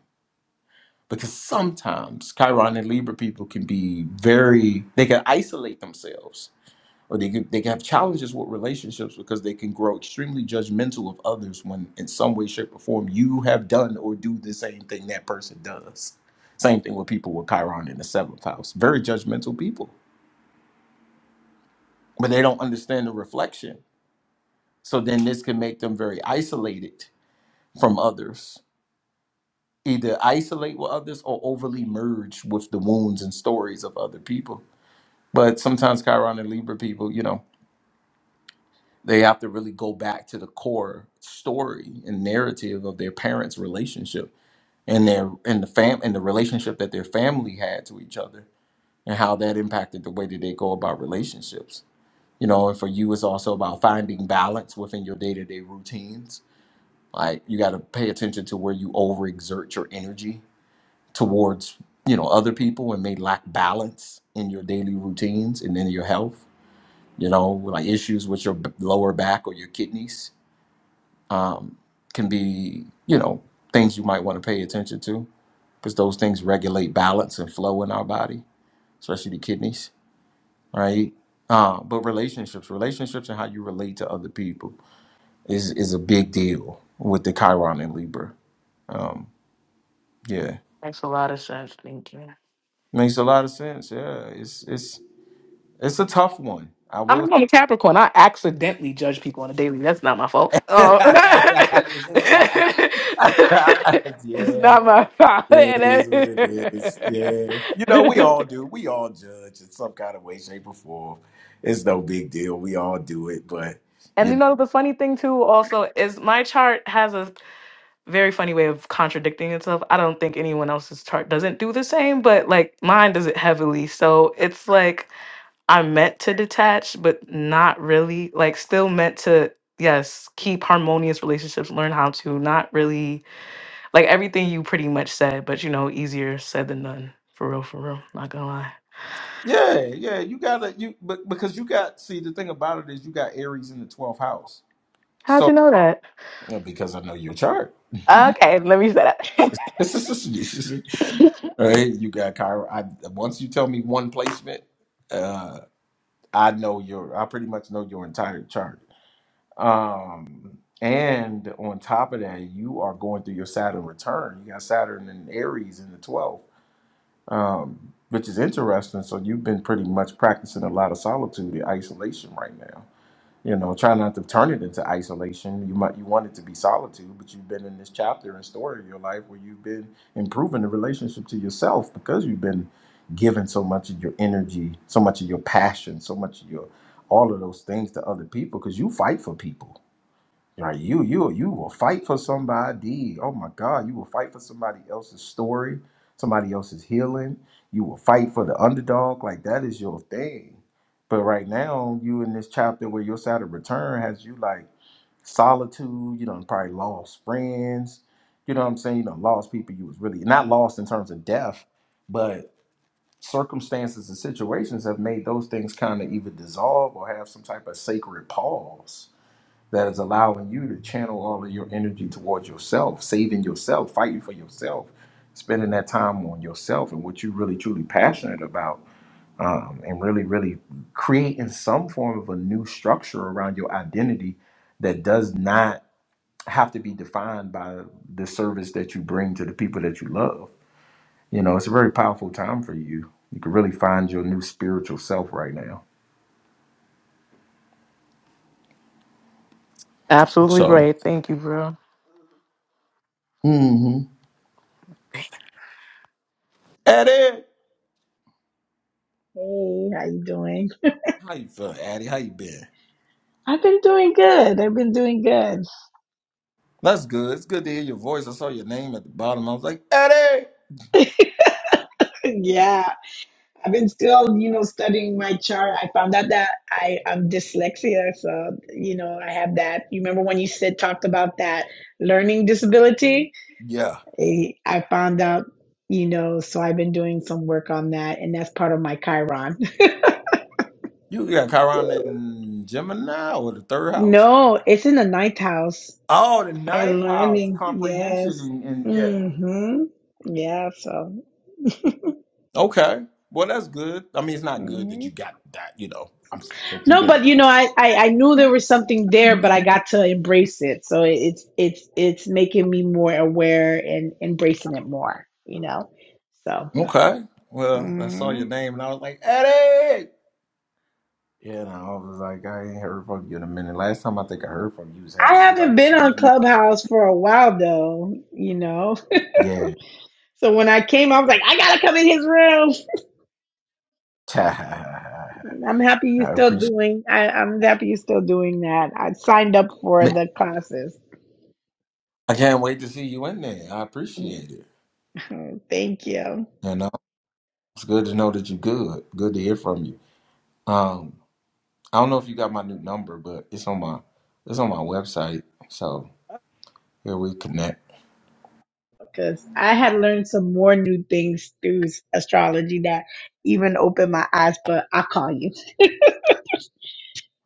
S2: because sometimes Chiron and Libra people can be very they can isolate themselves or they could, they can have challenges with relationships because they can grow extremely judgmental of others when in some way shape or form you have done or do the same thing that person does same thing with people with chiron in the seventh house very judgmental people but they don't understand the reflection so then this can make them very isolated from others either isolate with others or overly merge with the wounds and stories of other people but sometimes chiron and libra people you know They have to really go back to the core story and narrative of their parents' relationship and their and the fam and the relationship that their family had to each other and how that impacted the way that they go about relationships. You know, and for you it's also about finding balance within your day-to-day routines. Like you gotta pay attention to where you overexert your energy towards, you know, other people and may lack balance in your daily routines and in your health you know, like issues with your b- lower back or your kidneys. can be, you know, things you might want to pay attention to because those things regulate balance and flow in our body, especially the kidneys, right? Uh, but relationships, relationships and how you relate to other people is is a big deal with the Chiron and Libra. Um, yeah,
S6: Makes a lot of sense. Thank you.
S2: makes a lot of sense. Yeah, it's it's it's a tough one. I will.
S6: I'm a Capricorn. I accidentally judge people on a daily. That's not my fault.
S2: you
S6: Oh.
S2: just said I.
S6: it's
S2: yeah.
S6: not my fault.
S2: It is what it is. Yeah. You know, we all do. We all judge in some kind of way, shape, or form. It's no big deal. We all do it, but
S6: and
S2: you
S6: you
S2: know.
S6: know the funny thing too also is my chart has a very funny way of contradicting itself. I don't think anyone else's chart doesn't do the same, but like mine does it heavily. So it's like I'm meant to detach, but not really. Like still meant to, yes, keep harmonious relationships, learn how to not really like everything you pretty much said, but you know, easier said than done. For real, for real. Not gonna lie.
S2: Yeah, yeah. You gotta you but because you got see the thing about it is you got Aries in the twelfth house.
S6: How'd
S2: So
S6: you know that?
S2: Yeah, because I know your chart.
S6: Okay, let me say
S2: all
S6: that.
S2: right, you got Chiron. I once you tell me one placement, uh I know your I pretty much know your entire chart. Um, and on top of that, you are going through your Saturn return. You got Saturn and Aries in the 12th, um, which is interesting. So you've been pretty much practicing a lot of solitude and isolation right now. You know, try not to turn it into isolation. You might you want it to be solitude, but you've been in this chapter and story of your life where you've been improving the relationship to yourself because you've been giving so much of your energy, so much of your passion, so much of your all of those things to other people because you fight for people Right, you you you will fight for somebody. Oh my God, you will fight for somebody else's story, somebody else's healing. You will fight for the underdog. Like that is your thing. But right now, you in this chapter where your side of return has you like solitude. You done probably lost friends. You know what I'm saying? You done lost people you was really not lost in terms of death, but circumstances and situations have made those things kind of either dissolve or have some type of sacred pause that is allowing you to channel all of your energy towards yourself, saving yourself, fighting for yourself, spending that time on yourself and what you're really truly passionate about, um, and really, really creating some form of a new structure around your identity that does not have to be defined by the service that you bring to the people that you love. You know, it's a very powerful time for you. You can really find your new spiritual self right now.
S6: Absolutely
S2: So,
S6: right. Thank you, bro.
S2: mm-hmm. Eddie,
S7: Hey, how you doing?
S2: how you feeling, Eddie? How you been?
S7: I've been doing good. I've been doing good.
S2: That's good. It's good to hear your voice. I saw your name at the bottom. I was like, Eddie.
S7: Yeah, I've been still, you know, studying my chart. I found out that I am dyslexia, so you know, I have that. You remember when you said talked about that learning disability?
S2: Yeah.
S7: Eh, I found out, you know, so I've been doing some work on that, and that's part of my Chiron.
S2: You got Chiron in Gemini or the third house?
S7: No, it's in the ninth house.
S2: Oh, the
S7: Higher
S2: ninth house.
S7: learning,
S2: Comprehension
S7: yes.
S2: and, and yeah.
S7: Mm-hmm. Yeah, so.
S2: Okay. Well, that's good. I mean, it's not good that
S7: mm-hmm.
S2: you got that, you know, I'm s- that you've
S7: No,
S2: been.
S7: but you know, I, I I knew there was something there, but I got to embrace it. So it- it's it's it's making me more aware and embracing it more. You know, so
S2: Okay. Well, I saw your
S7: mm.
S2: name and I was like, Eddie. Yeah, and I was like, I ain't heard from you in a minute. Last time I think I heard from you was
S7: I
S2: having some type
S7: haven't
S2: of
S7: been on
S2: surgery.
S7: Clubhouse for a while though. You know,
S2: Yeah.
S7: so when I came, I was like, I gotta come in his room.
S2: I
S7: I'm happy you're still
S2: appreciate
S7: doing. I, I'm happy you're still doing that. I signed up for the classes.
S2: I can't wait to see you in there. I appreciate it.
S7: Thank you.
S2: You know, it's good to know that you're good. Good to hear from you. Um, I don't know if you got my new number, but it's on my it's on my website. So here we connect.
S7: because I had learned some more new things through astrology that even opened my eyes. But I'll call you.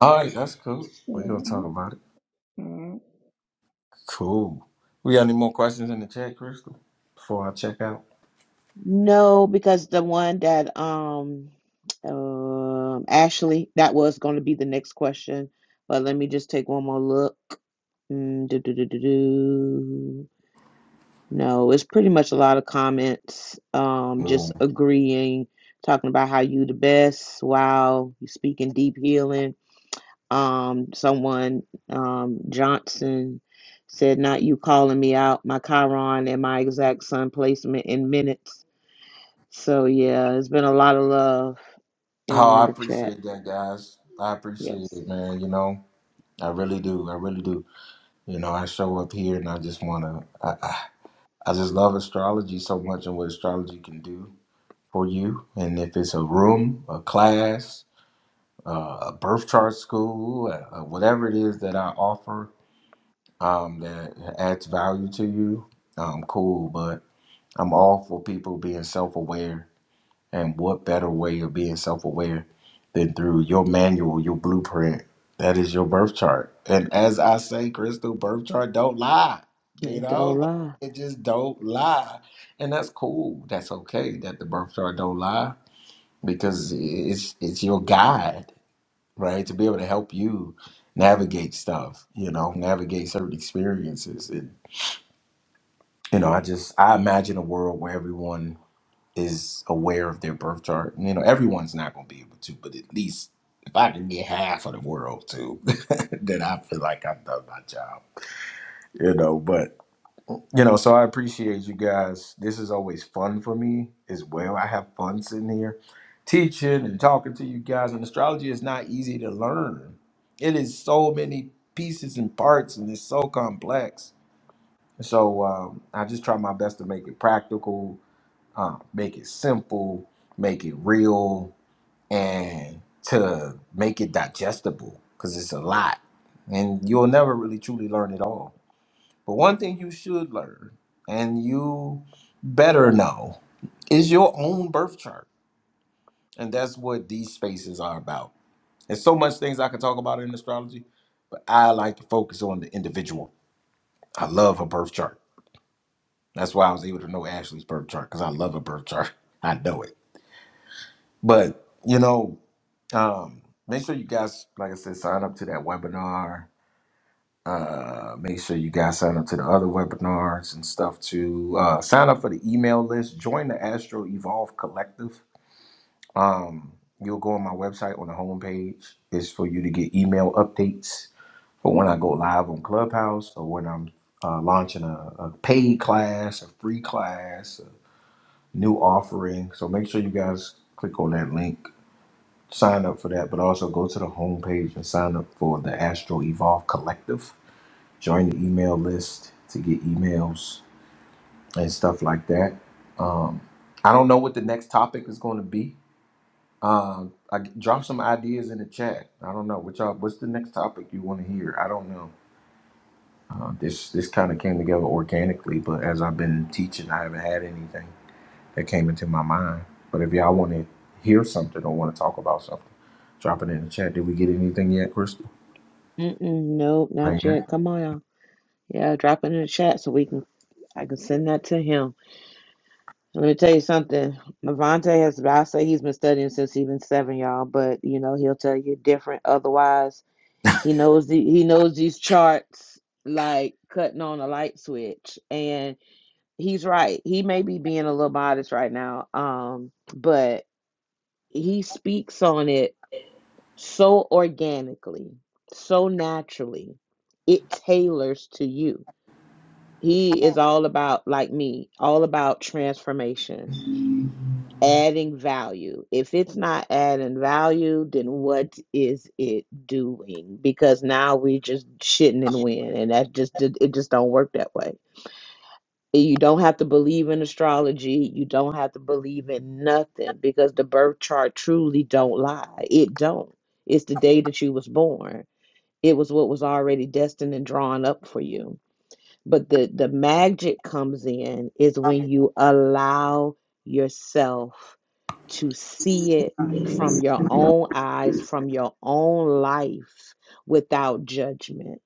S2: All right, that's cool. We're gonna talk about it.
S7: Mhm.
S2: Cool. We got any more questions in the chat, Crystal? Before I check out.
S1: No, because the one that um um Ashley, that was going to be the next question, but let me just take one more look. Mm, do, do, do, do, do. No, it's pretty much a lot of comments, um, just
S2: Mm.
S1: agreeing, talking about how you the best. Wow, you speaking deep healing. Um, someone, um, Johnson said, not you calling me out, my Chiron and my exact sun placement in minutes. So yeah, it's been a lot of love
S2: Oh, I
S1: in the chat.
S2: appreciate that, guys. I appreciate
S1: Yes.
S2: it, man. You know, I really do. I really do. You know, I show up here and I just wanna. I, I just love astrology so much and what astrology can do for you. And if it's a room, a class, uh, a birth chart school, uh, uh, whatever it is that I offer um, that adds value to you, um, cool. But I'm all for people being self aware and what better way of being self aware than through your manual, your blueprint? That is your birth chart. And as I say, Crystal, birth chart don't lie. You
S1: It
S2: know,
S1: don't
S2: like,
S1: lie.
S2: it just don't lie. And that's cool. That's okay that the birth chart don't lie because it's it's your guide, right? To be able to help you navigate stuff, you know, navigate certain experiences. And, you know, I just I imagine a world where everyone is aware of their birth chart. And, you know, everyone's not going to be able to, but at least if I can get half of the world to, then I feel like I've done my job. You know, but you know, so I appreciate you guys. This is always fun for me as well. I have fun sitting here teaching and talking to you guys. And astrology is not easy to learn. It is so many pieces and parts, and it's so complex. So um, I just try my best to make it practical um, make it simple, make it real, and to make it digestible because it's a lot, and you'll never really truly learn it all. But one thing you should learn, and you better know, is your own birth chart, and that's what these spaces are about. There's so much things I could talk about in astrology, but I like to focus on the individual. I love her birth chart. That's why I was able to know Ashley's birth chart because I love her birth chart. I know it. But you know, um, make sure you guys, like I said, sign up to that webinar. Uh, make sure you guys sign up to the other webinars and stuff too. Uh, sign up for the email list. Join the Astro Evolve Collective. Um, you'll go on my website on the homepage. It's for you to get email updates for when I go live on Clubhouse or when I'm uh, launching a, a paid class, a free class, a new offering. So make sure you guys click on that link sign up for that, but also go to the homepage and sign up for the Astro Evolve Collective. Join the email list to get emails and stuff like that. Um, I don't know what the next topic is going to be. Um, I drop some ideas in the chat. I don't know what y'all. What's the next topic you want to hear? I don't know. Uh, this this kind of came together organically, but as I've been teaching, I haven't had anything that came into my mind. But if y'all want to hear something or want to talk about something, drop it in the chat. Did we get anything yet, Chris?
S1: Mm-mm, nope, not
S2: man.
S1: yet. Come on, y'all. Yeah, drop it in the chat so we can I can send that to him. Let me tell you something. Levante has, I say he's been studying since he was seven, y'all. But you know, he'll tell you different. Otherwise, he knows the he knows these charts like cutting on a light switch, and he's right. He may be being a little modest right now, um, but he speaks on it so organically, so naturally. It tailors to you. He is all about like me, all about transformation adding value. If it's not adding value, then what is it doing? Because now we just shitting and win, and that just it it just don't work that way. You don't have to believe in astrology. You don't have to believe in nothing because the birth chart truly don't lie. It don't. It's the day that you was born. It was what was already destined and drawn up for you but the the magic comes in is when you allow yourself to see it from your own eyes, from your own life without judgment.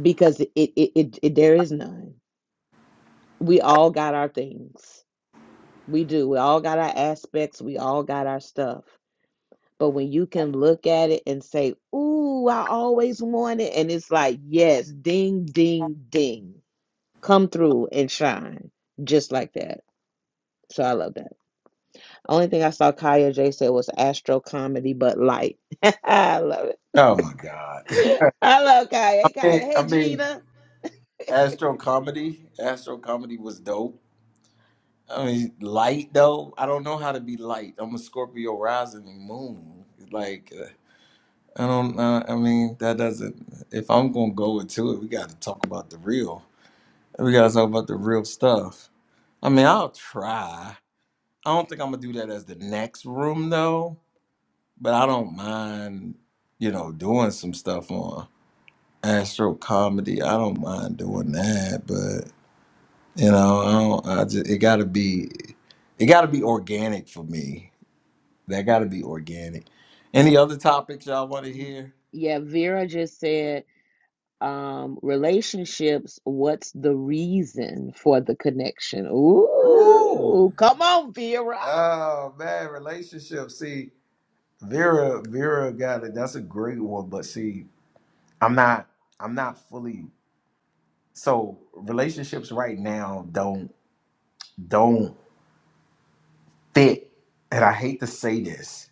S1: Because it it, it, it there is none. We all got our things. We do. We all got our aspects. We all got our stuff. But when you can look at it and say, Ooh, I always wanted, and it's like, yes, ding, ding, ding come through and shine just like that. So I love that. Only thing I saw Kaya J said was astro comedy, but light. I love
S2: Oh my god.
S1: it. I love Kaya. Hey
S2: I mean,
S1: Kaya.
S2: I
S1: Hey
S2: mean,
S1: Gina.
S2: Astro Comedy. Astro Comedy was dope. I mean, light though. I don't know how to be light. I'm a Scorpio rising and moon. Like, uh, I don't. Uh, I mean, that doesn't. If I'm gonna go into it, we got to talk about the real. We got to talk about the real stuff. I mean, I'll try. I don't think I'm gonna do that as the next room though. But I don't mind, you know, doing some stuff on. astro comedy. I don't mind doing that, but you know, I don't. I just it got to be, it got to be organic for me. That got to be organic. Any other topics y'all want to
S1: Mm,
S2: hear?
S1: Yeah, Vera just said um relationships what's the reason for the connection
S2: Ooh,
S1: ooh come on vera
S2: oh man, relationships. See, Vera, Vera got it. That's a great one. But see, I'm not, I'm not fully. So relationships right now don't don't fit, and I hate to say this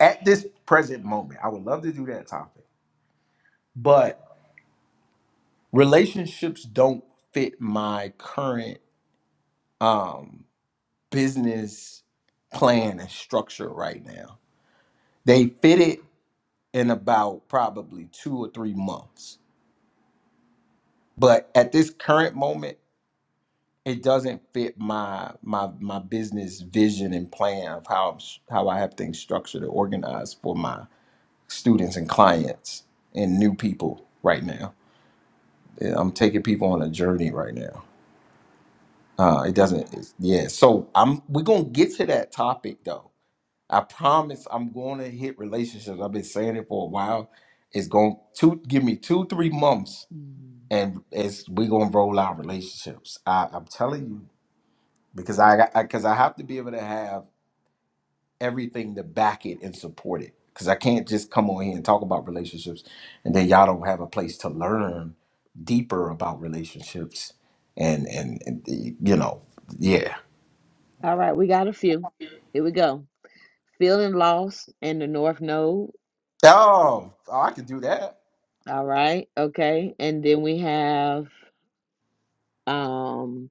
S2: at this present moment, I would love to do that topic, but relationships don't fit my current um, business plan and structure right now. They fit it in about probably two or three months, but at this current moment, it doesn't fit my my my business vision and plan of how I'm s- how I have things structured and organized for my students and clients and new people right now. Yeah, I'm taking people on a journey right now. Uh, it
S1: Ka-
S2: doesn't. It's, yeah. So I'm. We're gonna get to that topic though. I promise. I'm going to hit relationships. I've been saying it for a while. It's going to give me two, three months, and it's we're gonna roll out relationships. I, I'm telling you because I because I 'cause I have to be able to have. everything to back it and support it. Because I can't just come on here and talk about relationships and then y'all don't have a place to learn deeper about relationships and and, and the- you know, yeah.
S1: All right, we got a few. Here we go. Feeling lost in the North Node.
S2: Oh, oh, I could do that.
S1: All right, okay. And then we have um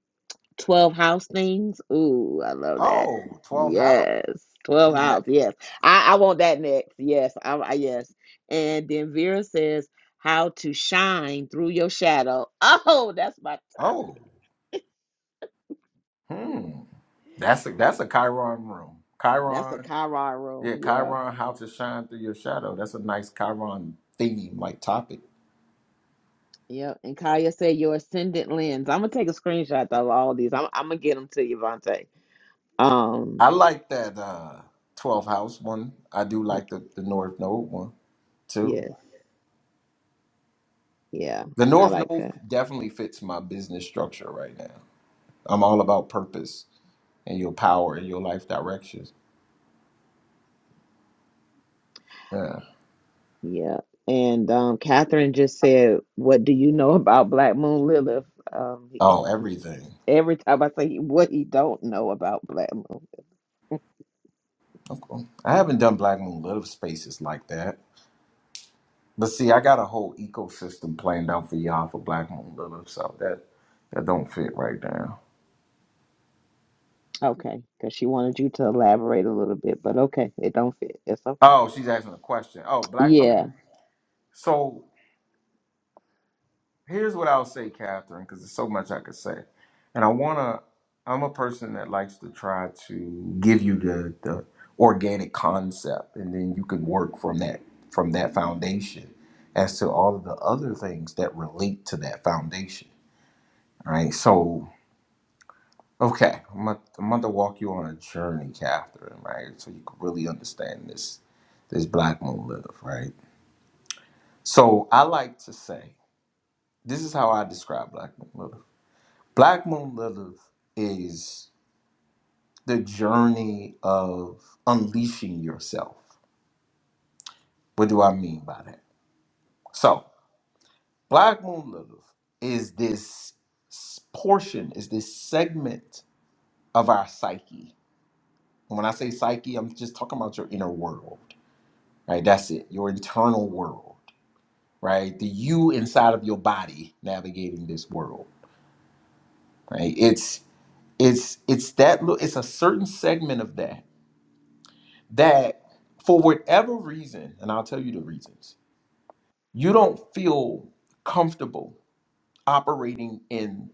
S1: 12 house things. Ooh, I love that.
S2: Oh, twelve 12 hours.
S1: Yes. 12
S2: See that?
S1: house. Yes. I, I want that next. Yes. I, I yes. And then Vera says how to shine through your shadow. Oh, that's my top.
S2: Oh, hmm. That's a that's a Chiron room.
S1: That's a
S2: Chiron,
S1: Chiron room.
S2: yeah,
S1: Yeah.
S2: Chiron, how to shine through your shadow. That's a nice Chiron theme like topic.
S1: Yep. And Kaya said your ascendant lens. I'm gonna take a screenshot of all these. I'm, I'm gonna get them to you, Vontae. Um,
S2: I like that uh 12 house one. I do
S1: y-
S2: like the, the North Node one too.
S1: yes, yeah,
S2: The
S1: I
S2: North
S1: like
S2: Node
S1: that.
S2: definitely fits my business structure right now. I'm all about purpose and your power and your life directions. Yeah.
S1: Yeah, and um, Catherine just said, "What do you know about Black Moon Lilith?" Um,
S2: Oh, everything.
S1: every time I say what he don't know about Black Moon,
S2: Okay. I haven't done Black Moon Little spaces like that. But see, I got a whole ecosystem planned out for y'all for Black Moon Little, so that that don't fit right now.
S1: okay, because she wanted you to elaborate a little bit, but okay, it don't fit. It's okay.
S2: Oh, she's asking a question. Oh, black I
S1: Yeah,
S2: mean so here's what I'll say, Catherine, because there's so much I could say, and I wanna. I'm a person that likes to try to give you the the organic concept, and then you can work from that from that foundation as to all of the other things that relate to that foundation. Right. So, okay, I'm gonna, I'm gonna walk you on a journey, Catherine. Right, so you can really understand this this Black Moon Live. Right. So I like to say this is how I describe Black Moon Live. Black Moon Lilith is the journey of unleashing yourself. What do I mean by that? So, Black Moon Lilith is this s- portion, is this segment of our psyche. And when I say psyche, I'm just talking about your inner world, right? That's it, your internal world, right? The you inside of your body navigating this world, right? It's it's it's that little it's a certain segment of that that for whatever reason, and I'll tell you the reasons, you don't feel comfortable operating in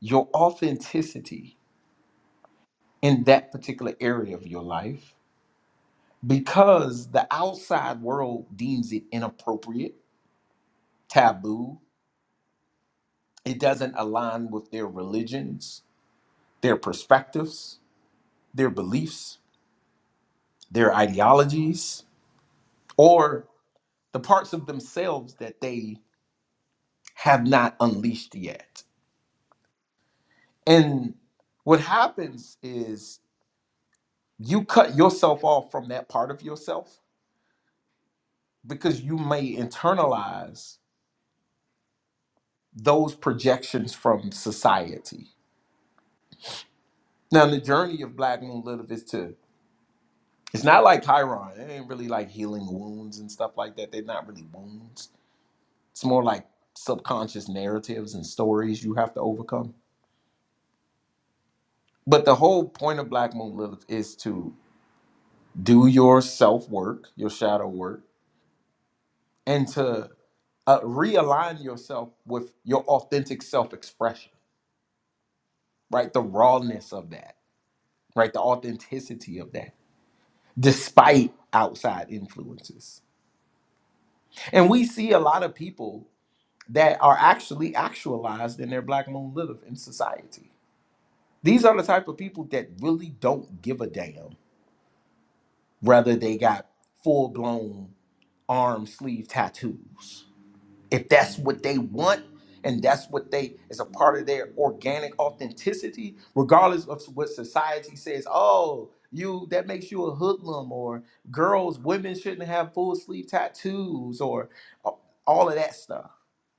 S2: your authenticity in that particular area of your life because the outside world deems it inappropriate, taboo, it doesn't align with their religions, their perspectives, their beliefs, their ideologies, or the parts of themselves that they have not unleashed yet. And what happens is you cut yourself off from that part of yourself because you may internalize those projections from society. Now, the journey of Black Moon Live is to, it's not like Chiron. It ain't really like healing wounds and stuff like that. They're not really wounds. It's more like subconscious narratives and stories you have to overcome. But the whole point of Black Moon Lilith is to do your self work, your shadow work, and to uh, realign yourself with your authentic self-expression right the rawness of that right the authenticity of that despite outside influences and we see a lot of people that are actually actualized in their black moon lilith in society these are the type of people that really don't give a damn whether they got full-blown arm sleeve tattoos if that's what they want and that's what they is a part of their organic authenticity regardless of what society says oh you that makes you a hoodlum or girls women shouldn't have full sleeve tattoos or a- all of that stuff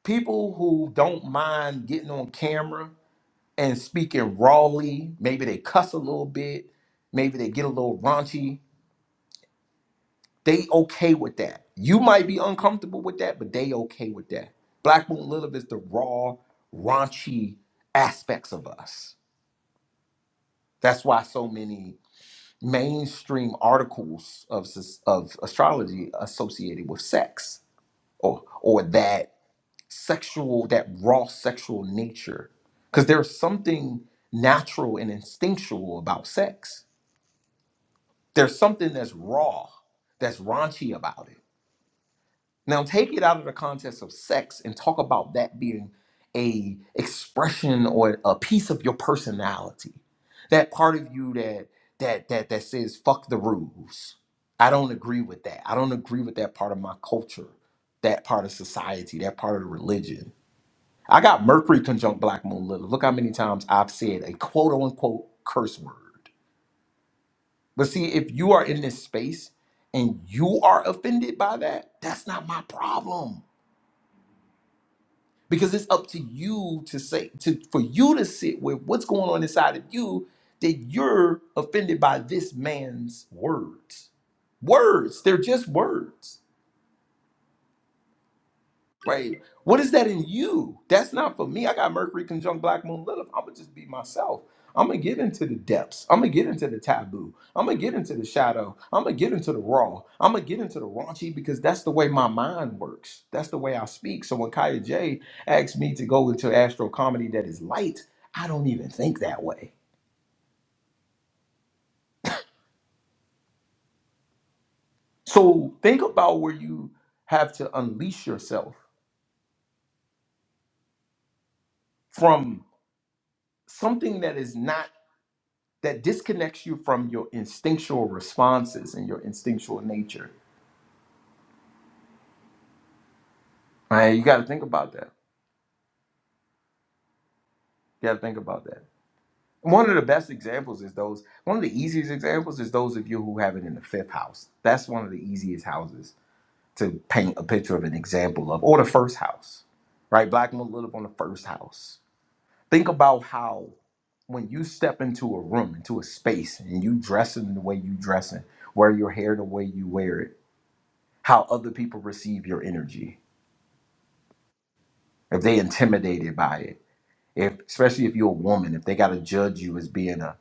S2: people who don't mind getting on camera and speaking rawly maybe they cuss a little bit maybe they get a little raunchy they okay with that. You might be uncomfortable with that, but they okay with that. Black Moon Lilith is the raw, raunchy aspects of us. That's why so many mainstream articles of, s- of astrology associated with sex or or that sexual, that raw sexual nature. Because there's something natural and instinctual about sex. There's something that's raw, that's raunchy about it Now take it out of the context of sex and talk about that being a expression or a piece of your personality. That part of you that that that that says fuck the rules. I don't agree with that. I don't agree with that part of my culture, that part of society, that part of the religion. I got Mercury conjunct Black Moon Lilith. Look how many times I've said a quote unquote curse word. But see, if you are in this space and you are offended by that, that's not my problem because it's up to you to say to for you to sit with what's going on inside of you that you're offended by this man's words words they're just words Right. What is that in you? That's not for me. I got Mercury conjunct Black Moon Lilith. I'm gonna just be myself. I'm gonna get into the depths. I'm gonna get into the taboo. I'm gonna get into the shadow. I'm gonna get into the raw. I'm gonna get into the raunchy because that's the way my mind works. That's the way I speak. So when Kaya J asked me to go into astro comedy that is light, I don't even think that way. So think about where you have to unleash yourself from something that is not that disconnects you from your instinctual responses and your instinctual nature. Right? You got to think about that. You got to think about that. One of the best examples is those. One of the easiest examples is those of you who have it in the fifth house. That's one of the easiest houses to paint a picture of an example of, or the first house, right? Black men live on the first house. Think about how when you step into a room, into a space, and you dress in the way you dress in, wear your hair the way you wear it, how other people receive your energy if they intimidated by it if especially if you're a woman if they got to judge you as being a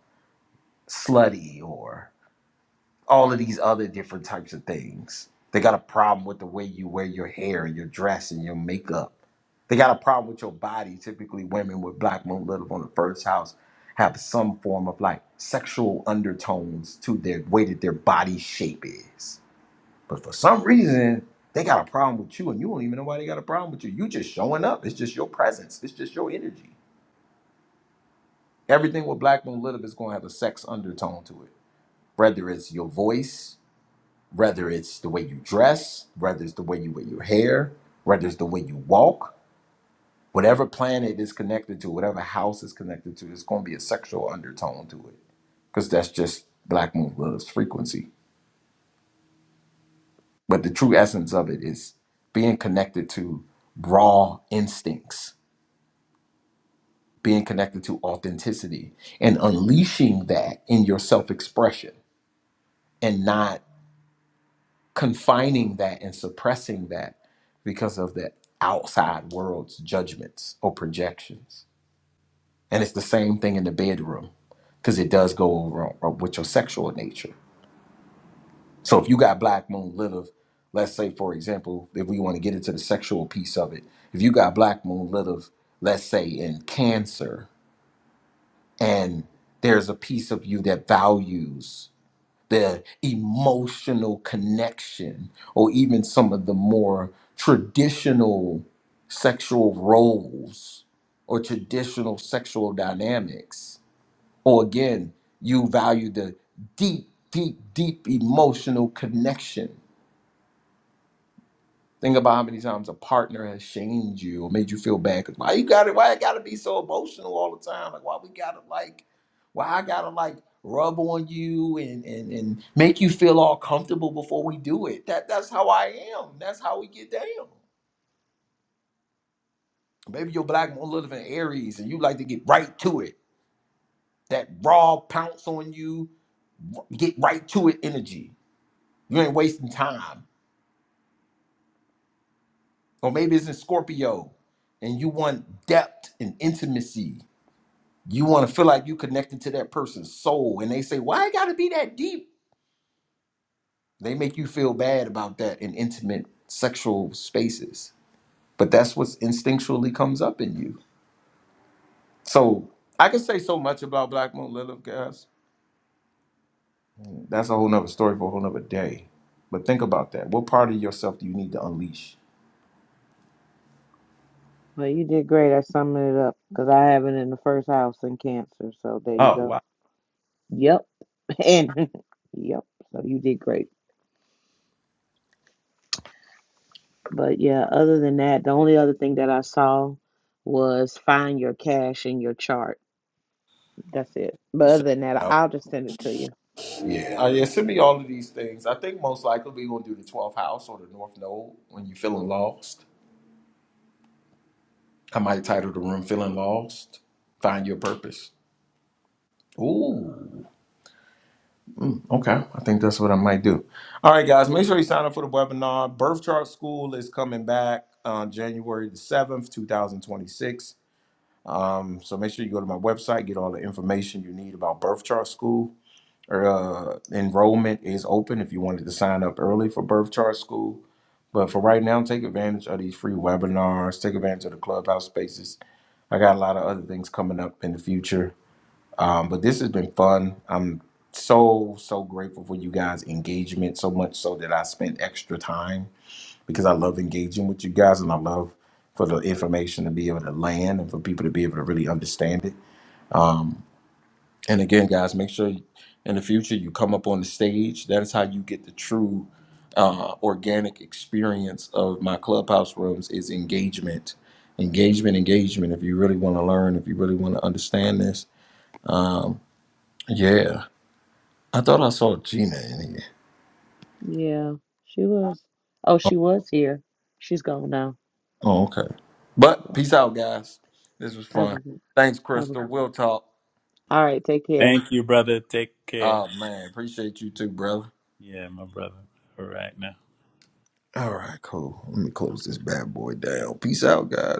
S2: slutty or all of these other different types of things they got a problem with the way you wear your hair and your dress and your makeup they got a problem with your body typically women with black moon live on the first house have some form of like sexual undertones to their way that their body shape is but for some reason they got a problem with you and you don't even know why they got a problem with you you just showing up it's just your presence it's just your energy everything with black moon live is going to have a sex undertone to it whether it's your voice whether it's the way you dress whether it's the way you wear your hair whether it's the way you walk whatever planet is connected to whatever house is connected to there's going to be a sexual undertone to it because that's just black moon love's frequency but the true essence of it is being connected to raw instincts being connected to authenticity and unleashing that in your self-expression and not confining that and suppressing that because of the outside world's judgments or projections. And it's the same thing in the bedroom because it does go over on- with your sexual nature. So if you got Black Moon Lilith, let's say, for example, if we want to get into the sexual piece of it, if you got Black Moon Lilith, let's say in Cancer, and there's a piece of you that values the emotional connection or even some of the more traditional sexual roles or traditional sexual dynamics or again you value the deep deep deep emotional connection Think about how many times a partner has shamed you or made you feel bad. 'Cause why you got it? Why I gotta be so emotional all the time? Like why we gotta like, why I gotta like rub on you and and and make you feel all comfortable before we do it. That that's how I am. That's how we get down. Maybe you're black won't live in Aries and you like to get right to it. That raw pounce on you, r- get right to it energy. You ain't wasting time. Or maybe it's in Scorpio and you want depth and intimacy You want to feel like you connected to that person's soul, and they say, "Why it got to be that deep?" They make you feel bad about that in intimate sexual spaces, but that's what instinctually comes up in you. So I can say so much about Black Moon Lilith, guys. That's a whole nother story for a whole nother day. But think about that. What part of yourself do you need to unleash?
S1: well, you did great at summing it up because I have it in the first house in Cancer, so there you
S2: Oh
S1: go.
S2: wow.
S1: Yep, and yep, so you did great. But yeah, other than that, the only other thing that I saw was find your cash in your chart. That's it. But
S2: So-
S1: other than that,
S2: Oh,
S1: I'll just send it to you.
S2: yeah. Uh, yeah, send me all of these things. I think most likely we're going to do the 12th house or the North Node when you're feeling lost. I might title the room Feeling Lost, Find Your Purpose. Ooh, okay. I think that's what I might do. All right, guys, make sure you sign up for the webinar. Birth Chart School is coming back on January the 7th, 2026. Um, so make sure you go to my website, get all the information you need about Birth Chart School. uh, enrollment is open if you wanted to sign up early for birth chart school. But for right now, take advantage of these free webinars. Take advantage of the clubhouse spaces. I got a lot of other things coming up in the future. Um, but this has been fun. I'm so so grateful for you guys' engagement. So much so that I spent extra time because I love engaging with you guys and I love for the information to be able to land and for people to be able to really understand it. Um, and again, guys, make sure in the future you come up on the stage. That is how you get the true uh, organic experience of my clubhouse rooms is engagement, engagement, engagement. If you really want to learn, if you really want to understand this, um, yeah. I thought I saw Gina in here.
S1: Yeah, she was. Oh, she was here. She's gone now.
S2: Oh, okay. But
S1: Yeah.
S2: peace out, guys. This was
S1: Have
S2: fun.
S1: a good,
S2: Thanks,
S1: have a
S2: Crystal.
S1: good.
S2: We'll talk.
S1: All right, take care.
S5: Thank you, brother. Take care.
S2: Oh man, appreciate you too, brother.
S5: Yeah, my brother. All right now.
S2: All right, cool. Let me close this bad boy down. Peace out, guys.